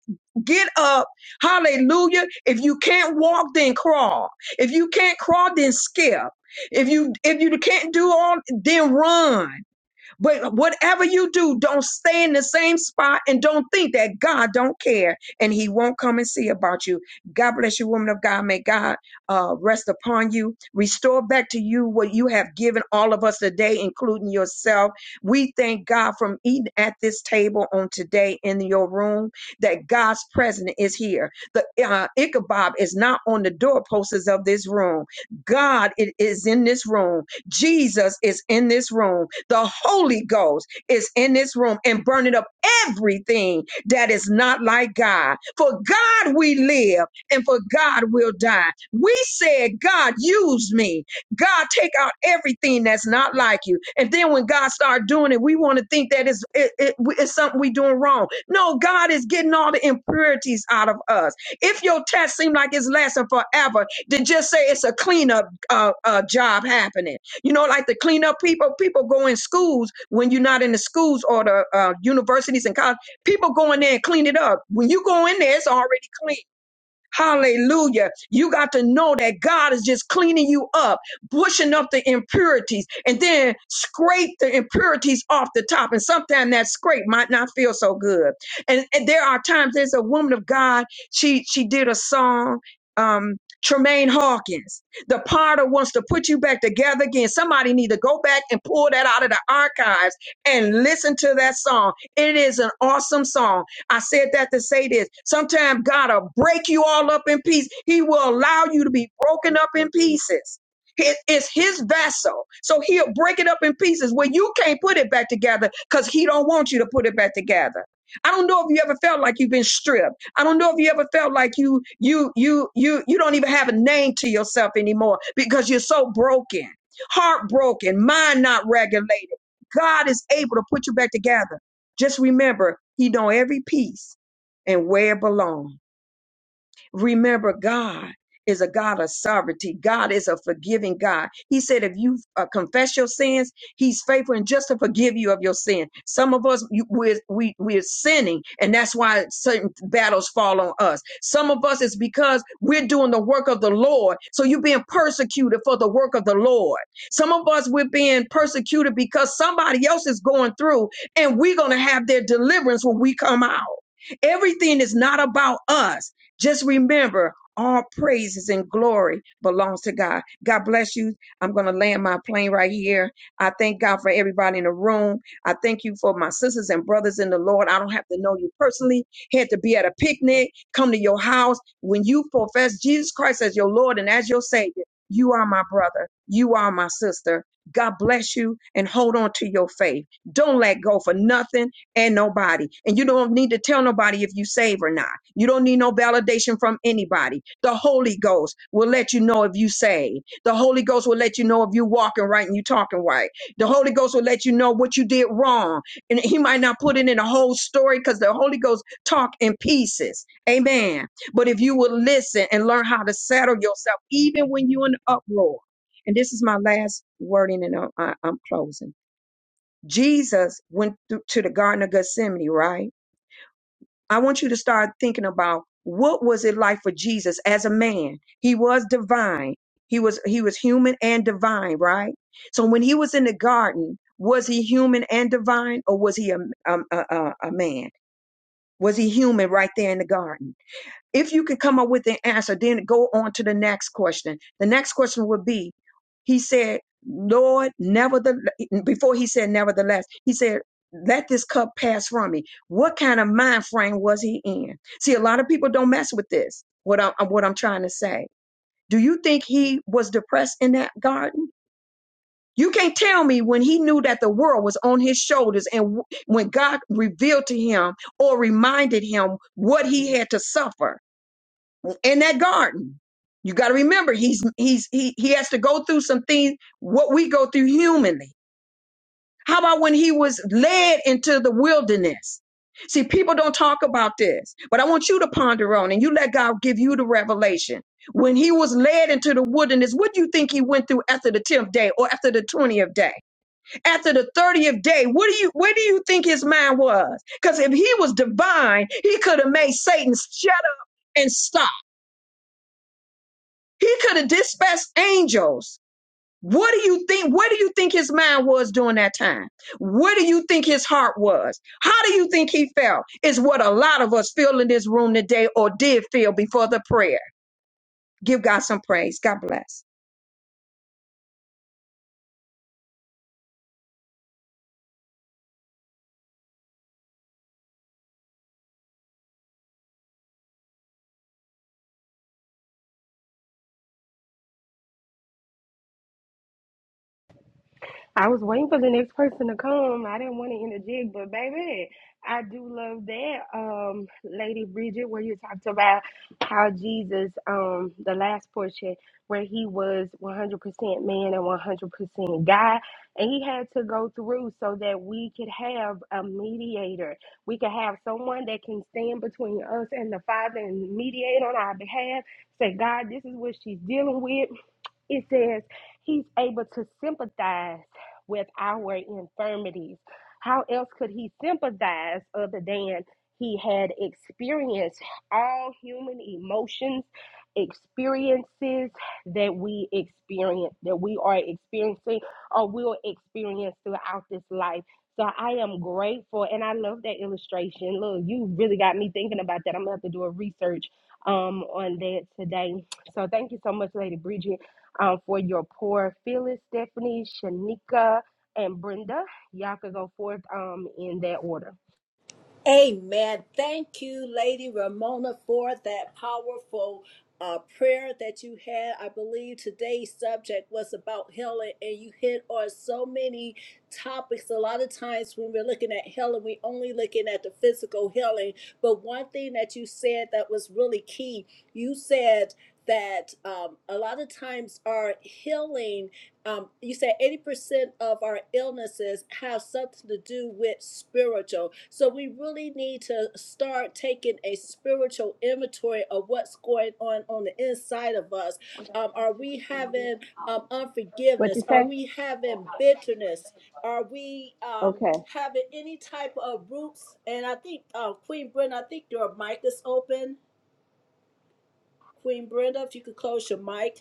[SPEAKER 2] get up. Hallelujah. If you can't walk, then crawl. If you can't crawl, then skip. If you if you can't do all, then run. But whatever you do, don't stay in the same spot and don't think that God don't care and He won't come and see about you. God bless you, woman of God. May God uh, rest upon you, restore back to you what you have given all of us today, including yourself. We thank God from eating at this table on today in your room that God's presence is here. The uh, Ichabod is not on the doorposts of this room. God it is in this room Jesus is in this room. The Holy Ghost is in this room and burning up everything that is not like God. For God we live and for God we'll die. We said, God, use me. God, take out everything that's not like you. And then when God start doing it, we want to think that it's, it, it- it's something we doing wrong. No, God is getting all the impurities out of us. If your test seems like it's lasting forever, then just say it's a cleanup uh, uh, job happening you know, like the cleanup people, people go in schools when you're not in the schools or the uh, universities and college. People go in there and clean it up. When you go in there, it's already clean Hallelujah. You got to know that God is just cleaning you up, pushing up the impurities, and then scrape the impurities off the top. And sometimes that scrape might not feel so good. And, and there are times there's a woman of God, she she did a song, um, Tremaine Hawkins. The potter wants to put you back together again. Somebody need to go back and pull that out of the archives and listen to that song. It is an awesome song I said that to say this. Sometimes God will break you all up in pieces. He will allow you to be broken up in pieces. It's his vessel. So he'll break it up in pieces where you can't put it back together because he don't want you to put it back together. I don't know if you ever felt like you've been stripped. I don't know if you ever felt like you you you you you don't even have a name to yourself anymore because you're so broken, heartbroken, mind not regulated. God is able to put you back together. Just remember, he know every piece and where it belongs. Remember, God is a God of sovereignty. God is a forgiving God. He said, if you uh, confess your sins, He's faithful and just to forgive you of your sin. Some of us, you, we're, we, we're sinning, and that's why certain battles fall on us. Some of us, it's because we're doing the work of the Lord. So you're being persecuted for the work of the Lord. Some of us, we're being persecuted because somebody else is going through, and we're going to have their deliverance when we come out. Everything is not about us. Just remember, all praises and glory belongs to God. God bless you. I'm going to land my plane right here. I thank God for everybody in the room. I thank you for my sisters and brothers in the Lord. I don't have to know you personally. Had to be at a picnic, come to your house. When you profess Jesus Christ as your Lord and as your Savior, you are my brother. You are my sister. God bless you and hold on to your faith. Don't let go for nothing and nobody. And you don't need to tell nobody if you save or not. You don't need no validation from anybody. The Holy Ghost will let you know if you save. The Holy Ghost will let you know if you walking right and you talking right. The Holy Ghost will let you know what you did wrong. And he might not put it in a whole story because the Holy Ghost talk in pieces. Amen. But if you will listen and learn how to settle yourself, even when you're in uproar. And this is my last wording and I- I- I'm closing Jesus went through to the Garden of Gethsemane, right? I want you to start thinking about what was it like for Jesus as a man? He was divine. He was he was human and divine, right? So when he was in the garden, was he human and divine, or was he a a, a, a a man? Was he human right there in the garden? If you could come up with an answer, then go on to the next question. The next question would be, he said, Lord, nevertheless, before he said nevertheless, he said, let this cup pass from me. What kind of mind frame was he in? See, a lot of people don't mess with this. What I'm what I'm trying to say. Do you think he was depressed in that garden? You can't tell me when he knew that the world was on his shoulders and w- when God revealed to him or reminded him what he had to suffer in that garden. You got to remember, he's he's he he has to go through some things what we go through humanly. How about when he was led into the wilderness? See, people don't talk about this, but I want you to ponder on and you let God give you the revelation. When he was led into the wilderness, what do you think he went through after the 10th day or after the 20th day? After the 30th day, what do you where do you think his mind was? Because if he was divine, he could have made Satan shut up and stop. He could have dispatched angels. What do you think? Where do you think his mind was during that time? Where do you think his heart was? How do you think he felt? Is what a lot of us feel in this room today or did feel before the prayer. Give God some praise. God bless.
[SPEAKER 1] I was waiting for the next person to come. I didn't want to interject, but baby, I do love that, um, Lady Bridget, where you talked about how Jesus, um, the last portion where he was 100% man and 100% God, and he had to go through so that we could have a mediator. We could have someone that can stand between us and the Father and mediate on our behalf. Say, God, this is what she's dealing with. It says he's able to sympathize with our infirmities. How else could he sympathize other than he had experienced all human emotions, experiences that we experience, that we are experiencing or will experience throughout this life? So I am grateful and I love that illustration. Look, you really got me thinking about that. I'm gonna have to do a research um on that today. So thank you so much, Lady Bridget um, for your poor Phyllis, Stephanie, Shanika, and Brenda. Y'all could go forth um, in that order.
[SPEAKER 3] Amen. Thank you, Lady Ramona, for that powerful uh, prayer that you had. I believe today's subject was about healing, and you hit on so many topics. A lot of times when we're looking at healing, we only looking at the physical healing. But one thing that you said that was really key, you said that um, a lot of times our healing um, you said 80% of our illnesses have something to do with spiritual. So we really need to start taking a spiritual inventory of what's going on on the inside of us. Um, are we having um,
[SPEAKER 4] What you
[SPEAKER 3] unforgiveness? Are
[SPEAKER 4] say?
[SPEAKER 3] we having bitterness? Are we um,
[SPEAKER 4] Okay.
[SPEAKER 3] having any type of roots? And I think, uh, Queen Brenda, I think your mic is open. Queen Brenda, if you could close your mic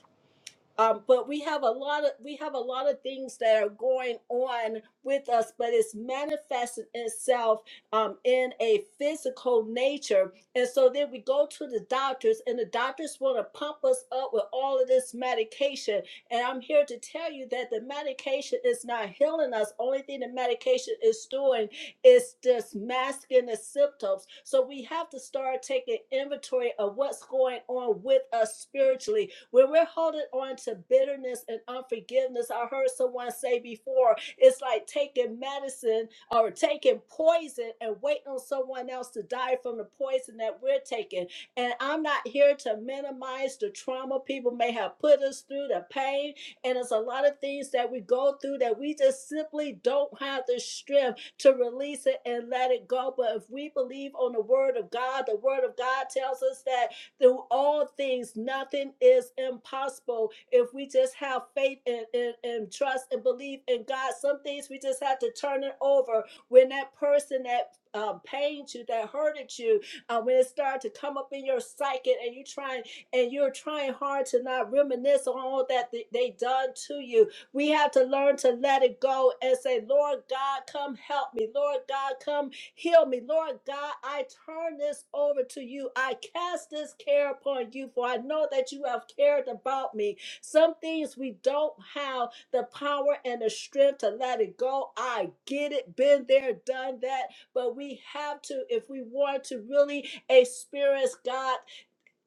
[SPEAKER 3] um, but we have a lot of we have a lot of things that are going on with us but it's manifesting itself um, in a physical nature and so then we go to the doctors and the doctors want to pump us up with all of this medication and i'm here to tell you that the medication is not healing us only thing the medication is doing is just masking the symptoms so we have to start taking inventory of what's going on with us spiritually when we're holding on to bitterness and unforgiveness, I heard someone say before, it's like taking medicine or taking poison and waiting on someone else to die from the poison that we're taking. And I'm not here to minimize the trauma people may have put us through, the pain, and it's a lot of things that we go through that we just simply don't have the strength to release it and let it go. But if we believe on the word of God, the word of God tells us that through all things, nothing is impossible. If we just have faith and, and, and trust and believe in God, some things we just have to turn it over. When that person that um, pained you, that hurted you, uh, when it started to come up in your psyche and you trying and you're trying hard to not reminisce on all that th- they done to you. We have to learn to let it go and say, Lord God, come help me. Lord God, come Heal me. Lord God, I turn this over to you. I cast this care upon you, for I know that you have cared about me. Some things we don't have the power and the strength to let it go. I get it, been there, done that. But we have to, if we want to really experience God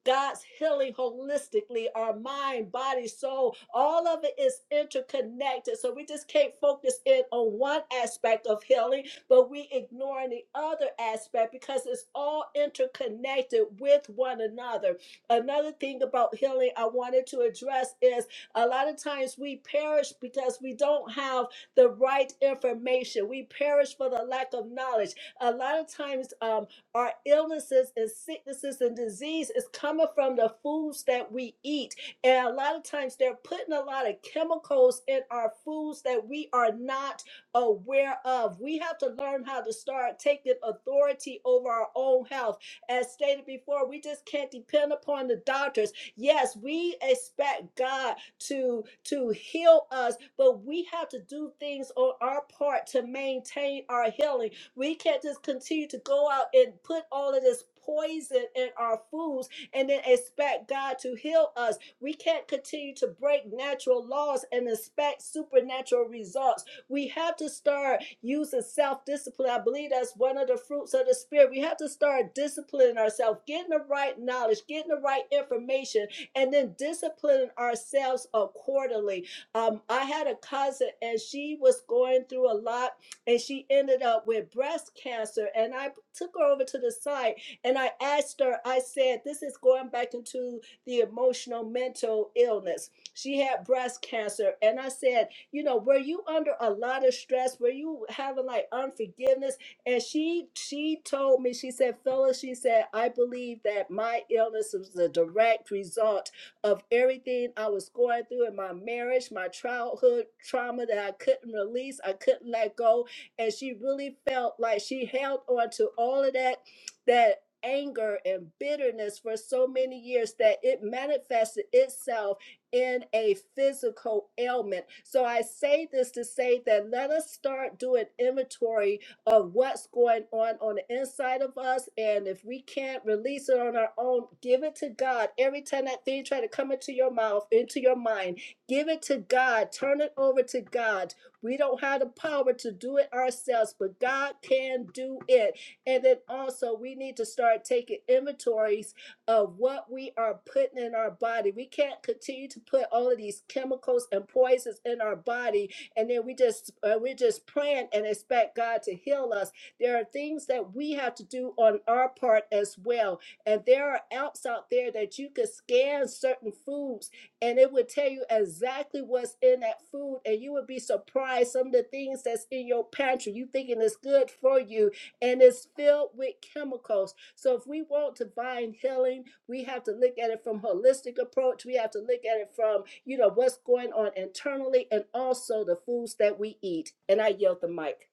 [SPEAKER 3] God's healing holistically, our mind, body, soul, all of it is interconnected. So we just can't focus in on one aspect of healing, but we ignoring the other aspect because it's all interconnected with one another. Another thing about healing I wanted to address is a lot of times we perish because we don't have the right information. We perish for the lack of knowledge. A lot of times, um, our illnesses and sicknesses and disease is coming from the foods that we eat. And a lot of times they're putting a lot of chemicals in our foods that we are not aware of. We have to learn how to start taking authority over our own health. As stated before, we just can't depend upon the doctors. Yes, we expect God to to heal us, but we have to do things on our part to maintain our healing we can't just continue to go out and put all of this poison in our foods and then expect God to heal us. We can't continue to break natural laws and expect supernatural results. We have to start using self discipline. I believe that's one of the fruits of the Spirit. We have to start disciplining ourselves, getting the right knowledge, getting the right information, and then disciplining ourselves accordingly. Um, I had a cousin, and she was going through a lot and she ended up with breast cancer. And I took her over to the side and I asked her, I said, this is going back into the emotional mental illness. She had breast cancer. And I said, you know, were you under a lot of stress? Were you having like unforgiveness? And she she told me, she said, Phyllis, she said, I believe that my illness was a direct result of everything I was going through in my marriage, my childhood trauma that I couldn't release, I couldn't let go and she really felt like she held on to all of that that anger and bitterness for so many years that it manifested itself in a physical ailment. So I say this to say that let us start doing inventory of what's going on on the inside of us and if we can't release it on our own, give it to God. Every time that thing try to come into your mouth, into your mind, give it to God. Turn it over to God we don't have the power to do it ourselves, but God can do it. And then also, we need to start taking inventories of what we are putting in our body. We can't continue to put all of these chemicals and poisons in our body, and then we just uh, we're just praying and expect God to heal us. There are things that we have to do on our part as well. And there are apps out there that you can scan certain foods and it would tell you exactly what's in that food and you would be surprised some of the things that's in your pantry you thinking it's good for you and it's filled with chemicals so if we want divine healing we have to look at it from holistic approach we have to look at it from you know what's going on internally and also the foods that we eat and i yield the mic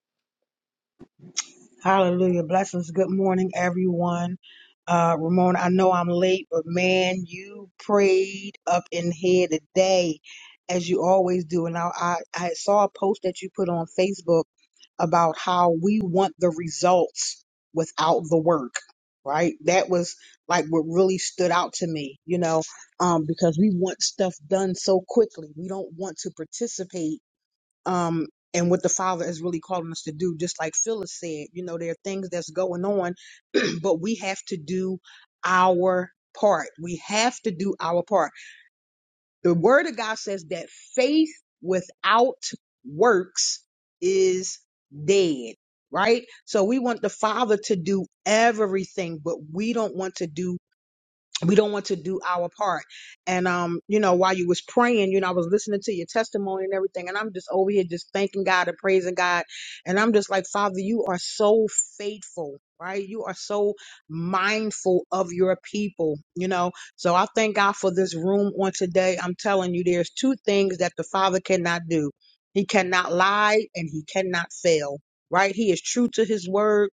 [SPEAKER 5] Hallelujah. Blessings. Good morning, everyone. Uh, Ramona, I know I'm late, but man, you prayed up in here today, as you always do. And I, I, I saw a post that you put on Facebook about how we want the results without the work, right? That was like what really stood out to me, you know, um, because we want stuff done so quickly. We don't want to participate um, and what the Father is really calling us to do. Just like Phyllis said, you know, there are things that's going on, *clears throat* but we have to do our part. We have to do our part. The Word of God says that faith without works is dead. Right? So we want the Father to do everything, but we don't want to do we don't want to do our part and um you know while you was praying you know i was listening to your testimony and everything and i'm just over here just thanking god and praising god and i'm just like father you are so faithful right you are so mindful of your people you know so i thank god for this room on today i'm telling you there's two things that the father cannot do he cannot lie and he cannot fail right he is true to his word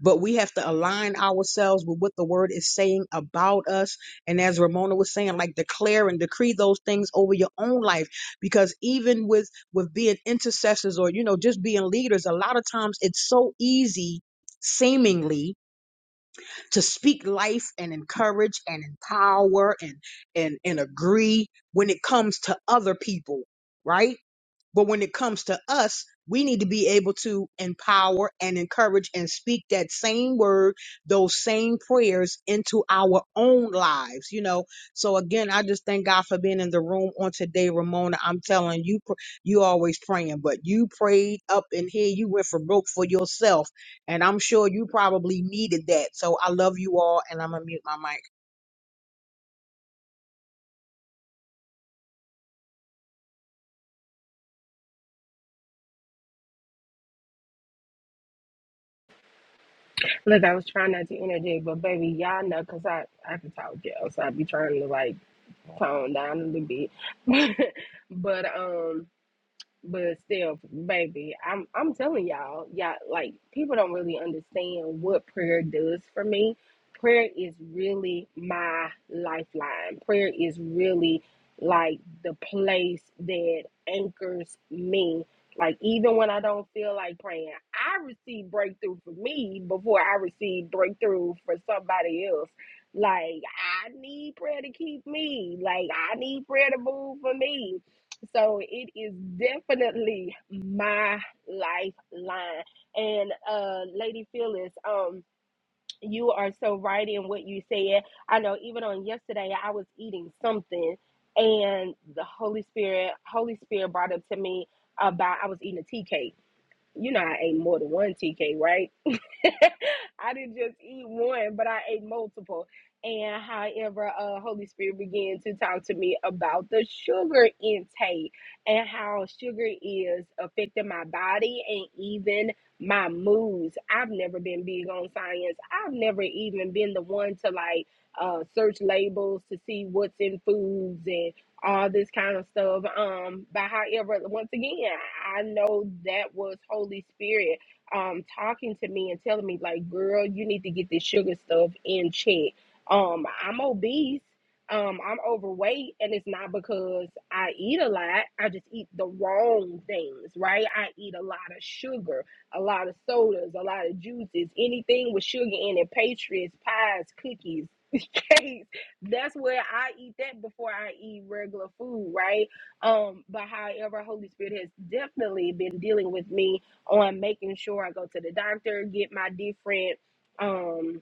[SPEAKER 5] but we have to align ourselves with what the word is saying about us. And as Ramona was saying, like declare and decree those things over your own life. Because even with with being intercessors or you know, just being leaders, a lot of times it's so easy seemingly to speak life and encourage and empower and and and agree when it comes to other people right but when it comes to us, we need to be able to empower and encourage and speak that same word, those same prayers into our own lives, you know. So again, I just thank God for being in the room on today, Ramona. I'm telling you, pr- you always praying, but you prayed up in here. You went for broke for yourself. And I'm sure you probably needed that. So I love you all and I'm gonna mute my mic.
[SPEAKER 1] Look, I was trying not to interject, but baby, y'all know because I, I can talk, y'all, so I be trying to like tone down a little bit. *laughs* but um, But still, baby, I'm I'm telling y'all, y'all like people don't really understand what prayer does for me. Prayer is really my lifeline. Prayer is really like the place that anchors me. Like even when I don't feel like praying, I receive breakthrough for me before I receive breakthrough for somebody else. Like I need prayer to keep me. Like I need prayer to move for me so it is definitely my lifeline. And uh Lady Phyllis, um, you are so right in what you said. I know even on yesterday I was eating something and the Holy Spirit, Holy Spirit brought up to me about I was eating a tea cake. You know I ate more than one tea cake, right? *laughs* I didn't just eat one, but I ate multiple. And however, uh, Holy Spirit began to talk to me about the sugar intake and how sugar is affecting my body and even my moods. I've never been big on science. I've never even been the one to like uh, search labels to see what's in foods and all this kind of stuff. Um, but however, once again, I know that was Holy Spirit um talking to me and telling me like girl you need to get this sugar stuff in check um i'm obese um i'm overweight and it's not because i eat a lot i just eat the wrong things right i eat a lot of sugar a lot of sodas a lot of juices anything with sugar in it pastries pies cookies *laughs* cakes that's where i eat that before i eat regular food right um but however holy spirit has definitely been dealing with me on making sure I go to the doctor, get my different um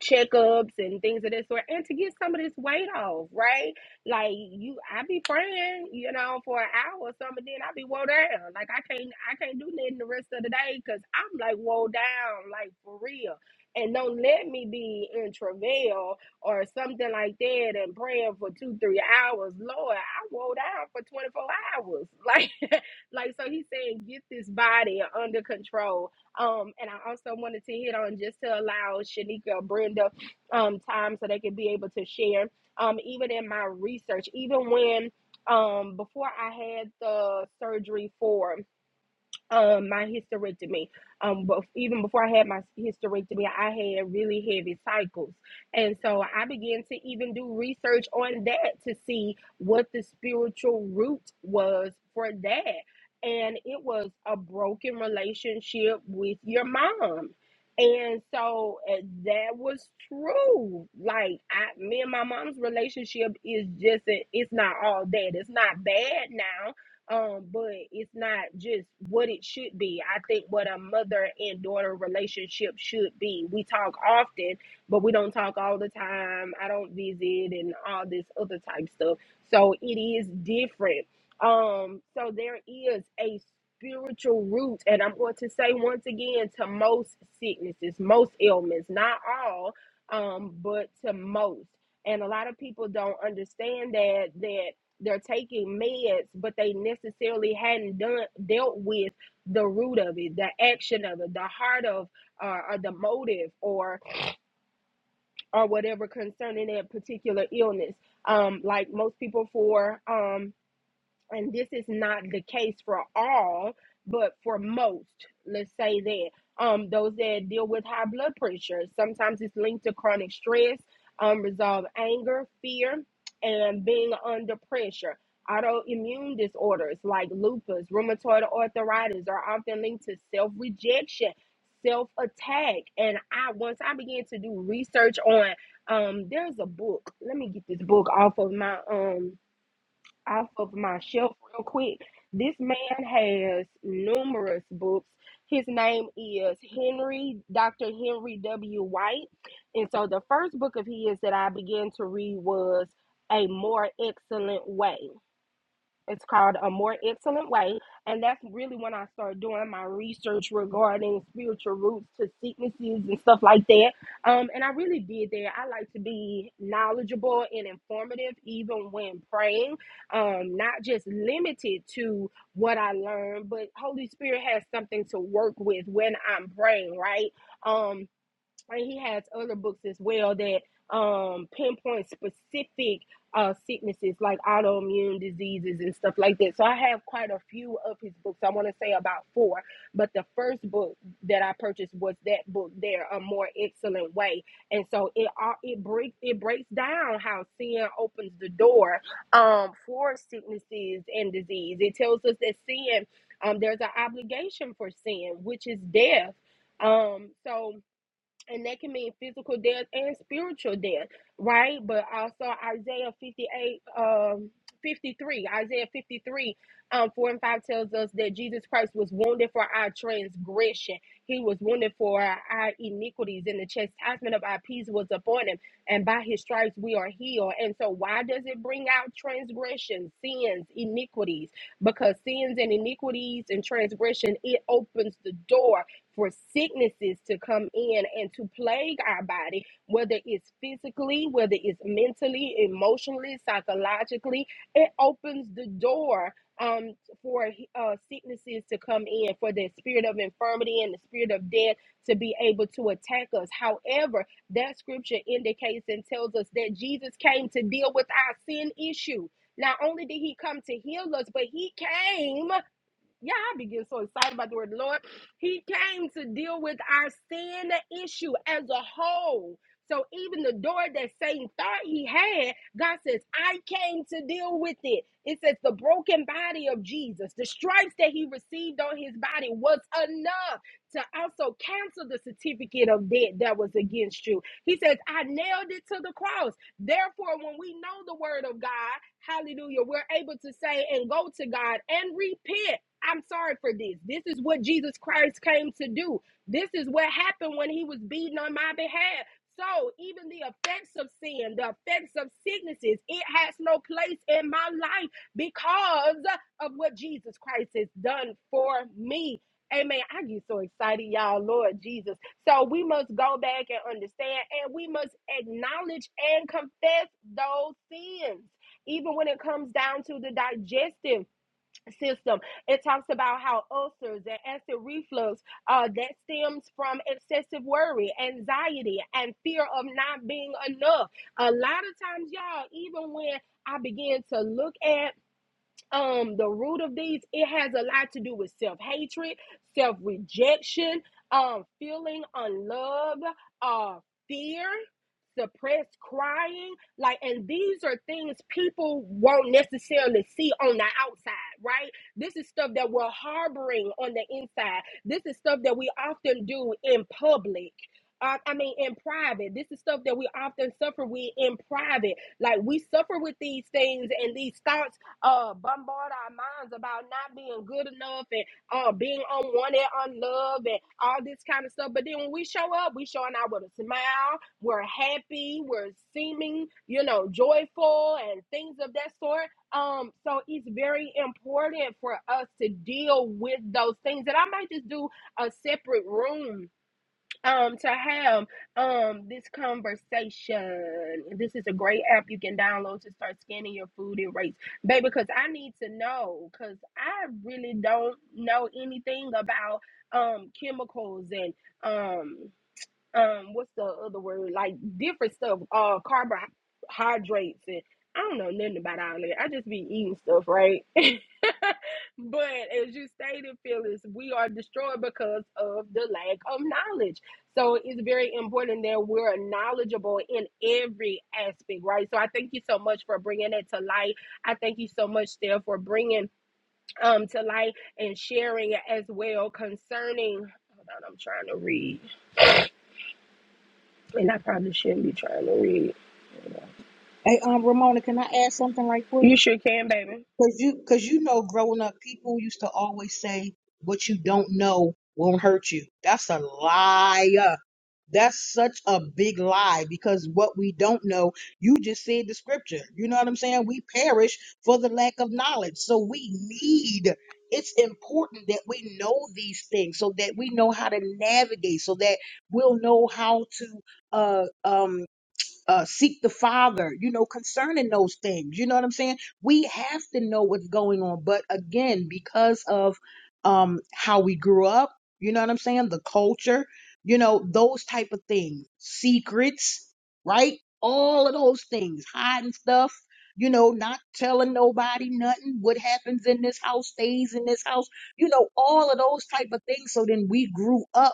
[SPEAKER 1] checkups and things of that sort and to get some of this weight off, right? Like you I be praying, you know, for an hour or something, then I be woe down. Like I can't I can't do nothing the rest of the day because I'm like woe down, like for real. And don't let me be in travail or something like that and praying for two, three hours. Lord, I woe down for 24 hours. *laughs* Like like so he's saying get this body under control um, and I also wanted to hit on just to allow Shanika, or Brenda, um, time so they could be able to share. Um, even in my research, even when um, before I had the surgery for um my hysterectomy um but even before i had my hysterectomy i had really heavy cycles and so i began to even do research on that to see what the spiritual root was for that and it was a broken relationship with your mom and so uh, that was true like i me and my mom's relationship is just it's not all that it's not bad now um but it's not just what it should be i think what a mother and daughter relationship should be we talk often but we don't talk all the time i don't visit and all this other type stuff so it is different um so there is a spiritual root and i'm going to say once again to most sicknesses most ailments not all um but to most and a lot of people don't understand that that they're taking meds, but they necessarily hadn't done dealt with the root of it, the action of it, the heart of, uh, or the motive, or or whatever concerning that particular illness. Um, like most people for um and this is not the case for all, but for most, let's say that um, those that deal with high blood pressure, sometimes it's linked to chronic stress, unresolved anger, fear, and being under pressure. Autoimmune disorders like lupus, rheumatoid arthritis are often linked to self rejection, self attack. And I, once I began to do research on, um, there's a book. Let me get this book off of my um off of my shelf real quick. This man has numerous books. His name is Henry, Dr. Henry W. White. And so the first book of his that I began to read was A More Excellent Way. It's called A More Excellent Way. And that's really when I started doing my research regarding spiritual roots to sicknesses and stuff like that. Um, and I really did that. I like to be knowledgeable and informative, even when praying, um, not just limited to what I learned, but Holy Spirit has something to work with when I'm praying, right? Um, and he has other books as well that um pinpoint specific uh sicknesses like autoimmune diseases and stuff like that so i have quite a few of his books i want to say about four but the first book that i purchased was that book there a more excellent way and so it all it breaks it breaks down how sin opens the door um for sicknesses and disease it tells us that sin um there's an obligation for sin which is death um so and that can mean physical death and spiritual death, right? But also Isaiah 58, um, 53, Isaiah 53, um, 4 and 5 tells us that Jesus Christ was wounded for our transgression. He was wounded for our iniquities, and the chastisement of our peace was upon him. And by his stripes we are healed. And so, why does it bring out transgressions, sins, iniquities? Because sins and iniquities and transgression, it opens the door for sicknesses to come in and to plague our body, whether it's physically, whether it's mentally, emotionally, psychologically, it opens the door um, for uh, sicknesses to come in, for the spirit of infirmity and the spirit of death to be able to attack us. However, that scripture indicates and tells us that Jesus came to deal with our sin issue. Not only did he come to heal us, but he came yeah, I begin so excited about the word of the Lord. He came to deal with our sin issue as a whole. So even the door that Satan thought he had, God says, I came to deal with it. It says the broken body of Jesus, the stripes that he received on his body was enough to also cancel the certificate of debt that was against you. He says, I nailed it to the cross. Therefore, when we know the word of God, hallelujah, we're able to say and go to God and repent I'm sorry for this. This is what Jesus Christ came to do. This is what happened when he was beaten on my behalf. So, even the effects of sin, the effects of sicknesses, it has no place in my life because of what Jesus Christ has done for me. Amen. I get so excited, y'all, Lord Jesus. So, we must go back and understand, and we must acknowledge and confess those sins, even when it comes down to the digestive system. It talks about how ulcers and acid reflux uh, that stems from excessive worry, anxiety, and fear of not being enough. A lot of times, y'all, even when I begin to look at um the root of these it has a lot to do with self-hatred self-rejection um feeling unloved uh fear suppressed crying like and these are things people won't necessarily see on the outside right this is stuff that we're harboring on the inside this is stuff that we often do in public uh, I mean, in private, this is stuff that we often suffer with in private. Like we suffer with these things and these thoughts uh, bombard our minds about not being good enough and uh, being unwanted, unloved, and all this kind of stuff. But then when we show up, we showing out with a smile. We're happy. We're seeming, you know, joyful and things of that sort. Um, so it's very important for us to deal with those things. And I might just do a separate room um to have um this conversation this is a great app you can download to start scanning your food and rates baby because i need to know because i really don't know anything about um chemicals and um um what's the other word like different stuff uh carbohydrates and I don't know nothing about all that. I just be eating stuff, right? *laughs* but as you stated, Phyllis, we are destroyed because of the lack of knowledge. So it's very important that we're knowledgeable in every aspect, right? So I thank you so much for bringing it to light. I thank you so much, Steph, for bringing um to light and sharing as well concerning. Hold on, I'm trying to read. And I probably shouldn't be trying to read.
[SPEAKER 5] Hey, um, Ramona, can I add something right quick?
[SPEAKER 1] You sure can, baby.
[SPEAKER 5] Cause you, cause you know, growing up, people used to always say, "What you don't know won't hurt you." That's a liar. That's such a big lie because what we don't know, you just said the scripture. You know what I'm saying? We perish for the lack of knowledge. So we need, it's important that we know these things so that we know how to navigate, so that we'll know how to uh um uh, seek the Father, you know, concerning those things. You know what I'm saying? We have to know what's going on. But again, because of um, how we grew up, you know what I'm saying? The culture, you know, those type of things, secrets, right? All of those things, hiding stuff, you know, not telling nobody nothing. What happens in this house stays in this house, you know, all of those type of things. So then we grew up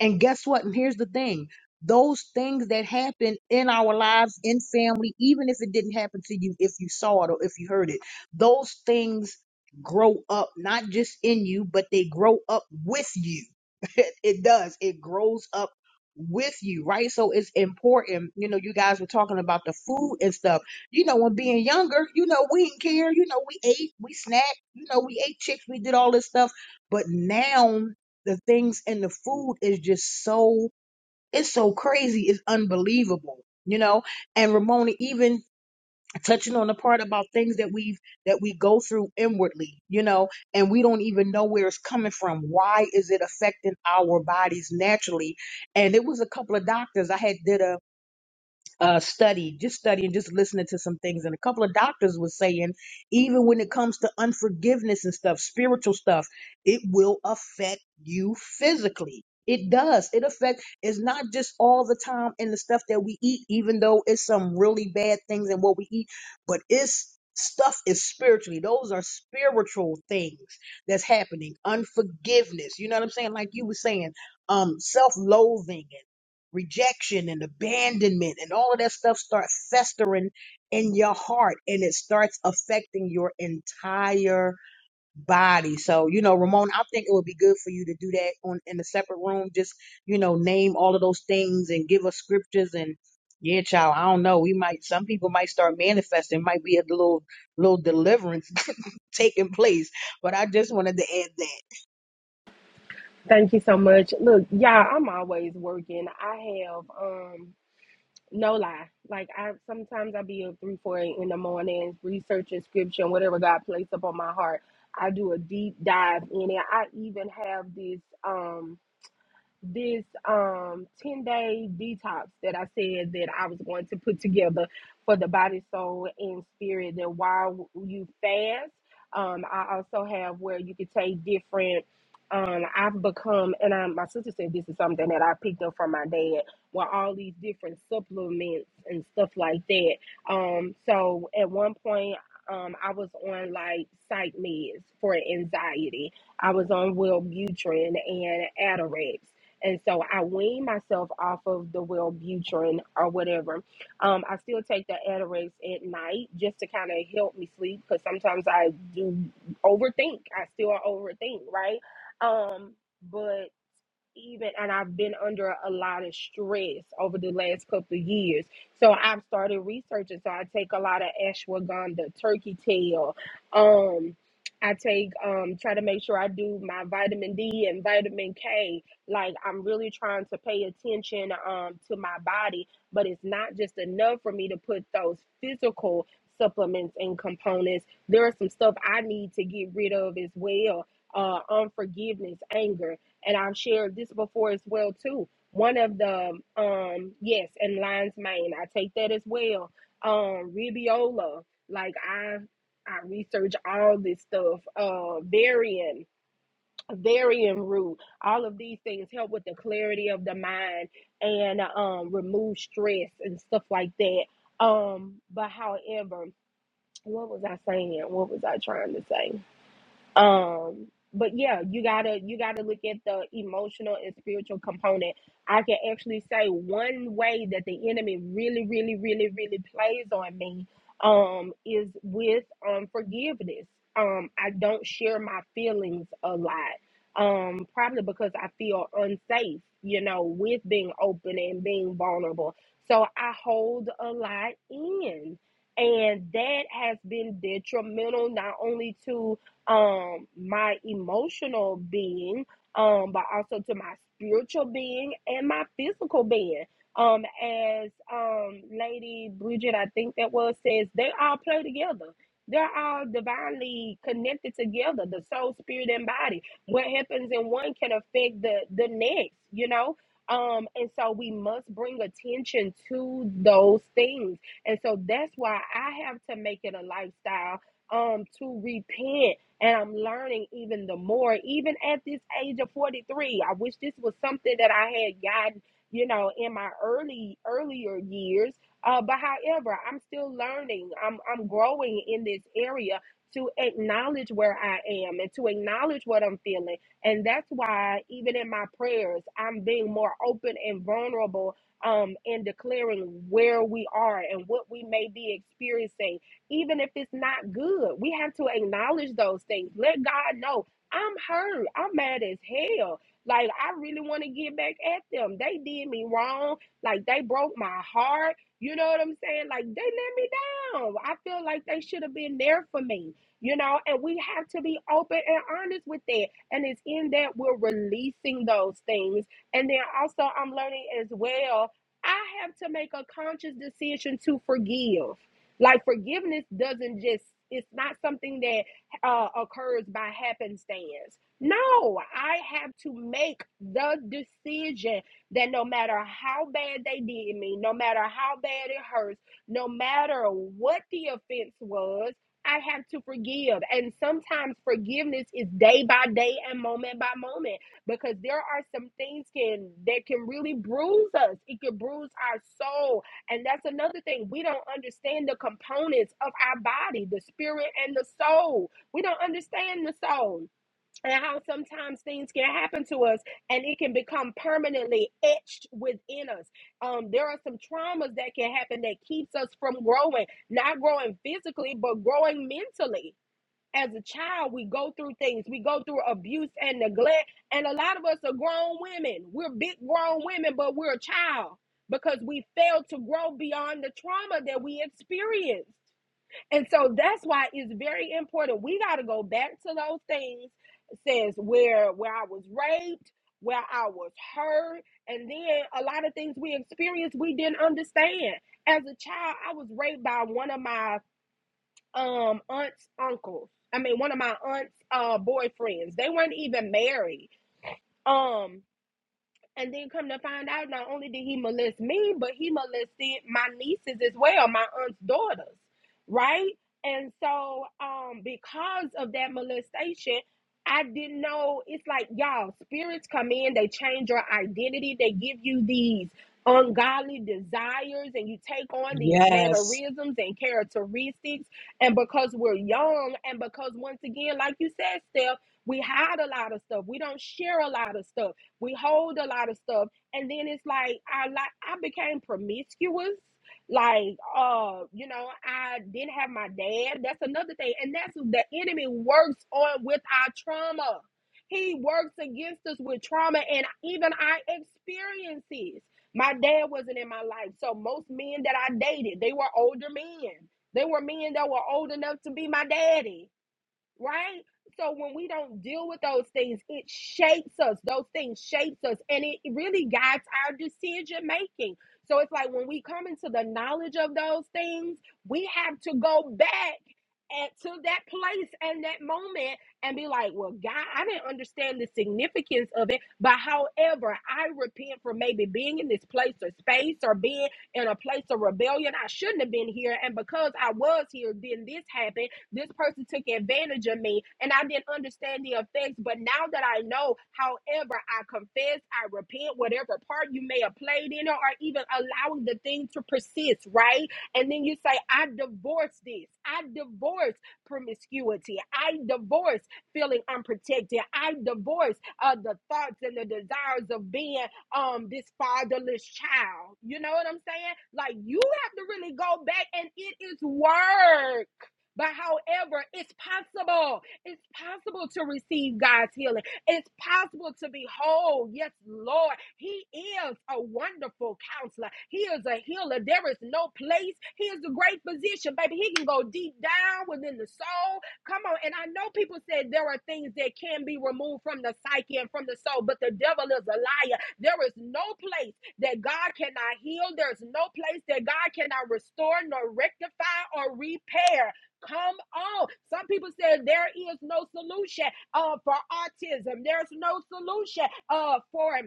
[SPEAKER 5] and guess what? And here's the thing those things that happen in our lives, in family, even if it didn't happen to you, if you saw it or if you heard it, those things grow up not just in you, but they grow up with you. *laughs* It, it does, it grows up with you, right? So it's important. You know, you guys were talking about the food and stuff. You know, when being younger, you know, we didn't care. You know, we ate, we snacked, you know, we ate chicks, we did all this stuff. But now, the things and the food is just so it's so crazy it's unbelievable you know and ramona even touching on the part about things that we've that we go through inwardly you know and we don't even know where it's coming from why is it affecting our bodies naturally and it was a couple of doctors i had did a uh, study, just studying, just listening to some things. And a couple of doctors was saying, even when it comes to unforgiveness and stuff, spiritual stuff, it will affect you physically. It does. It affects. It's not just all the time in the stuff that we eat, even though it's some really bad things in what we eat, but it's stuff is spiritually. Those are spiritual things that's happening. Unforgiveness. You know what I'm saying? Like you were saying, um, self-loathing rejection and abandonment and all of that stuff starts festering in your heart and it starts affecting your entire body. So, you know, Ramon, I think it would be good for you to do that on in a separate room. Just, you know, name all of those things and give us scriptures and yeah, child, I don't know. We might some people might start manifesting, might be a little little deliverance *laughs* taking place. But I just wanted to add that.
[SPEAKER 1] Thank you so much. Look, y'all, I'm always working. I have um no lie. Like I sometimes I be up three, four in the morning, researching scripture and whatever God placed up on my heart. I do a deep dive in it. I even have this um this um 10 day detox that I said that I was going to put together for the body, soul, and spirit. That while you fast, um, I also have where you could take different. Um, I've become, and I, my sister said this is something that I picked up from my dad, where all these different supplements and stuff like that. Um, so at one point, um, I was on like psych meds for anxiety. I was on Wellbutrin and Atarax. And so I wean myself off of the Wellbutrin or whatever. Um, I still take the Atarax at night just to kind of help me sleep because sometimes I do overthink. I still overthink, right? Um, but even and I've been under a lot of stress over the last couple of years. So I've started researching. So I take a lot of ashwagandha, turkey tail. Um I take um try to make sure I do my vitamin D and vitamin K. Like I'm really trying to pay attention um to my body, but it's not just enough for me to put those physical supplements and components. There are some stuff I need to get rid of as well. Uh unforgiveness, anger and I've shared this before as well too. One of the um yes, and lion's mane, I take that as well. Um, ribiola, like I I research all this stuff. Uh, varian, varian root, all of these things help with the clarity of the mind and um remove stress and stuff like that. Um, but however, what was I saying? What was I trying to say? um but yeah you gotta you gotta look at the emotional and spiritual component i can actually say one way that the enemy really really really really plays on me um is with um forgiveness um i don't share my feelings a lot um probably because i feel unsafe you know with being open and being vulnerable so i hold a lot in and that has been detrimental not only to um my emotional being um but also to my spiritual being and my physical being um as um lady bridget i think that was says they all play together they're all divinely connected together the soul spirit and body what happens in one can affect the the next you know um and so we must bring attention to those things and so that's why i have to make it a lifestyle um to repent and I'm learning even the more, even at this age of 43. I wish this was something that I had gotten, you know, in my early earlier years. Uh, but however, I'm still learning. I'm I'm growing in this area to acknowledge where I am and to acknowledge what I'm feeling. And that's why even in my prayers, I'm being more open and vulnerable um and declaring where we are and what we may be experiencing even if it's not good. We have to acknowledge those things. Let God know I'm hurt. I'm mad as hell. Like I really want to get back at them. They did me wrong. Like they broke my heart. You know what I'm saying? Like they let me down. I feel like they should have been there for me. You know, and we have to be open and honest with that. And it's in that we're releasing those things. And then also, I'm learning as well. I have to make a conscious decision to forgive like forgiveness doesn't just it's not something that uh, occurs by happenstance. No, I have to make the decision that no matter how bad they did me, no matter how bad it hurts, no matter what the offense was, I have to forgive. And sometimes forgiveness is day by day and moment by moment because there are some things can that can really bruise us. It can bruise our soul and that's another thing. We don't understand the components of our body, the spirit and the soul. We don't understand the soul and how sometimes things can happen to us and it can become permanently etched within us. Um, there are some traumas that can happen that keeps us from growing, not growing physically, but growing mentally as a child, we go through things. We go through abuse and neglect. And a lot of us are grown women. We're big grown women, but we're a child because we failed to grow beyond the trauma that we experienced. And so that's why it's very important. We got to go back to those things says where where I was raped, where I was hurt, and then a lot of things we experienced we didn't understand. As a child, I was raped by one of my um aunts uncles i mean one of my aunts uh boyfriends they weren't even married um and then come to find out, not only did he molest me, but he molested my nieces as well, my aunt's daughters, right? And so, um, because of that molestation, I didn't know. It's like y'all, spirits come in, they change your identity, they give you these ungodly desires, and you take on these
[SPEAKER 5] Yes.
[SPEAKER 1] mannerisms and characteristics. And because we're young, and because once again, like you said, Steph, we hide a lot of stuff. We don't share a lot of stuff we hold a lot of stuff, and then it's like I like I became promiscuous. Like, uh, you know, I didn't have my dad. That's another thing, and that's what the enemy works on with our trauma. He works against us with trauma, and even our experiences. My dad wasn't in my life, so most men that I dated, they were older men. They were men that were old enough to be my daddy right? So when we don't deal with those things, it shapes us. Those things shapes us and it really guides our decision making. So it's like when we come into the knowledge of those things, we have to go back at, to that place and that moment and be like, well, God, I didn't understand the significance of it. But however, I repent for maybe being in this place or space or being in a place of rebellion. I shouldn't have been here. And because I was here, then this happened this person took advantage of me and I didn't understand the effects. But now that I know, however, I confess, I repent, whatever part you may have played in it, or even allowing the thing to persist, right? And then you say, I divorce this. I divorce promiscuity. I divorce feeling unprotected. I divorce uh, the thoughts and the desires of being um this fatherless child. You know what I'm saying? Like you have to really go back and it is work. But however, it's possible. It's possible to receive God's healing. It's possible to be whole. Yes, Lord. He is a wonderful counselor. He is a healer. There is no place. He is a great physician, baby. He can go deep down within the soul. Come on. And I know people said there are things that can be removed from the psyche and from the soul, but the devil is a liar. There is no place that God cannot heal. There's no place that God cannot restore, nor rectify, or repair. Come on. Some people said there is no solution uh, for autism. There's no solution uh, for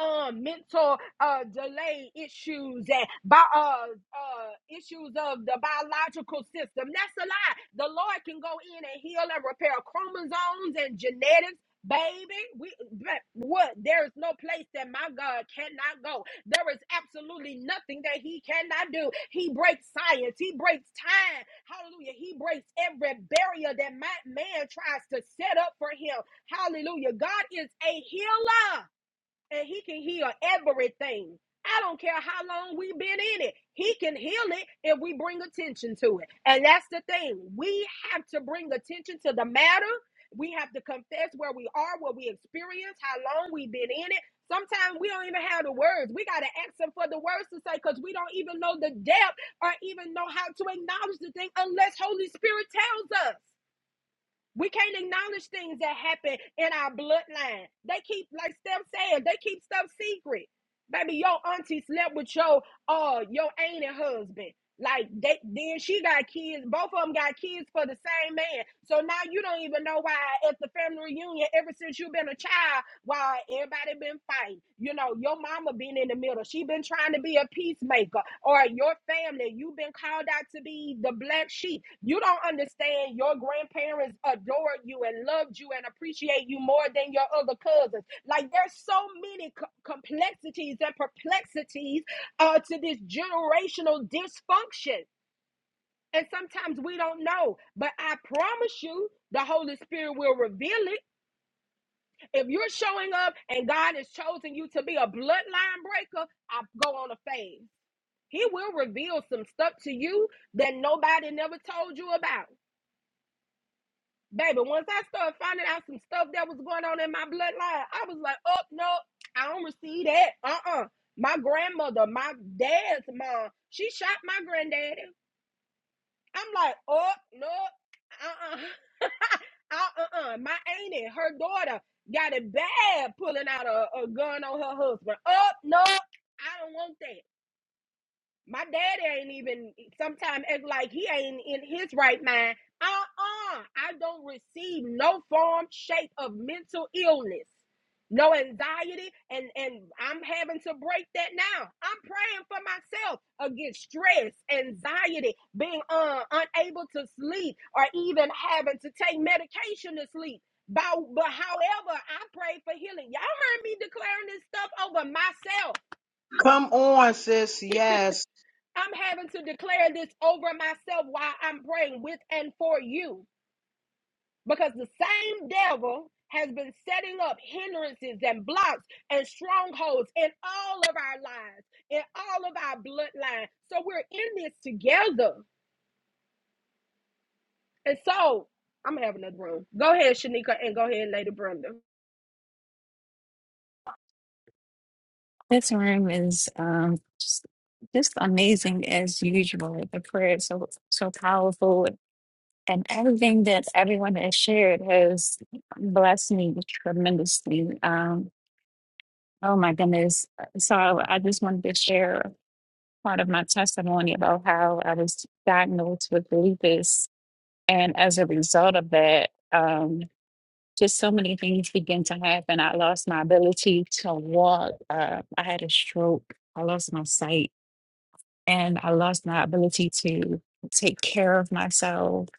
[SPEAKER 1] um mental uh delay issues and by uh uh issues of the biological system that's a lie the lord can go in and heal and repair chromosomes and genetics baby we but what there is no place that my god cannot go there is absolutely nothing that he cannot do he breaks science he breaks time hallelujah he breaks every barrier that my man tries to set up for him hallelujah god is a healer and he can heal everything. I don't care how long we've been in it. He can heal it if we bring attention to it. And that's the thing. We have to bring attention to the matter. We have to confess where we are, what we experience, how long we've been in it. Sometimes we don't even have the words. We got to ask him for the words to say because we don't even know the depth or even know how to acknowledge the thing unless Holy Spirit tells us. We can't acknowledge things that happen in our bloodline. They keep, like Steph saying, they keep stuff secret. Baby, your auntie slept with your uh your aunt and husband. Like they then she got kids. Both of them got kids for the same man. So now you don't even know why at the family reunion, ever since you've been a child, why everybody been fighting? You know, your mama been in the middle. She been trying to be a peacemaker, or your family, you been called out to be the black sheep. You don't understand. Your grandparents adored you and loved you and appreciate you more than your other cousins. Like there's so many co- complexities and perplexities uh, to this generational dysfunction. And sometimes we don't know, but I promise you, the Holy Spirit will reveal it. If you're showing up and God has chosen you to be a bloodline breaker, I go on a phase. He will reveal some stuff to you that nobody never told you about. Baby, once I started finding out some stuff that was going on in my bloodline, I was like, oh, no, I don't receive that. Uh uh My grandmother, my dad's mom, she shot my granddaddy. I'm like, oh no, uh *laughs* uh-uh. uh, uh uh, my auntie, her daughter got it bad pulling out a, a gun on her husband. Oh no, I don't want that. My daddy ain't even sometimes act like he ain't in his right mind. Uh-uh. I don't receive no form, shape of mental illness, no anxiety, and and I'm having to break that now. I'm praying for myself against stress, anxiety, being uh, unable to sleep, or even having to take medication to sleep. But, but however, I pray for healing. Y'all heard me declaring this stuff over myself.
[SPEAKER 5] Come on, sis. Yes.
[SPEAKER 1] I'm having to declare this over myself while I'm praying with and for you because the same devil has been setting up hindrances and blocks and strongholds in all of our lives, in all of our bloodline. So we're in this together. And so I'm gonna have another room. Go ahead, Shanika, and go ahead, Lady Brenda.
[SPEAKER 6] This room is um, just just amazing as usual. The prayer is so so powerful, and everything that everyone has shared has blessed me tremendously. Um, oh my goodness! So I just wanted to share part of my testimony about how I was diagnosed with lupus, and as a result of that, um, just so many things began to happen. I lost my ability to walk. Uh, I had a stroke. I lost my sight and I lost my ability to take care of myself.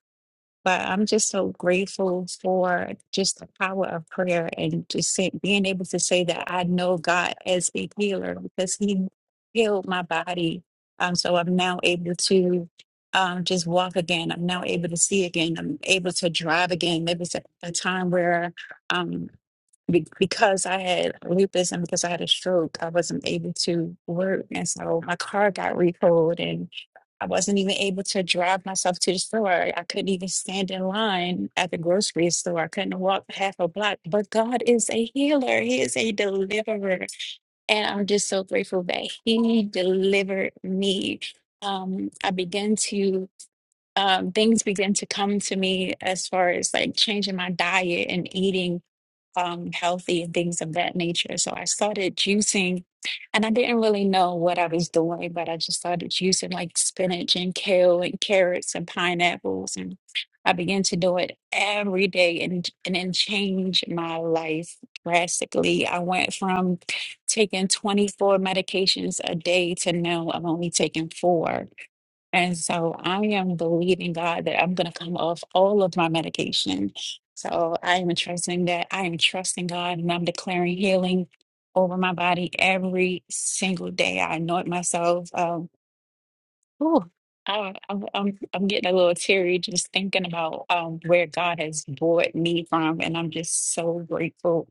[SPEAKER 6] But I'm just so grateful for just the power of prayer and just say, being able to say that I know God as a healer because He healed my body. Um, so I'm now able to um, just walk again. I'm now able to see again. I'm able to drive again. Maybe it's a, a time where um. Be- because I had lupus and because I had a stroke, I wasn't able to work. And so my car got recalled and I wasn't even able to drive myself to the store. I couldn't even stand in line at the grocery store. I couldn't walk half a block. But God is a healer, He is a deliverer. And I'm just so grateful that He delivered me. Um, I began to um, things began to come to me as far as like changing my diet and eating um, healthy and things of that nature. So I started juicing, and I didn't really know what I was doing, but I just started juicing like spinach and kale and carrots and pineapples, and I began to do it every day, and and it changed my life drastically. I went from taking 24 medications a day to now I'm only taking four. And so I am believing God that I'm going to come off all of my medication so I am trusting that. I am trusting God and I'm declaring healing over my body every single day. I anoint myself. Um, ooh, I, I'm, I'm, I'm getting a little teary just thinking about um, where God has brought me from. And I'm just so grateful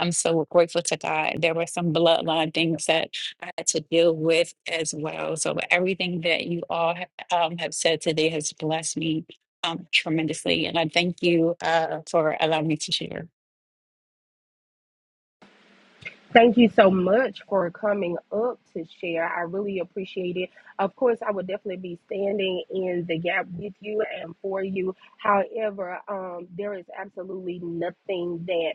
[SPEAKER 6] I'm so grateful to God. There were some bloodline things that I had to deal with as well. So everything that you all ha- um, have said today has blessed me um, tremendously, and I thank you uh, for allowing me to share.
[SPEAKER 1] Thank you so much for coming up to share. I really appreciate it. Of course, I would definitely be standing in the gap with you and for you. However, um, there is absolutely nothing that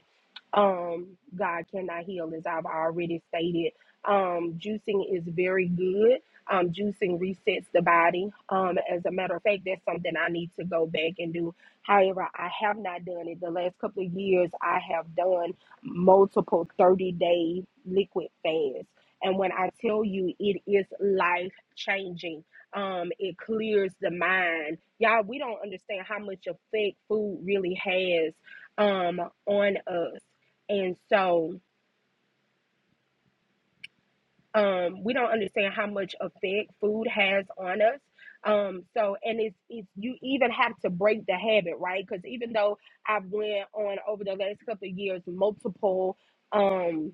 [SPEAKER 1] um, God cannot heal, as I've already stated. Um, juicing is very good. Um, juicing resets the body. Um, as a matter of fact, that's something I need to go back and do. However, I have not done it. The last couple of years, I have done multiple 30 day liquid fasts. And when I tell you it is life changing, um, it clears the mind. Y'all, we don't understand how much effect food really has um, on us. And so um, we don't understand how much effect food has on us. Um, so and it's, it's you even have to break the habit, right? Because even though I've went on over the last couple of years multiple um.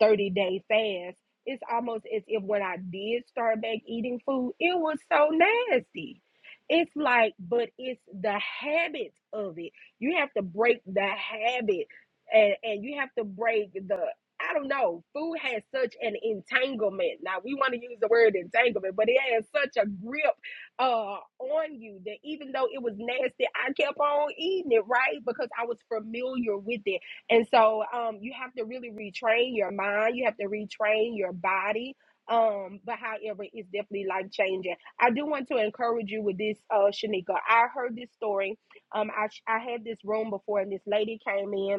[SPEAKER 1] 30 day fast, it's almost as if when I did start back eating food, it was so nasty. It's like, but it's the habit of it. You have to break the habit and, and you have to break the, I don't know, food has such an entanglement. Now, we want to use the word entanglement, but it has such a grip uh, on you that even though it was nasty, I kept on eating it, right? Because I was familiar with it. And so um, you have to really retrain your mind. You have to retrain your body. Um, but however, it's definitely life changing. I do want to encourage you with this, uh, Shanika. I heard this story. Um, I, I had this room before, and this lady came in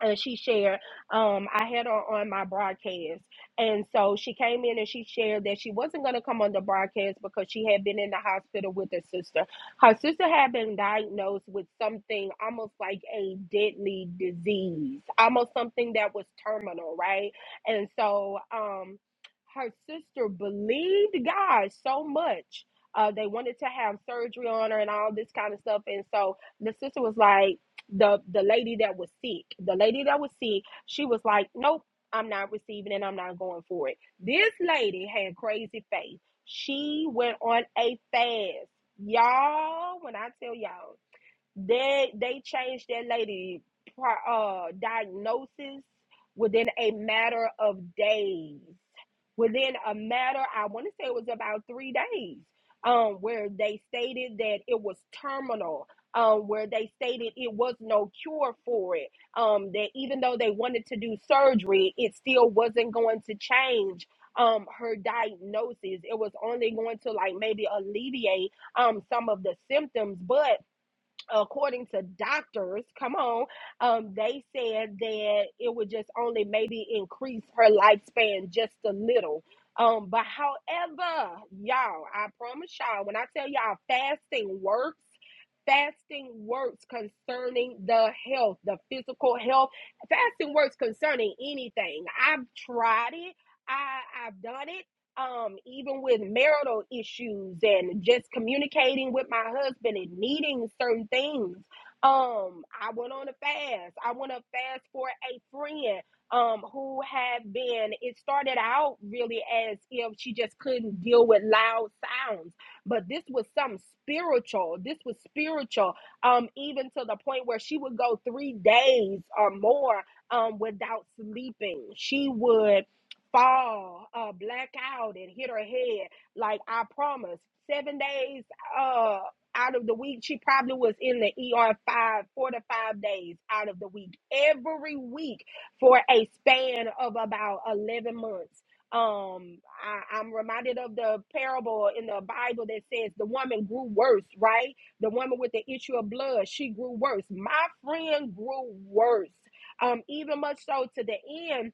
[SPEAKER 1] and she shared um i had her on my broadcast and so she came in and she shared that she wasn't going to come on the broadcast because she had been in the hospital with her sister her sister had been diagnosed with something almost like a deadly disease almost something that was terminal right and so um her sister believed god so much uh, they wanted to have surgery on her and all this kind of stuff and so the sister was like the the lady that was sick the lady that was sick she was like nope i'm not receiving it i'm not going for it this lady had crazy faith she went on a fast y'all when i tell y'all they they changed that lady pri- uh diagnosis within a matter of days within a matter i want to say it was about three days um where they stated that it was terminal um where they stated it was no cure for it um that even though they wanted to do surgery it still wasn't going to change um her diagnosis it was only going to like maybe alleviate um some of the symptoms but according to doctors, come on, um, they said that it would just only maybe increase her lifespan just a little. Um, but however, y'all, I promise y'all, when I tell y'all fasting works, fasting works concerning the health, the physical health, fasting works concerning anything. I've tried it. I, I've done it um, even with marital issues and just communicating with my husband and needing certain things. Um, I went on a fast. I went on a fast for a friend um, who had been, it started out really as if she just couldn't deal with loud sounds, but this was something spiritual. This was spiritual, um, even to the point where she would go three days or more um, without sleeping. She would fall, uh, black out, and hit her head. Like I promise, seven days uh, out of the week, she probably was in the ER five, four to five days out of the week, every week for a span of about 11 months. Um, I, I'm reminded of the parable in the Bible that says the woman grew worse, right? The woman with the issue of blood, she grew worse. My friend grew worse. Um, even much so to the end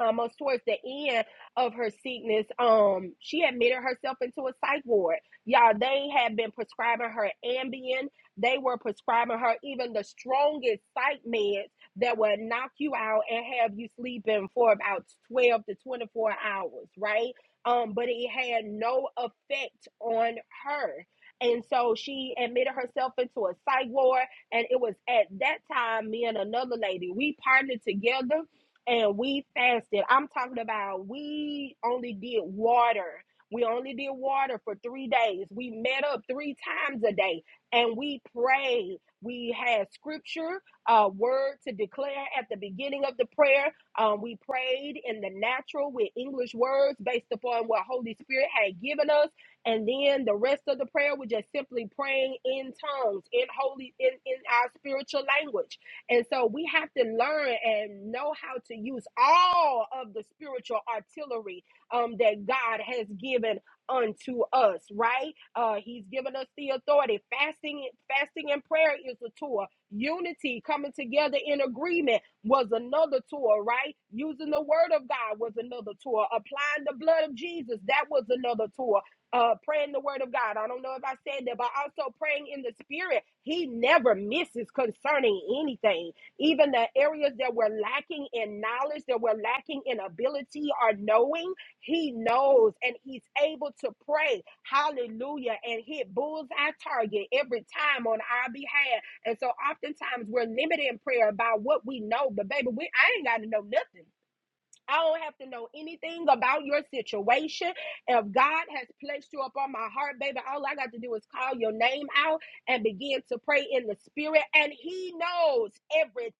[SPEAKER 1] almost towards the end of her sickness, um, she admitted herself into a psych ward. Y'all, they had been prescribing her Ambien. They were prescribing her even the strongest psych meds that would knock you out and have you sleeping for about 12 to 24 hours, right? Um, but it had no effect on her. And so she admitted herself into a psych ward. And it was at that time, me and another lady, we partnered together and we fasted. I'm talking about we only did water. We only did water for three days. We met up three times a day and we prayed. We had scripture, a word to declare at the beginning of the prayer. Um, we prayed in the natural with English words based upon what Holy Spirit had given us. And then the rest of the prayer was just simply praying in tongues, in holy, in, in our spiritual language and so we have to learn and know how to use all of the spiritual artillery um, that God has given unto us, right? Uh, he's given us the authority. Fasting, fasting and prayer is a tool. Unity, coming together in agreement was another tool, right? Using the word of God was another tool. Applying the blood of Jesus, that was another tool uh, praying the word of God. I don't know if I said that, but also praying in the spirit. He never misses concerning anything. Even the areas that we're lacking in knowledge, that we're lacking in ability or knowing, he knows and he's able to pray. Hallelujah. And hit bullseye target every time on our behalf. And so oftentimes we're limited in prayer by what we know. But baby, we I ain't gotta know nothing. I don't have to know anything about your situation. If God has placed you upon my heart, baby, all I got to do is call your name out and begin to pray in the spirit. And He knows everything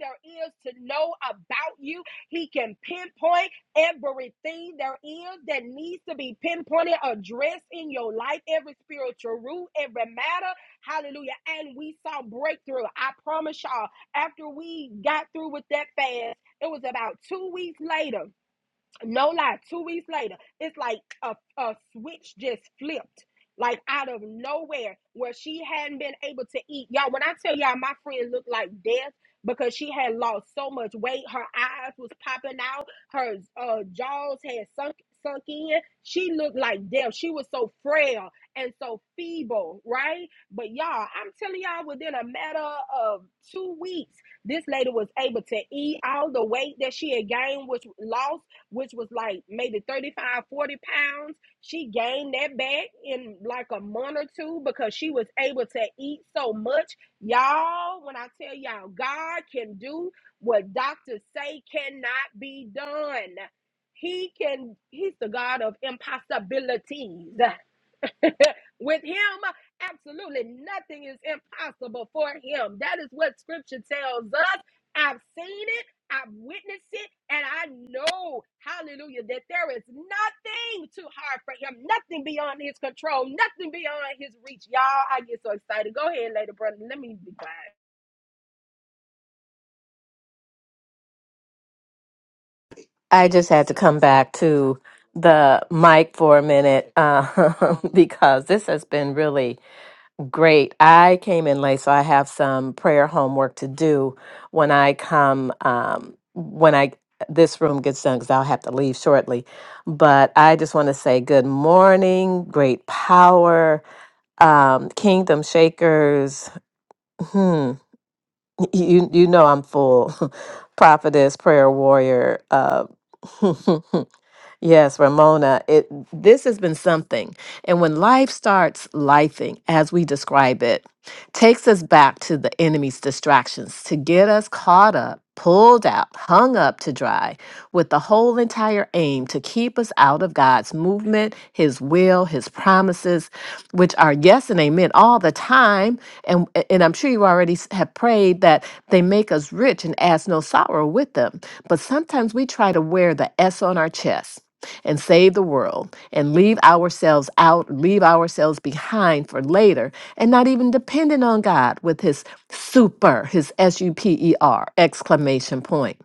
[SPEAKER 1] there is to know about you. He can pinpoint everything there is that needs to be pinpointed, addressed in your life, every spiritual root, every matter. Hallelujah. And we saw breakthrough. I promise y'all, after we got through with that fast, it was about two weeks later no lie, two weeks later, it's like a, a switch just flipped, like out of nowhere, where she hadn't been able to eat. Y'all, when I tell y'all, my friend looked like death because she had lost so much weight. Her eyes was popping out. Her uh, jaws had sunk sunk in. She looked like death. She was so frail and so feeble, right? But y'all, I'm telling y'all, within a matter of two weeks, this lady was able to eat all the weight that she had gained, which lost which was like maybe thirty five, forty pounds. She gained that back in like a month or two because she was able to eat so much. Y'all, when I tell y'all, God can do what doctors say cannot be done. He can, he's the God of impossibilities. *laughs* With him, absolutely nothing is impossible for him. That is what scripture tells us. I've seen it, I've witnessed it, and I know, hallelujah, that there is nothing too hard for him, nothing beyond his control, nothing beyond his reach. Y'all, I get so excited. Go ahead, Lady Brother. Let me be quiet.
[SPEAKER 4] I just had to come back to the mic for a minute uh, *laughs* because this has been really great. I came in late, so I have some prayer homework to do when I come um, when I this room gets done because I'll have to leave shortly. But I just want to say good morning, great power, um, kingdom shakers. Hmm. You you know I'm full *laughs* prophetess, prayer warrior. Uh, *laughs* Yes, Ramona, it this has been something. And when life starts lifing, as we describe it, takes us back to the enemy's distractions to get us caught up, pulled out, hung up to dry, with the whole entire aim to keep us out of God's movement, his will, his promises, which are yes and amen all the time. And and I'm sure you already s- have prayed that they make us rich and ask no sorrow with them. But sometimes we try to wear the S on our chest and save the world and leave ourselves out, leave ourselves behind for later, and not even dependent on God with his super, his S U P E R exclamation point.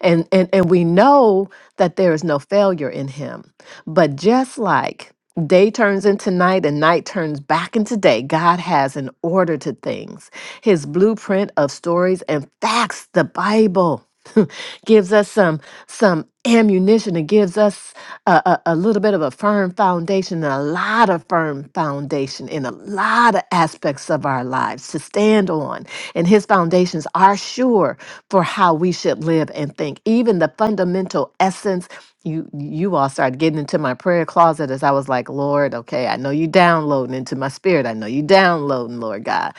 [SPEAKER 4] And, and and we know that there is no failure in him. But just like Day turns into night and night turns back into day. God has an order to things. His blueprint of stories and facts, the Bible, *laughs* gives us some some ammunition. It gives us a, a, a little bit of a firm foundation, a lot of firm foundation in a lot of aspects of our lives to stand on. And his foundations are sure for how we should live and think. Even the fundamental essence you you all started getting into my prayer closet as I was like, Lord, okay, I know you downloading into my spirit. I know you downloading, Lord God.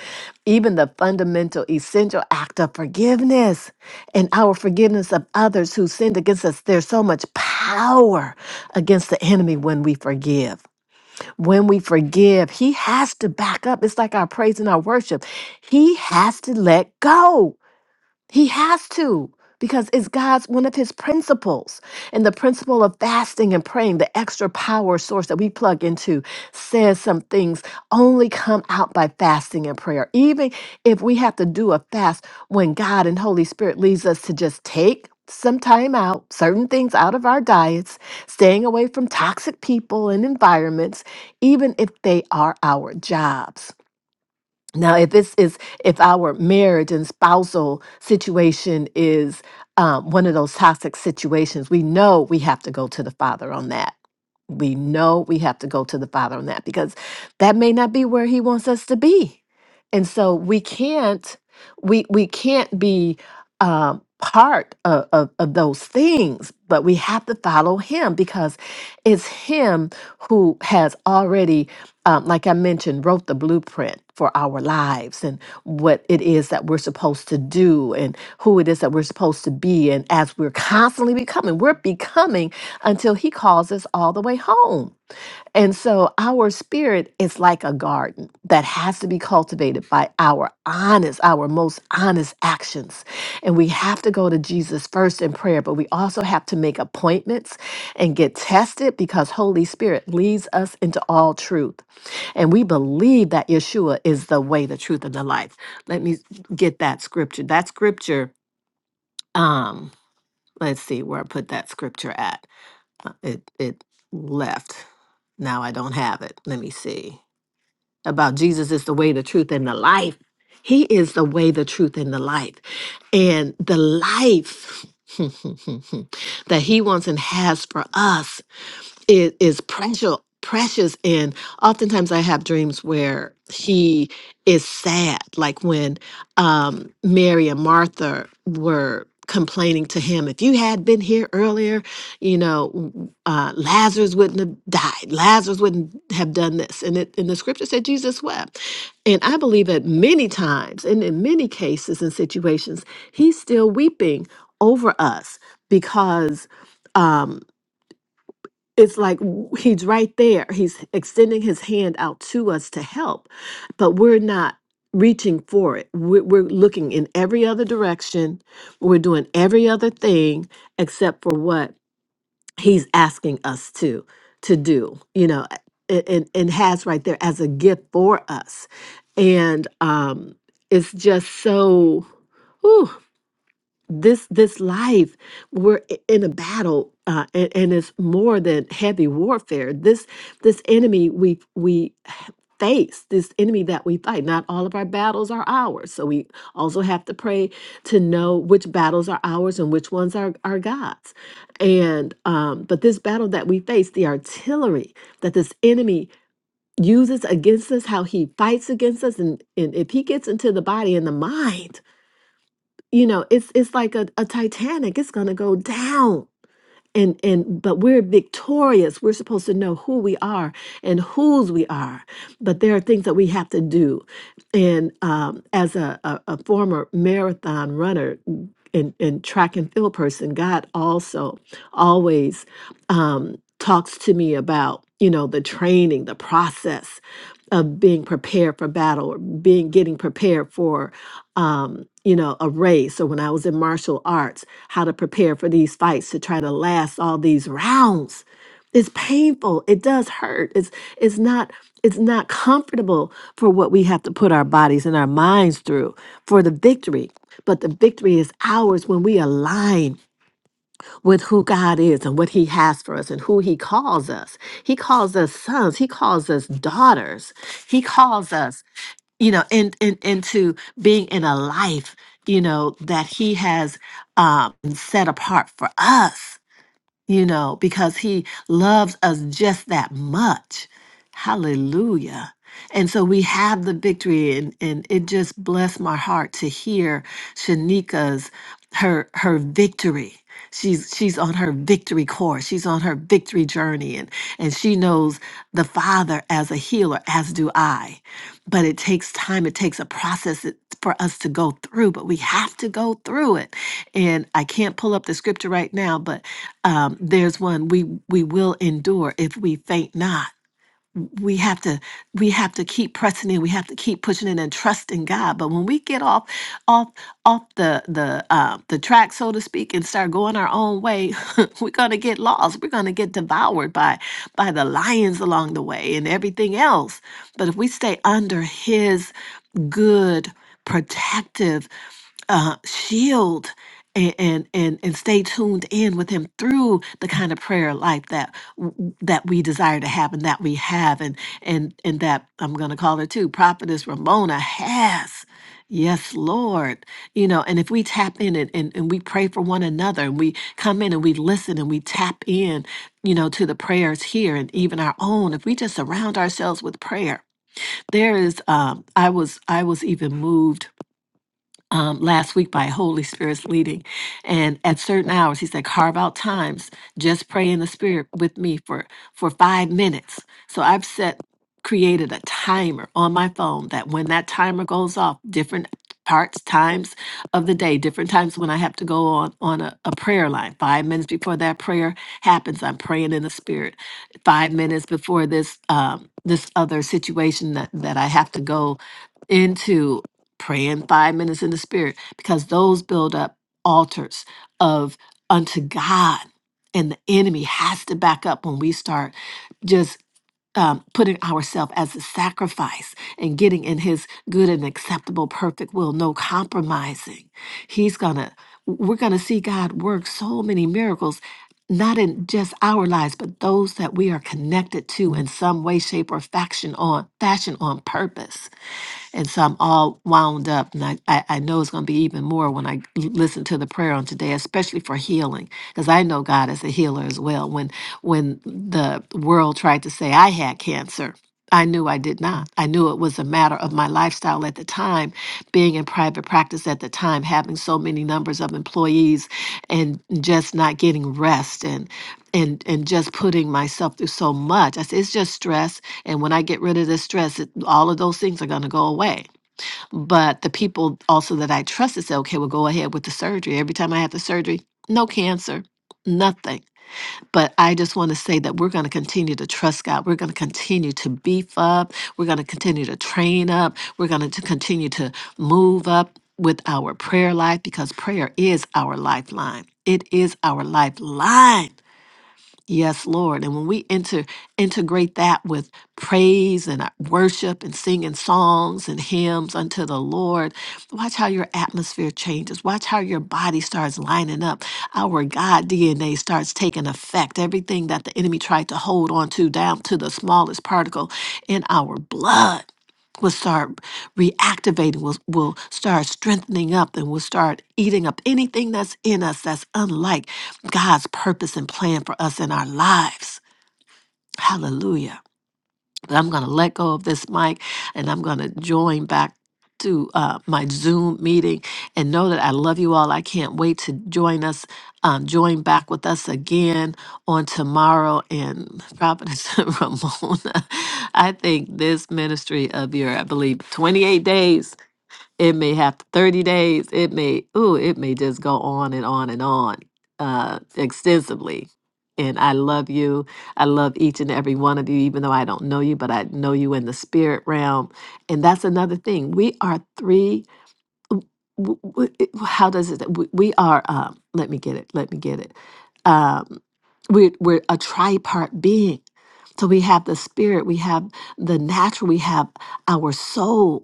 [SPEAKER 4] Even the fundamental, essential act of forgiveness and our forgiveness of others who sinned against us. There's so much power against the enemy when we forgive. When we forgive, he has to back up. It's like our praise and our worship. He has to let go. He has to because it's God's one of his principles. And the principle of fasting and praying, the extra power source that we plug into, says some things only come out by fasting and prayer. Even if we have to do a fast when God and Holy Spirit leads us to just take some time out, certain things out of our diets, staying away from toxic people and environments, even if they are our jobs. Now, if this is if our marriage and spousal situation is um, one of those toxic situations, we know we have to go to the Father on that. We know we have to go to the Father on that because that may not be where He wants us to be, and so we can't we we can't be um, part of, of of those things. But we have to follow Him because it's Him who has already um, like I mentioned, wrote the blueprint for our lives and what it is that we're supposed to do and who it is that we're supposed to be. And as we're constantly becoming, we're becoming until He calls us all the way home. And so our spirit is like a garden that has to be cultivated by our honest, our most honest actions. And we have to go to Jesus first in prayer, but we also have to make appointments and get tested because Holy Spirit leads us into all truth. And we believe that Yeshua is the way, the truth, and the life. Let me get that scripture. That scripture, um, let's see where I put that scripture at. Uh, It it left. Now I don't have it. Let me see about Jesus is the way, the truth, and the life. He is the way, the truth, and the life. And the life *laughs* that He wants and has for us it is precious precious and oftentimes i have dreams where he is sad like when um mary and martha were complaining to him if you had been here earlier you know uh, lazarus wouldn't have died lazarus wouldn't have done this and it and the scripture said jesus wept and i believe that many times and in many cases and situations he's still weeping over us because um it's like w- he's right there he's extending his hand out to us to help but we're not reaching for it we're, we're looking in every other direction we're doing every other thing except for what he's asking us to to do you know a- and and has right there as a gift for us and um it's just so whew, this this life we're i- in a battle uh, and, and it's more than heavy warfare this this enemy we we h- face this enemy that we fight not all of our battles are ours so we also have to pray to know which battles are ours and which ones are, are god's and um but this battle that we face the artillery that this enemy uses against us how he fights against us and, and if he gets into the body and the mind you know it's it's like a, a titanic it's going to go down and and but we're victorious we're supposed to know who we are and whose we are but there are things that we have to do and um, as a, a, a former marathon runner and, and track and field person god also always um, talks to me about you know the training the process of being prepared for battle or being getting prepared for um, you know, a race or when I was in martial arts, how to prepare for these fights to try to last all these rounds. It's painful. It does hurt. It's it's not it's not comfortable for what we have to put our bodies and our minds through for the victory. But the victory is ours when we align with who God is and what He has for us and who He calls us. He calls us sons. He calls us daughters. He calls us you know in, in into being in a life you know that he has um set apart for us you know because he loves us just that much hallelujah and so we have the victory, and, and it just blessed my heart to hear Shanika's her her victory. She's she's on her victory course. She's on her victory journey, and and she knows the Father as a healer, as do I. But it takes time. It takes a process it- for us to go through. But we have to go through it. And I can't pull up the scripture right now, but um, there's one we we will endure if we faint not we have to we have to keep pressing in we have to keep pushing in and trusting god but when we get off off off the the uh, the track so to speak and start going our own way *laughs* we're gonna get lost we're gonna get devoured by by the lions along the way and everything else but if we stay under his good protective uh, shield and, and and and stay tuned in with him through the kind of prayer life that w- that we desire to have and that we have and and and that I'm going to call her too prophetess Ramona has yes lord you know and if we tap in and, and, and we pray for one another and we come in and we listen and we tap in you know to the prayers here and even our own if we just surround ourselves with prayer there is um i was i was even moved um, last week by Holy Spirit's leading. And at certain hours, he said, carve out times, just pray in the Spirit with me for, for five minutes. So I've set, created a timer on my phone that when that timer goes off, different parts, times of the day, different times when I have to go on, on a, a prayer line. Five minutes before that prayer happens, I'm praying in the Spirit. Five minutes before this, um, this other situation that, that I have to go into praying five minutes in the spirit because those build up altars of unto god and the enemy has to back up when we start just um, putting ourselves as a sacrifice and getting in his good and acceptable perfect will no compromising he's gonna we're gonna see god work so many miracles not in just our lives but those that we are connected to in some way shape or faction on fashion on purpose and so I'm all wound up. And I, I, I know it's going to be even more when I l- listen to the prayer on today, especially for healing, because I know God is a healer as well. When, when the world tried to say I had cancer, I knew I did not. I knew it was a matter of my lifestyle at the time, being in private practice at the time, having so many numbers of employees and just not getting rest. and and and just putting myself through so much. I said it's just stress, and when I get rid of this stress, it, all of those things are going to go away. But the people also that I trusted said, "Okay, we'll go ahead with the surgery." Every time I had the surgery, no cancer. Nothing. But I just want to say that we're going to continue to trust God. We're going to continue to beef up. We're going to continue to train up. We're going to continue to move up with our prayer life because prayer is our lifeline. It is our lifeline Yes, Lord. And when we enter, integrate that with praise and uh, worship and singing songs and hymns unto the Lord, watch how your atmosphere changes. Watch how your body starts lining up. Our God DNA starts taking effect. Everything that the enemy tried to hold on to, down to the smallest particle in our blood. Will start reactivating, will, will start strengthening up, and will start eating up anything that's in us that's unlike God's purpose and plan for us in our lives. Hallelujah. But I'm going to let go of this mic and I'm going to join back to uh, my Zoom meeting and know that I love you all. I can't wait to join us, um, join back with us again on tomorrow. And Providence *laughs* Ramona, I think this ministry of your, I believe, 28 days it may have 30 days. It may, ooh, it may just go on and on and on uh, extensively. And I love you. I love each and every one of you, even though I don't know you, but I know you in the spirit realm. And that's another thing. We are three. w- w- it- How does it? We we are. Um, let me get it. Let me get it. Um, we're we're a tripart being. So we have the spirit. We have the natural. We have our soul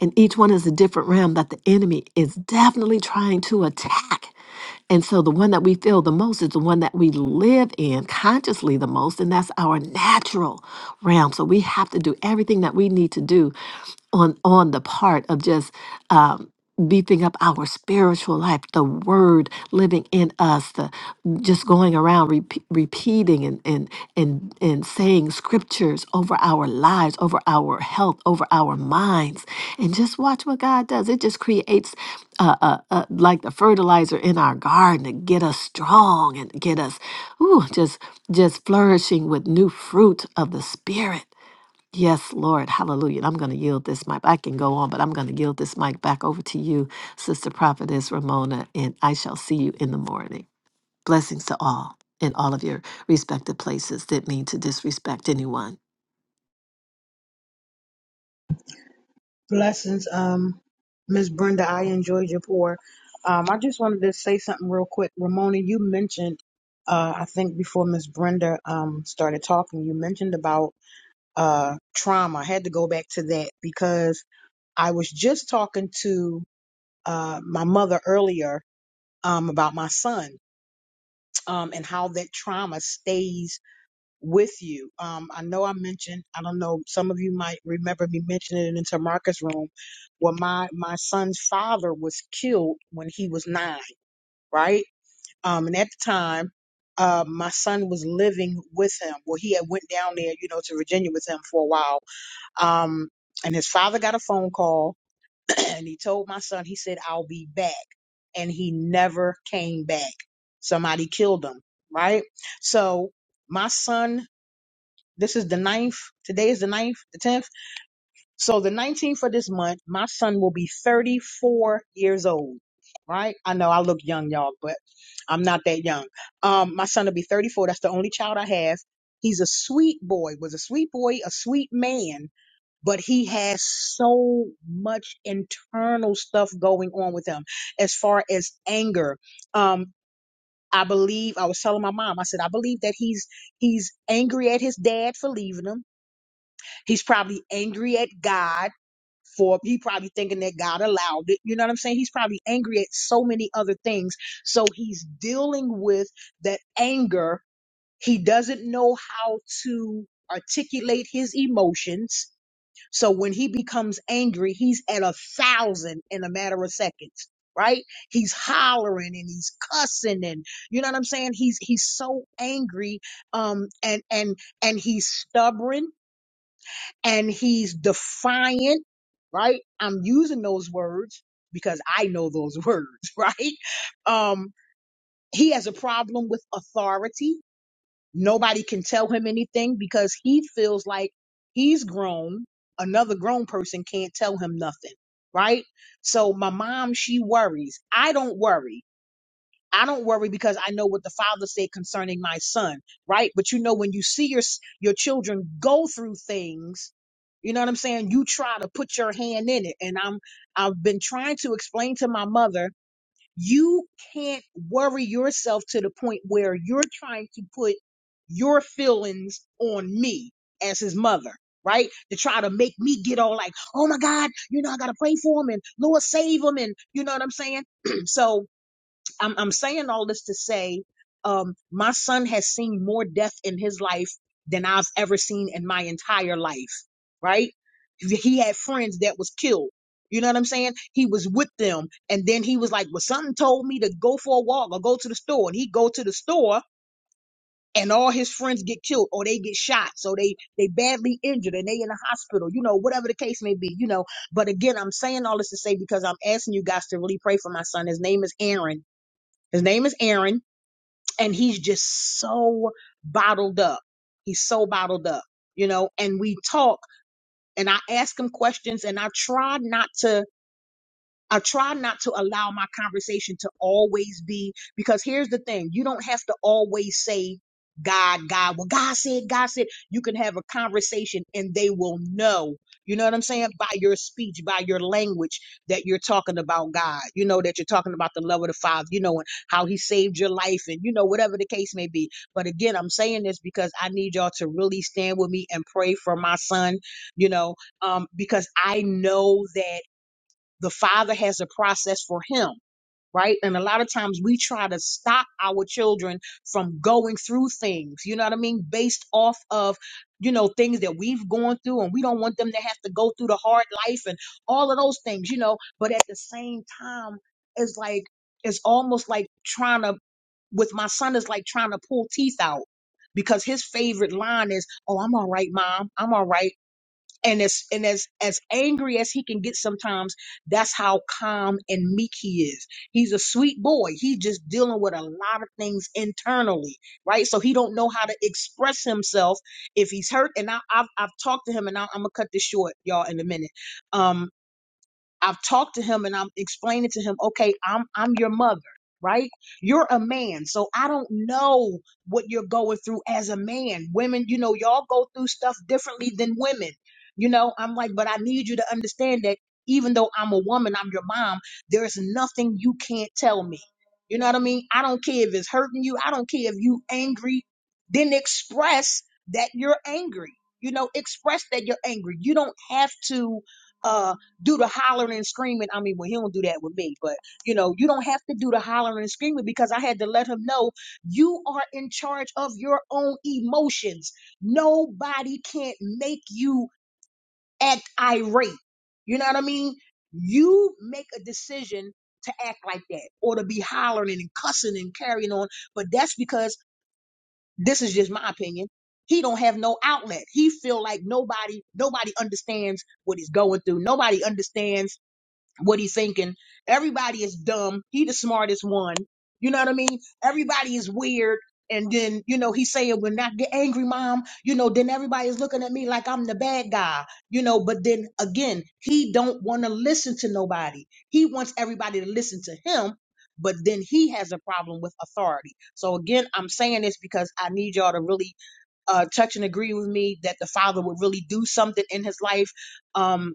[SPEAKER 4] and each one is a different realm that the enemy is definitely trying to attack. And so the one that we feel the most is the one that we live in consciously the most, and that's our natural realm. So we have to do everything that we need to do on on the part of just um, beefing up our spiritual life, the word living in us, the just going around repeat, repeating and and and and saying scriptures over our lives, over our health, over our minds, and just watch what God does. It just creates uh, uh, uh, like the fertilizer in our garden to get us strong and get us ooh, just just flourishing with new fruit of the spirit. Yes, Lord, hallelujah. And I'm going to yield this mic. I can go on, but I'm going to yield this mic back over to you, Sister Prophetess Ramona, and I shall see you in the morning. Blessings to all in all of your respective places that mean to disrespect anyone.
[SPEAKER 5] Blessings, um, Miss Brenda. I enjoyed your pour. Um, I just wanted to say something real quick. Ramona, you mentioned, uh, I think before Miss Brenda um started talking, you mentioned about uh trauma. I had to go back to that because I was just talking to uh my mother earlier um about my son um and how that trauma stays with you. Um, I know I mentioned, I don't know, some of you might remember me mentioning it in Tamarcus' room, where my, my son's father was killed when he was nine, right? Um, and at the time, uh, my son was living with him. Well, he had went down there, you know, to Virginia with him for a while. Um, and his father got a phone call *clears throat* and he told my son, he said, I'll be back. And he never came back. Somebody killed him, right? So my son this is the ninth. Today is the ninth, the tenth. So the nineteenth of this month, my son will be thirty-four years old. Right? I know I look young, y'all, but I'm not that young. Um, my son will be thirty-four. That's the only child I have. He's a sweet boy. Was a sweet boy, a sweet man, but he has so much internal stuff going on with him, as far as anger. Um, I believe I was telling my mom. I said I believe that he's he's angry at his dad for leaving him He's probably angry at God for he probably thinking that God allowed it. You know what I'm saying? He's probably angry at so many other things. So he's dealing with that anger. He doesn't know how to articulate his emotions. So when he becomes angry, he's at a thousand in a matter of seconds. Right? He's hollering and he's cussing and you know what I'm saying? He's he's so angry um and and and he's stubborn and he's defiant, right? I'm using those words because I know those *laughs* words, right? Um, he has a problem with authority. Nobody can tell him anything because he feels like he's grown. Another grown person can't tell him nothing, right? So my mom, she worries. I don't worry. I don't worry because I know what the father said concerning my son, right? But you know, when you see your s- your children go through things, you know what I'm saying. You try to put your hand in it, and I'm I've been trying to explain to my mother, you can't worry yourself to the point where you're trying to put your feelings on me as his mother. Right to try to make me get all like, oh my God, you know I gotta pray for him and Lord save him and you know what I'm saying. *clears throat* so I'm, I'm saying all this to say, um, my son has seen more death in his life than I've ever seen in my entire life, right? He had friends that was killed. You know what I'm saying? He was with them. And then he was like, well, something told me to go for a walk or go to the store. And he go to the store and all his friends get killed or they get shot. So they, they badly injured and they in the hospital, you know, whatever the case may be, you know. But again, I'm saying all this to say because I'm asking you guys to really pray for my son. His name is Aaron his name is Aaron, and he's just so bottled up. He's so bottled up, you know. And we talk, and I ask him questions, and I try not to. I try not to allow my conversation to always be because here's the thing you don't have to always say God, God. Well, God said, God said, you can have a conversation and they will know. You know what I'm saying? By your speech, by your language, that you're talking about God. You know, that you're talking about the love of the Father, you know, and how He saved your life and, you know, whatever the case may be. But again, I'm saying this because I need y'all to really stand with me and pray for my son, you know, um, because I know that the father has a process for him right and a lot of times we try to stop our children from going through things you know what i mean based off of you know things that we've gone through and we don't want them to have to go through the hard life and all of those things you know but at the same time it's like it's almost like trying to with my son is like trying to pull teeth out because his favorite line is oh i'm all right mom i'm all right and as and as as angry as he can get sometimes that's how calm and meek he is he's a sweet boy He's just dealing with a lot of things internally right so he don't know how to express himself if he's hurt and I, i've i've talked to him and I, i'm gonna cut this short y'all in a minute Um. I've talked to him and I'm explaining to him, okay, I'm I'm your mother, right? You're a man, so I don't know what you're going through as a man. Women, you know, y'all go through stuff differently than women. You know, I'm like, but I need you to understand that even though I'm a woman, I'm your mom, there's nothing you can't tell me. You know what I mean? I don't care if it's hurting you, I don't care if you angry, then express that you're angry. You know, express that you're angry. You don't have to uh do the hollering and screaming. I mean, well, he don't do that with me, but you know, you don't have to do the hollering and screaming because I had to let him know you are in charge of your own emotions. Nobody can't make you act irate. You know what I mean? You make a decision to act like that or to be hollering and cussing and carrying on, but that's because this is just my opinion. He don't have no outlet. He feel like nobody nobody understands what he's going through. Nobody understands what he thinking. Everybody is dumb. He the smartest one. You know what I mean? Everybody is weird. And then, you know, he's saying, when I get angry, mom, you know, then everybody is looking at me like I'm the bad guy, you know, but then again, he don't want to listen to nobody. He wants everybody to listen to him, but then he has a problem with authority. So again, I'm saying this because I need y'all to really uh, touch and agree with me that the father would really do something in his life. Um,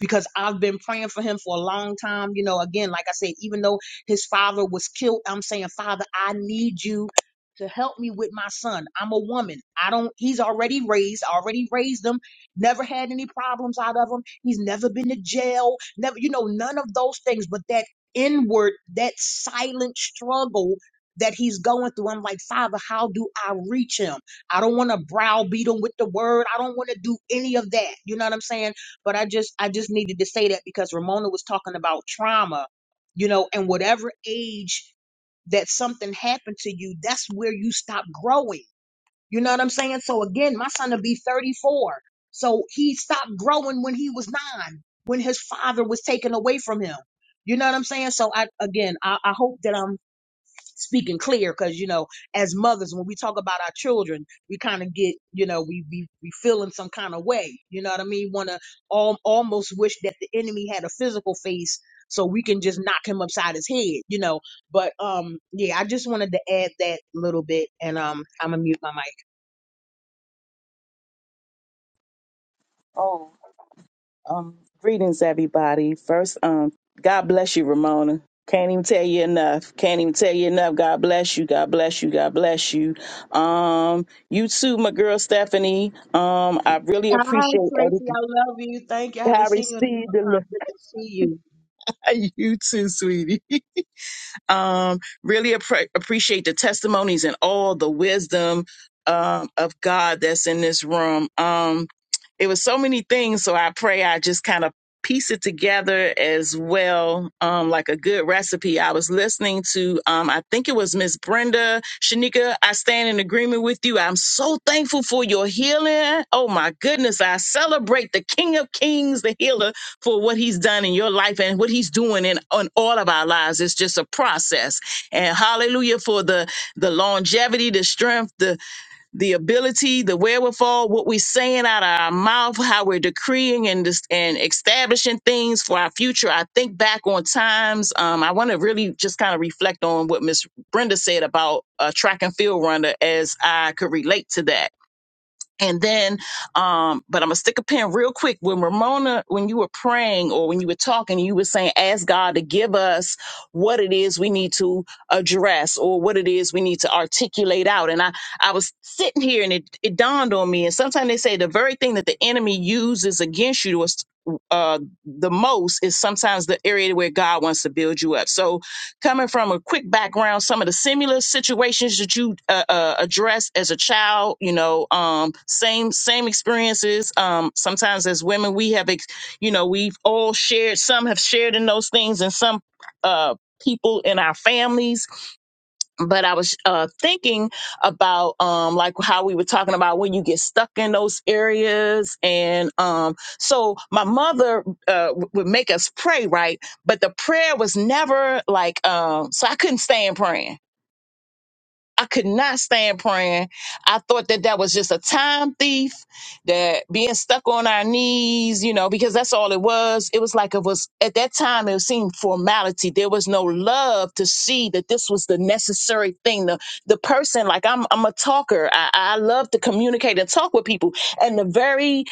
[SPEAKER 5] because I've been praying for him for a long time. You know, again, like I said, even though his father was killed, I'm saying, Father, I need you to help me with my son. I'm a woman. I don't, he's already raised, I already raised him, never had any problems out of him. He's never been to jail, never, you know, none of those things. But that inward, that silent struggle that he's going through, I'm like, Father, how do I reach him? I don't want to browbeat him with the word. I don't want to do any of that. You know what I'm saying? but I just I just needed to say that because Ramona was talking about trauma, you know, and whatever age that something happened to you, that's where you stop growing. You know what I'm saying? So again, my son will be 34. So he stopped growing when he was nine, when his father was taken away from him. You know what I'm saying? So I again I, I hope that I'm speaking clear because you know as mothers when we talk about our children we kind of get you know we, we we feel in some kind of way you know what i mean want to al- almost wish that the enemy had a physical face so we can just knock him upside his head you know but um yeah i just wanted to add that little bit and um i'm gonna mute my mic
[SPEAKER 7] Oh, um, greetings, everybody. First, um, God bless you, Ramona. Can't even tell you enough. Can't even tell you enough. God bless you. God bless you. God bless you. Um, you too, my girl Stephanie. Um, I really
[SPEAKER 5] hi
[SPEAKER 7] appreciate
[SPEAKER 5] tracy
[SPEAKER 7] everything.
[SPEAKER 5] i love you thank you
[SPEAKER 7] *laughs*
[SPEAKER 5] i
[SPEAKER 7] I
[SPEAKER 5] haven't seen you in a long
[SPEAKER 7] received the
[SPEAKER 5] time
[SPEAKER 7] love.
[SPEAKER 5] good to see you
[SPEAKER 7] *laughs* You too, sweetie. *laughs* Um, really appre appreciate the testimonies and all the wisdom um, of God that's in this room. Um, it was so many things, so I pray I just kind of piece it together as well, um, like a good recipe. I was listening to, um, I think it was Miss Brenda Shanika. I stand in agreement with you. I'm so thankful for your healing. Oh my goodness, I celebrate the King of Kings, the healer for what he's done in your life and what he's doing in on all of our lives. It's just a process. And hallelujah for the the longevity, the strength, the the ability, the wherewithal, what we're saying out of our mouth, how we're decreeing and dis- and establishing things for our future. I think back on times. Um, I want to really just kind of reflect on what Miss Brenda said about a track and field runner as I could relate to that and then, um, but I'm gonna stick a pin real quick. When Ramona, when you were praying or when you were talking, you were saying, ask God to give us what it is we need to address or what it is we need to articulate out. And I, I was sitting here and it, it dawned on me. And sometimes they say the very thing that the enemy uses against you was, uh, the most is sometimes the area where God wants to build you up. So, Coming from a quick background, some of the similar situations that you uh, uh, addressed as a child, you know, um, same same experiences. Um, sometimes as women, we have, ex- you know, we've all shared. Some have shared in those things, and some uh, people in our families but I was uh, thinking about um, like how we were talking about when you get stuck in those areas, and um, so my mother uh, w- would make us pray, right? But the prayer was never like um, so I couldn't stand praying I could not stand praying. I thought that that was just a time thief, that being stuck on our knees, you know, because that's all it was. It was like it was at that time, it seemed formality. There was no love to see that this was the necessary thing. The, the person, like I'm, I'm a talker. I, I love to communicate and talk with people. And the very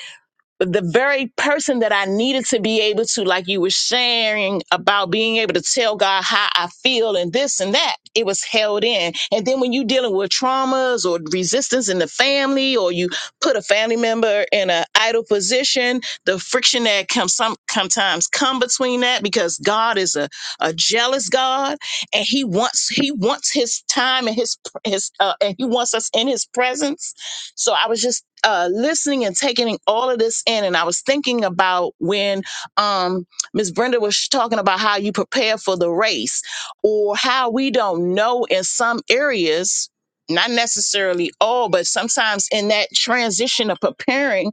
[SPEAKER 7] but the very person that I needed to be able to, like you were sharing about being able to tell God how I feel and this and that, it was held in. And then when you're dealing with traumas or resistance in the family, or you put a family member in an idle position, the friction that comes some sometimes come between that because God is a, a jealous God and He wants He wants His time and His his uh, and He wants us in His presence so I was just uh, listening and taking all of this in, and I was thinking about when um, Ms. Brenda was talking about how you prepare for the race, or how we don't know in some areas. Not necessarily all, but sometimes in that transition of preparing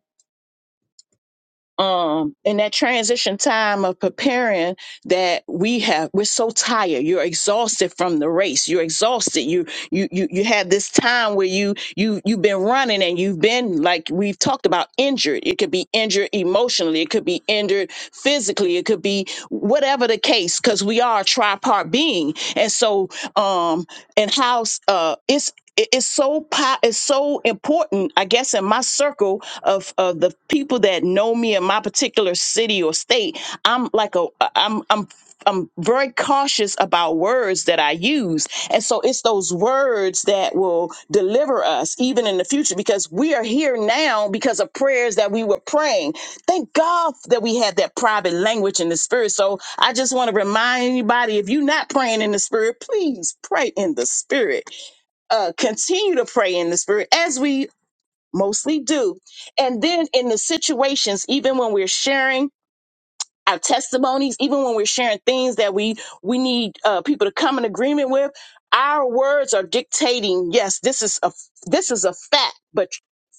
[SPEAKER 7] um in that transition time of preparing that we have we're so tired you're exhausted from the race you're exhausted you you you you have this time where you you you've been running and you've been like we've talked about injured it could be injured emotionally it could be injured physically it could be whatever the case because we are a tripart being and so um and how uh it's it- it's so po- it's so important i guess in my circle of of the people that know me in my particular city or state i'm like a i'm i'm I'm very cautious about words that I use. And so it's those words that will deliver us even in the future because we are here now because of prayers that we were praying. Thank God that we had that private language in the spirit. So I just want to remind anybody if you're not praying in the spirit, please pray in the spirit uh, continue to pray in the spirit as we mostly do. And then in the situations, even when we're sharing our testimonies, even when we're sharing things that we we need uh, people to come in agreement with, our words are dictating. Yes, this is a this is a fact, but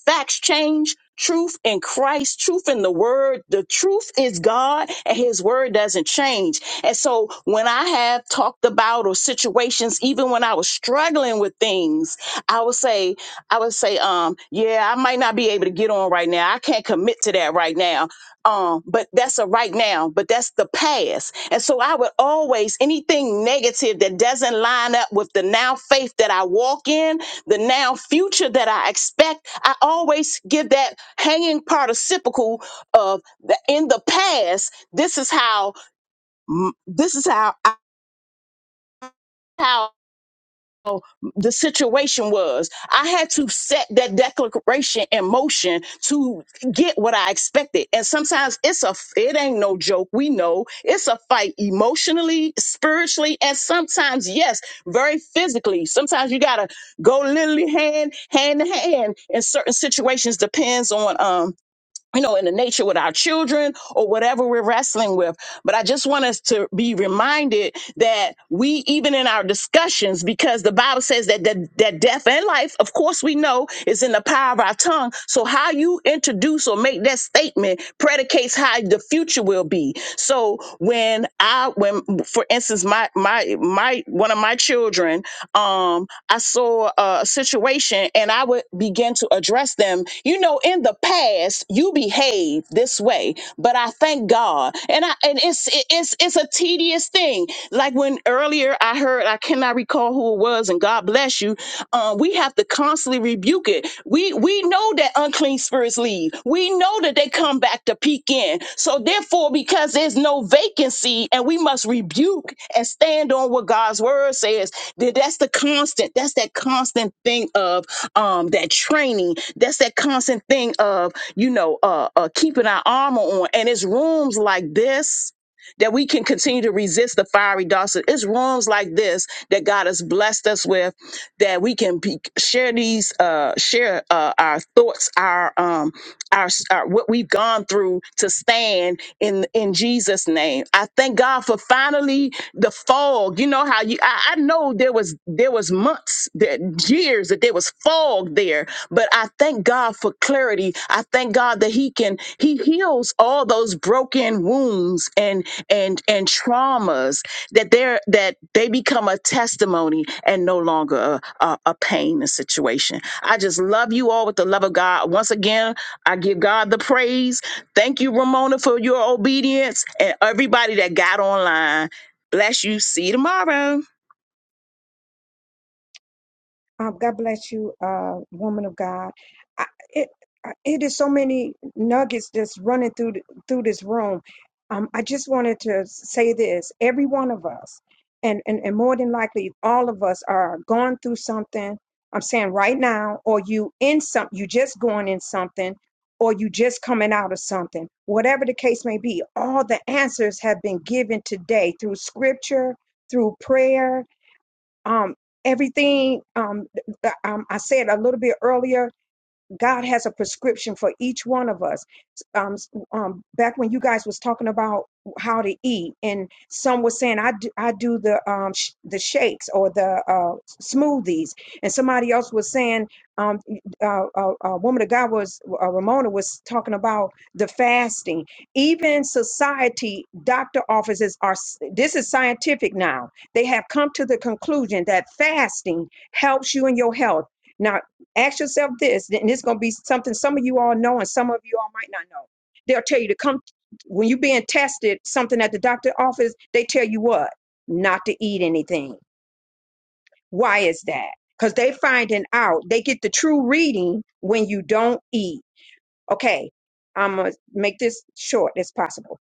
[SPEAKER 7] Facts change, truth in Christ, truth in the word. The truth is God and his word doesn't change. And so when I have talked about or situations, even when I was struggling with things, I would say, I would say, um, yeah, I might not be able to get on right now. I can't commit to that right now. Um, but that's a right now, but that's the past. And so I would always, anything negative that doesn't line up with the now faith that I walk in, the now future that I expect I always give that hanging participle of the, in the past. This is how. mm, This is how. How the situation was. I had to set that declaration in motion to get what I expected. And sometimes it's a it ain't no joke. We know it's a fight emotionally, spiritually, and sometimes yes, very physically. Sometimes you gotta go literally hand hand to hand in certain situations. Depends on um you know, in the nature with our children or whatever we're wrestling with. But I just want us to be reminded that we, even in our discussions, because the Bible says that that, that death and life, of course, we know is in the power of our tongue. So how you introduce or make that statement predicates how the future will be. So when I, when, for instance, my my my one of my children, um, I saw a situation and I I would begin to address them. You know, in the past, you behaved this way, but I thank God. And I and it's it- it's it's a tedious thing. Like when earlier I heard, I cannot recall who it was, and God bless you. Um, we have to constantly rebuke it. We we know that unclean spirits leave. We know that they come back to peek in. So therefore, because there's no vacancy, and we must rebuke and stand on what God's word says. That that's the constant. That's that constant thing of um, that training. That's that constant thing of, you know, uh, uh, keeping our armor on. And it's rooms like this that we can continue to resist the fiery darts. It's rooms like this that God has blessed us with that we can be, share these, uh, share uh, our thoughts, our um, our, our what we've gone through to stand in in Jesus name. I thank God for finally the fog. You know how you I, I know there was there was months that years that there was fog there, but I thank God for clarity. I thank God that he can he heals all those broken wounds and and and traumas that they're that they become a testimony and no longer a, a, a pain a situation. I just love you all with the love of God. Once again, I give God the praise. Thank you, Ramona, for your obedience and everybody that got online. Bless you. See you tomorrow.
[SPEAKER 2] Um, God bless you, uh, woman of God. I, it I- it is so many nuggets just running through th- through this room. Um, I just wanted to say this: every one of us, and, and and more than likely, all of us are going through something. I'm saying right now, or you in some, you just going in something, or you just coming out of something. Whatever the case may be, all the answers have been given today through Scripture, through prayer, um everything um, th- th- um i said a little bit earlier God has a prescription for each one of us. Um, s- um, back when you guys was talking about how to eat, and some was saying, "I do, I do the um, sh- the shakes or the uh, smoothies," and somebody else was saying, um, uh, uh, "A woman of God was uh, Ramona was talking about the fasting." Even society, doctor offices are. s- This is scientific now. They have come to the conclusion that fasting helps you in your health. Now, Ask yourself this, and it's going to be something some of you all know and some of you all might not know. They'll tell you to come when you're being tested, something at the doctor office, they tell you what? Not to eat anything. Why is that? Because they finding out, they get the true reading when you don't eat. Okay, I'm gonna make this short as possible.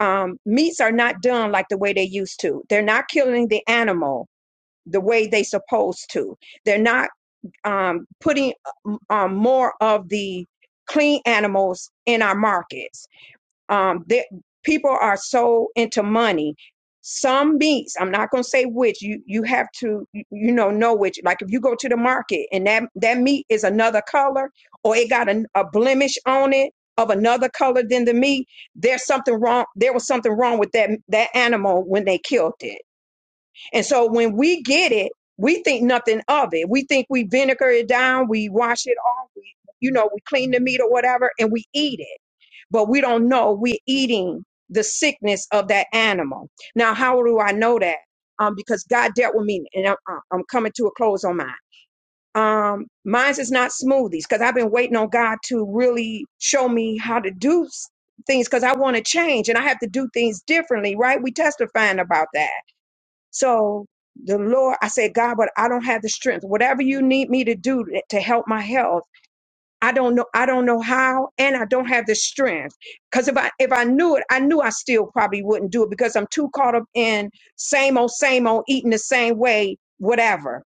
[SPEAKER 2] Um, meats are not done like the way they used to. They're not killing the animal the way they supposed to. They're not um, putting um, more of the clean animals in our markets. Um, that people are so into money. Some meats, I'm not going to say which. You you have to you you know know which. Like if you go to the market and that that meat is another color or it got a, a blemish on it of another color than the meat, there's something wrong. There was something wrong with that that animal when they killed it and so when we get it, we think nothing of it. We think we vinegar it down, we wash it off, we you know, we clean the meat or whatever and we eat it. But we don't know we're eating the sickness of that animal. Now, how do I know that? Um, because God dealt with me, and I'm, I'm coming to a close on mine. Um, mine's is not smoothies because I've been waiting on God to really show me how to do s- things because I want to change and I have to do things differently, right? We testifying about that so the Lord, I said, God, but I don't have the strength. Whatever you need me to do to help my health, I don't know. I don't know how, and I don't have the strength. Because if I if I knew it, I knew I still probably wouldn't do it because I'm too caught up in same old, same old, eating the same way, whatever.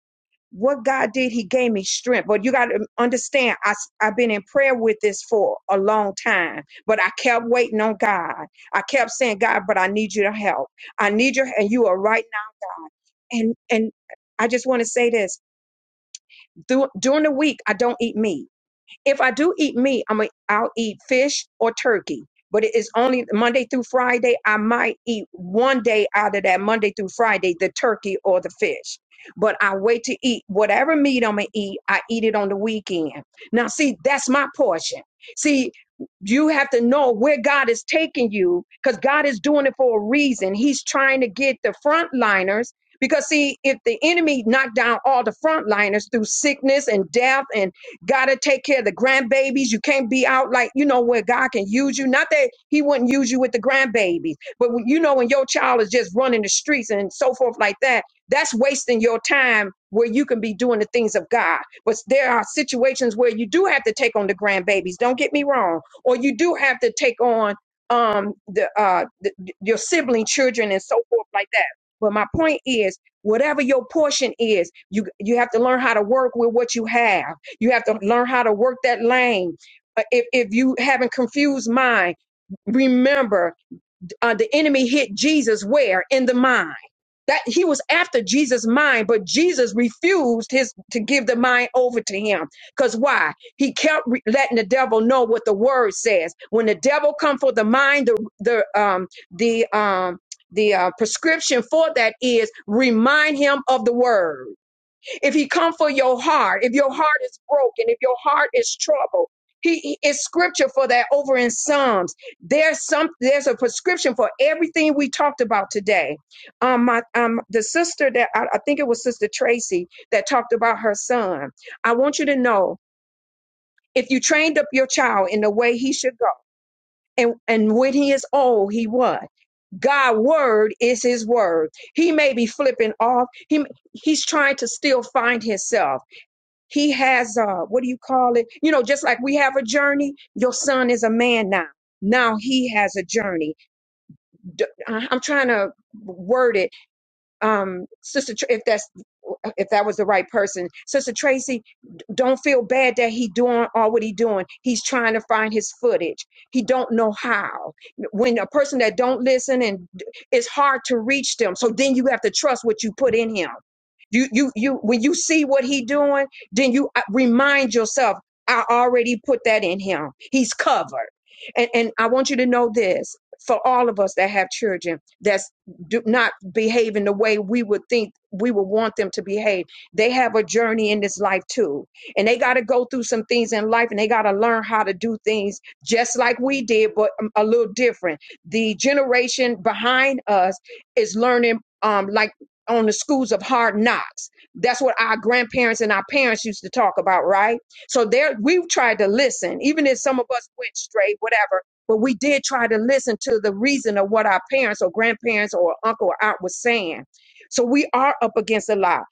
[SPEAKER 2] What God did, He gave me strength. But you got to understand, I, s- I've been in prayer with this for a long time, but I kept waiting on God. I kept saying, God, but I need you to help. I need you, and you are right and and I just want to say this Dur- during the week I don't eat meat. If I do eat meat, I'm a, I'll eat fish or turkey. But it is only Monday through Friday. I might eat one day out of that Monday through Friday, the turkey or the fish. But I wait to eat whatever meat I'm gonna eat. I eat it on the weekend. Now, see, that's my portion. See, you have to know where God is taking you because God is doing it for a reason. He's trying to get the frontliners because see, if the enemy knocked down all the frontliners through sickness and death and Gotta take care of the grandbabies. You can't be out like, you know, where God can use you. Not that He wouldn't use you with the grandbabies, but when, you know, when your child is just running the streets and so forth like that, that's wasting your time where you can be doing the things of God. But there are situations where you do have to take on the grandbabies. Don't get me wrong. Or you do have to take on um the uh the, your sibling children and so forth like that. But my point is whatever your portion is you you have to learn how to work with what you have you have to learn how to work that lane. Uh, If, if you haven't confused mind, remember uh, the enemy hit Jesus where? In the mind. That he was after Jesus' mind, but Jesus refused his to give the mind over to him. Cause why? He kept re- letting the devil know what the word says. When the devil come for the mind, the the um the um the uh, prescription for that is remind him of the word if he come for your heart, if your heart is broken, if your heart is troubled, he, he it's scripture for that over in Psalms. There's some there's a prescription for everything we talked about today. Um, my um the sister that I, I think it was Sister Tracy that talked about her son. I want you to know if you trained up your child in the way he should go, and and when he is old, he what? God word is his word. He may be flipping off. He he's trying to still find himself he has uh what do you call it? You know, just like we have a journey, your son is a man now. Now he has a journey. D- I- I'm trying to word it um sister Tr- if that's if that was the right person sister tracy d- don't feel bad that he doing all what he doing he's trying to find his footage he don't know how when a person that don't listen and d- it's hard to reach them so then you have to trust what you put in him you you you when you see what he doing then you uh, remind yourself i already put that in him he's covered and and i want you to know this for all of us that have children That's do not behave in the way we would think we would want them to behave. They have a journey in this life too. And they got to go through some things in life and they got to learn how to do things just like we did, but um, a little different. The generation behind us is learning, um, like on the schools of hard knocks. That's what our grandparents and our parents used to talk about, right? So there, we tried to listen, even if some of us went straight, whatever but we did try to listen to the reason of what our parents or grandparents or uncle or aunt was saying. So we are up against a lot.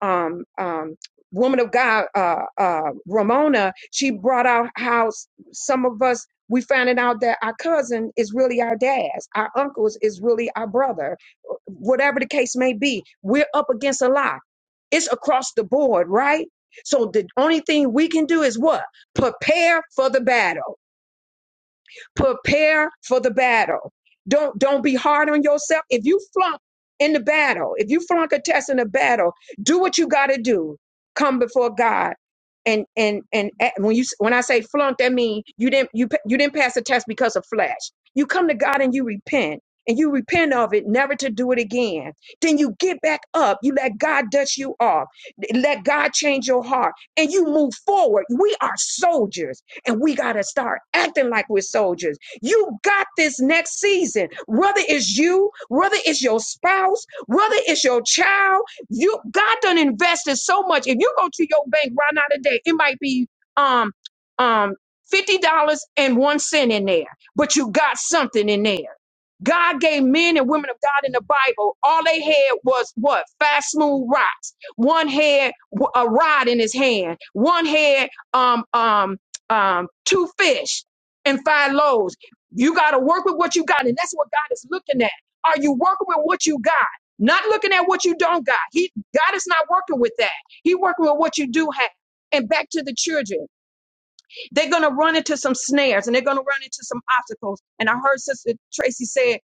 [SPEAKER 2] Um, um, woman of God, uh, uh, Ramona, she brought out how s- some of us we finding out that our cousin is really our dad's, our uncles is really our brother, whatever the case may be. We're up against a lot. It's across the board, right? So the only thing we can do is what? Prepare for the battle prepare for the battle. Don't don't be hard on yourself. If you flunk in the battle, if you flunk a test in the battle, do what you got to do. Come before God. And and and a- when you when I say flunk, that means you didn't you pa- you didn't pass the test because of flesh. You come to God and you repent and you repent of it, never to do it again. Then you get back up. You let God dust you off. Let God change your heart, and you move forward. We are soldiers and we got to start acting like we're soldiers. You got this next season. Whether it's you, whether it's your spouse, whether it's your child, you God done invested so much. If you go to your bank right now today, it might be um um fifty dollars and one cent in there, but you got something in there. God gave men and women of God in the Bible, all they had was what? Fast, smooth rocks. One had w- a rod in his hand. One had um, um, um, two fish and five loaves. You got to work with what you got, and that's what God is looking at. Are you working with what you got? Not looking at what you don't got. He God is not working with that. He working with what you do have. And back to the children. They're going to run into some snares and they're going to run into some obstacles. And I heard Sister Tracy said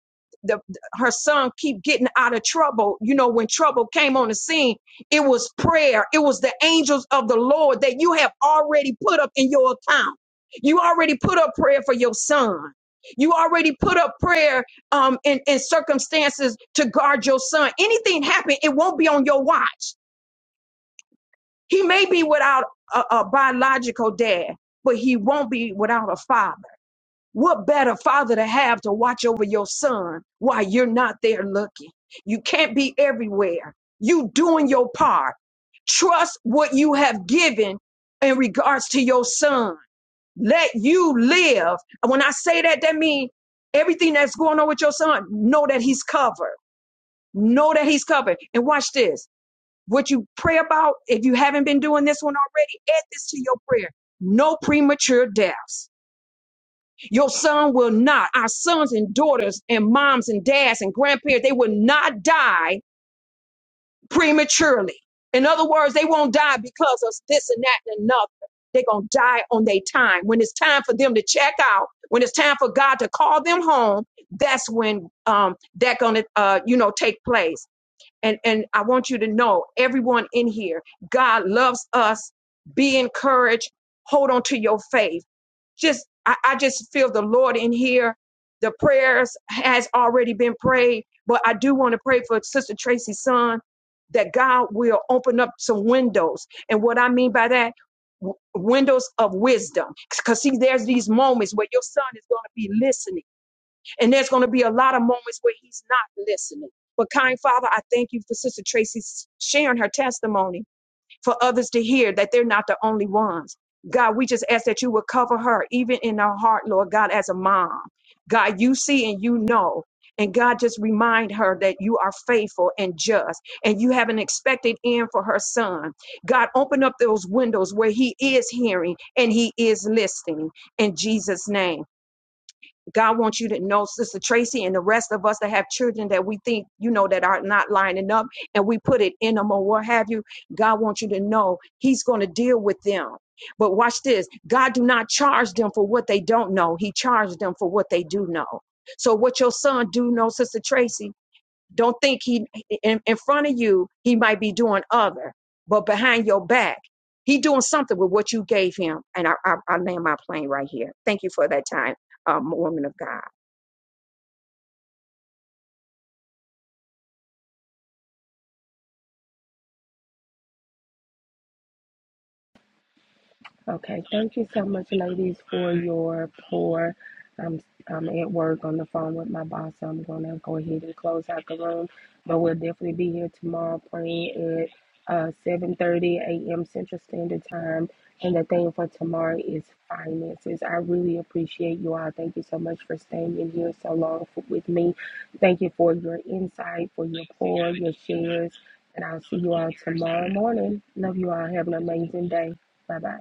[SPEAKER 2] the, her son keep getting out of trouble. You know, when trouble came on the scene, it was prayer. It was the angels of the Lord that you have already put up in your account. You already put up prayer for your son. You already put up prayer um, in, in circumstances to guard your son. Anything happen, it won't be on your watch. He may be without a, a biological dad, but he won't be without a father. What better father to have to watch over your son while you're not there looking? You can't be everywhere. You doing your part. Trust what you have given in regards to your son. Let you live. And When I say that, that means everything that's going on with your son, know that he's covered. Know that he's covered. And watch this what you pray about, if you haven't been doing this one already, add this to your prayer. No premature deaths. Your son will not, our sons and daughters and moms and dads and grandparents, they will not die prematurely. In other words, they won't die because of this and that and another. They're going to die on their time. When it's time for them to check out, when it's time for God to call them home, that's when um, that going to, uh, you know, take place and and I want you to know everyone in here God loves us be encouraged hold on to your faith just I, I just feel the Lord in here the prayers has already been prayed but I do want to pray for sister Tracy's son that God will open up some windows and what I mean by that w- windows of wisdom because see there's these moments where your son is going to be listening and there's going to be a lot of moments where he's not listening. But kind Father, I thank you for Sister Tracy sharing her testimony for others to hear that they're not the only ones. God, we just ask that you would cover her, even in her heart, Lord God, as a mom. God, you see and you know. And God, just remind her that you are faithful and just, and you have an expected end for her son. God, open up those windows where he is hearing and he is listening in Jesus' name. God wants you to know, Sister Tracy, and the rest of us that have children that we think, you know, that are not lining up and we put it in them or what have you. God wants you to know He's going to deal with them. But watch this God do not charge them for what they don't know, He charged them for what they do know. So, what your son do know, Sister Tracy, don't think he in, in front of you he might be doing other, but behind your back he doing something with what you gave him. And I I, I land my plane right here. Thank you for that time, um, woman of God.
[SPEAKER 1] Okay, thank you so much, ladies, for your pour. I'm, I'm at work on the phone with my boss, so I'm going to go ahead and close out the room. But we'll definitely be here tomorrow praying at uh, 7.30 a.m. Central Standard Time. And the theme for tomorrow is finances. I really appreciate you all. Thank you so much for staying in here so long f- with me. Thank you for your insight, for your pour, your shares. And I'll see you all tomorrow morning. Love you all. Have an amazing day. Bye-bye.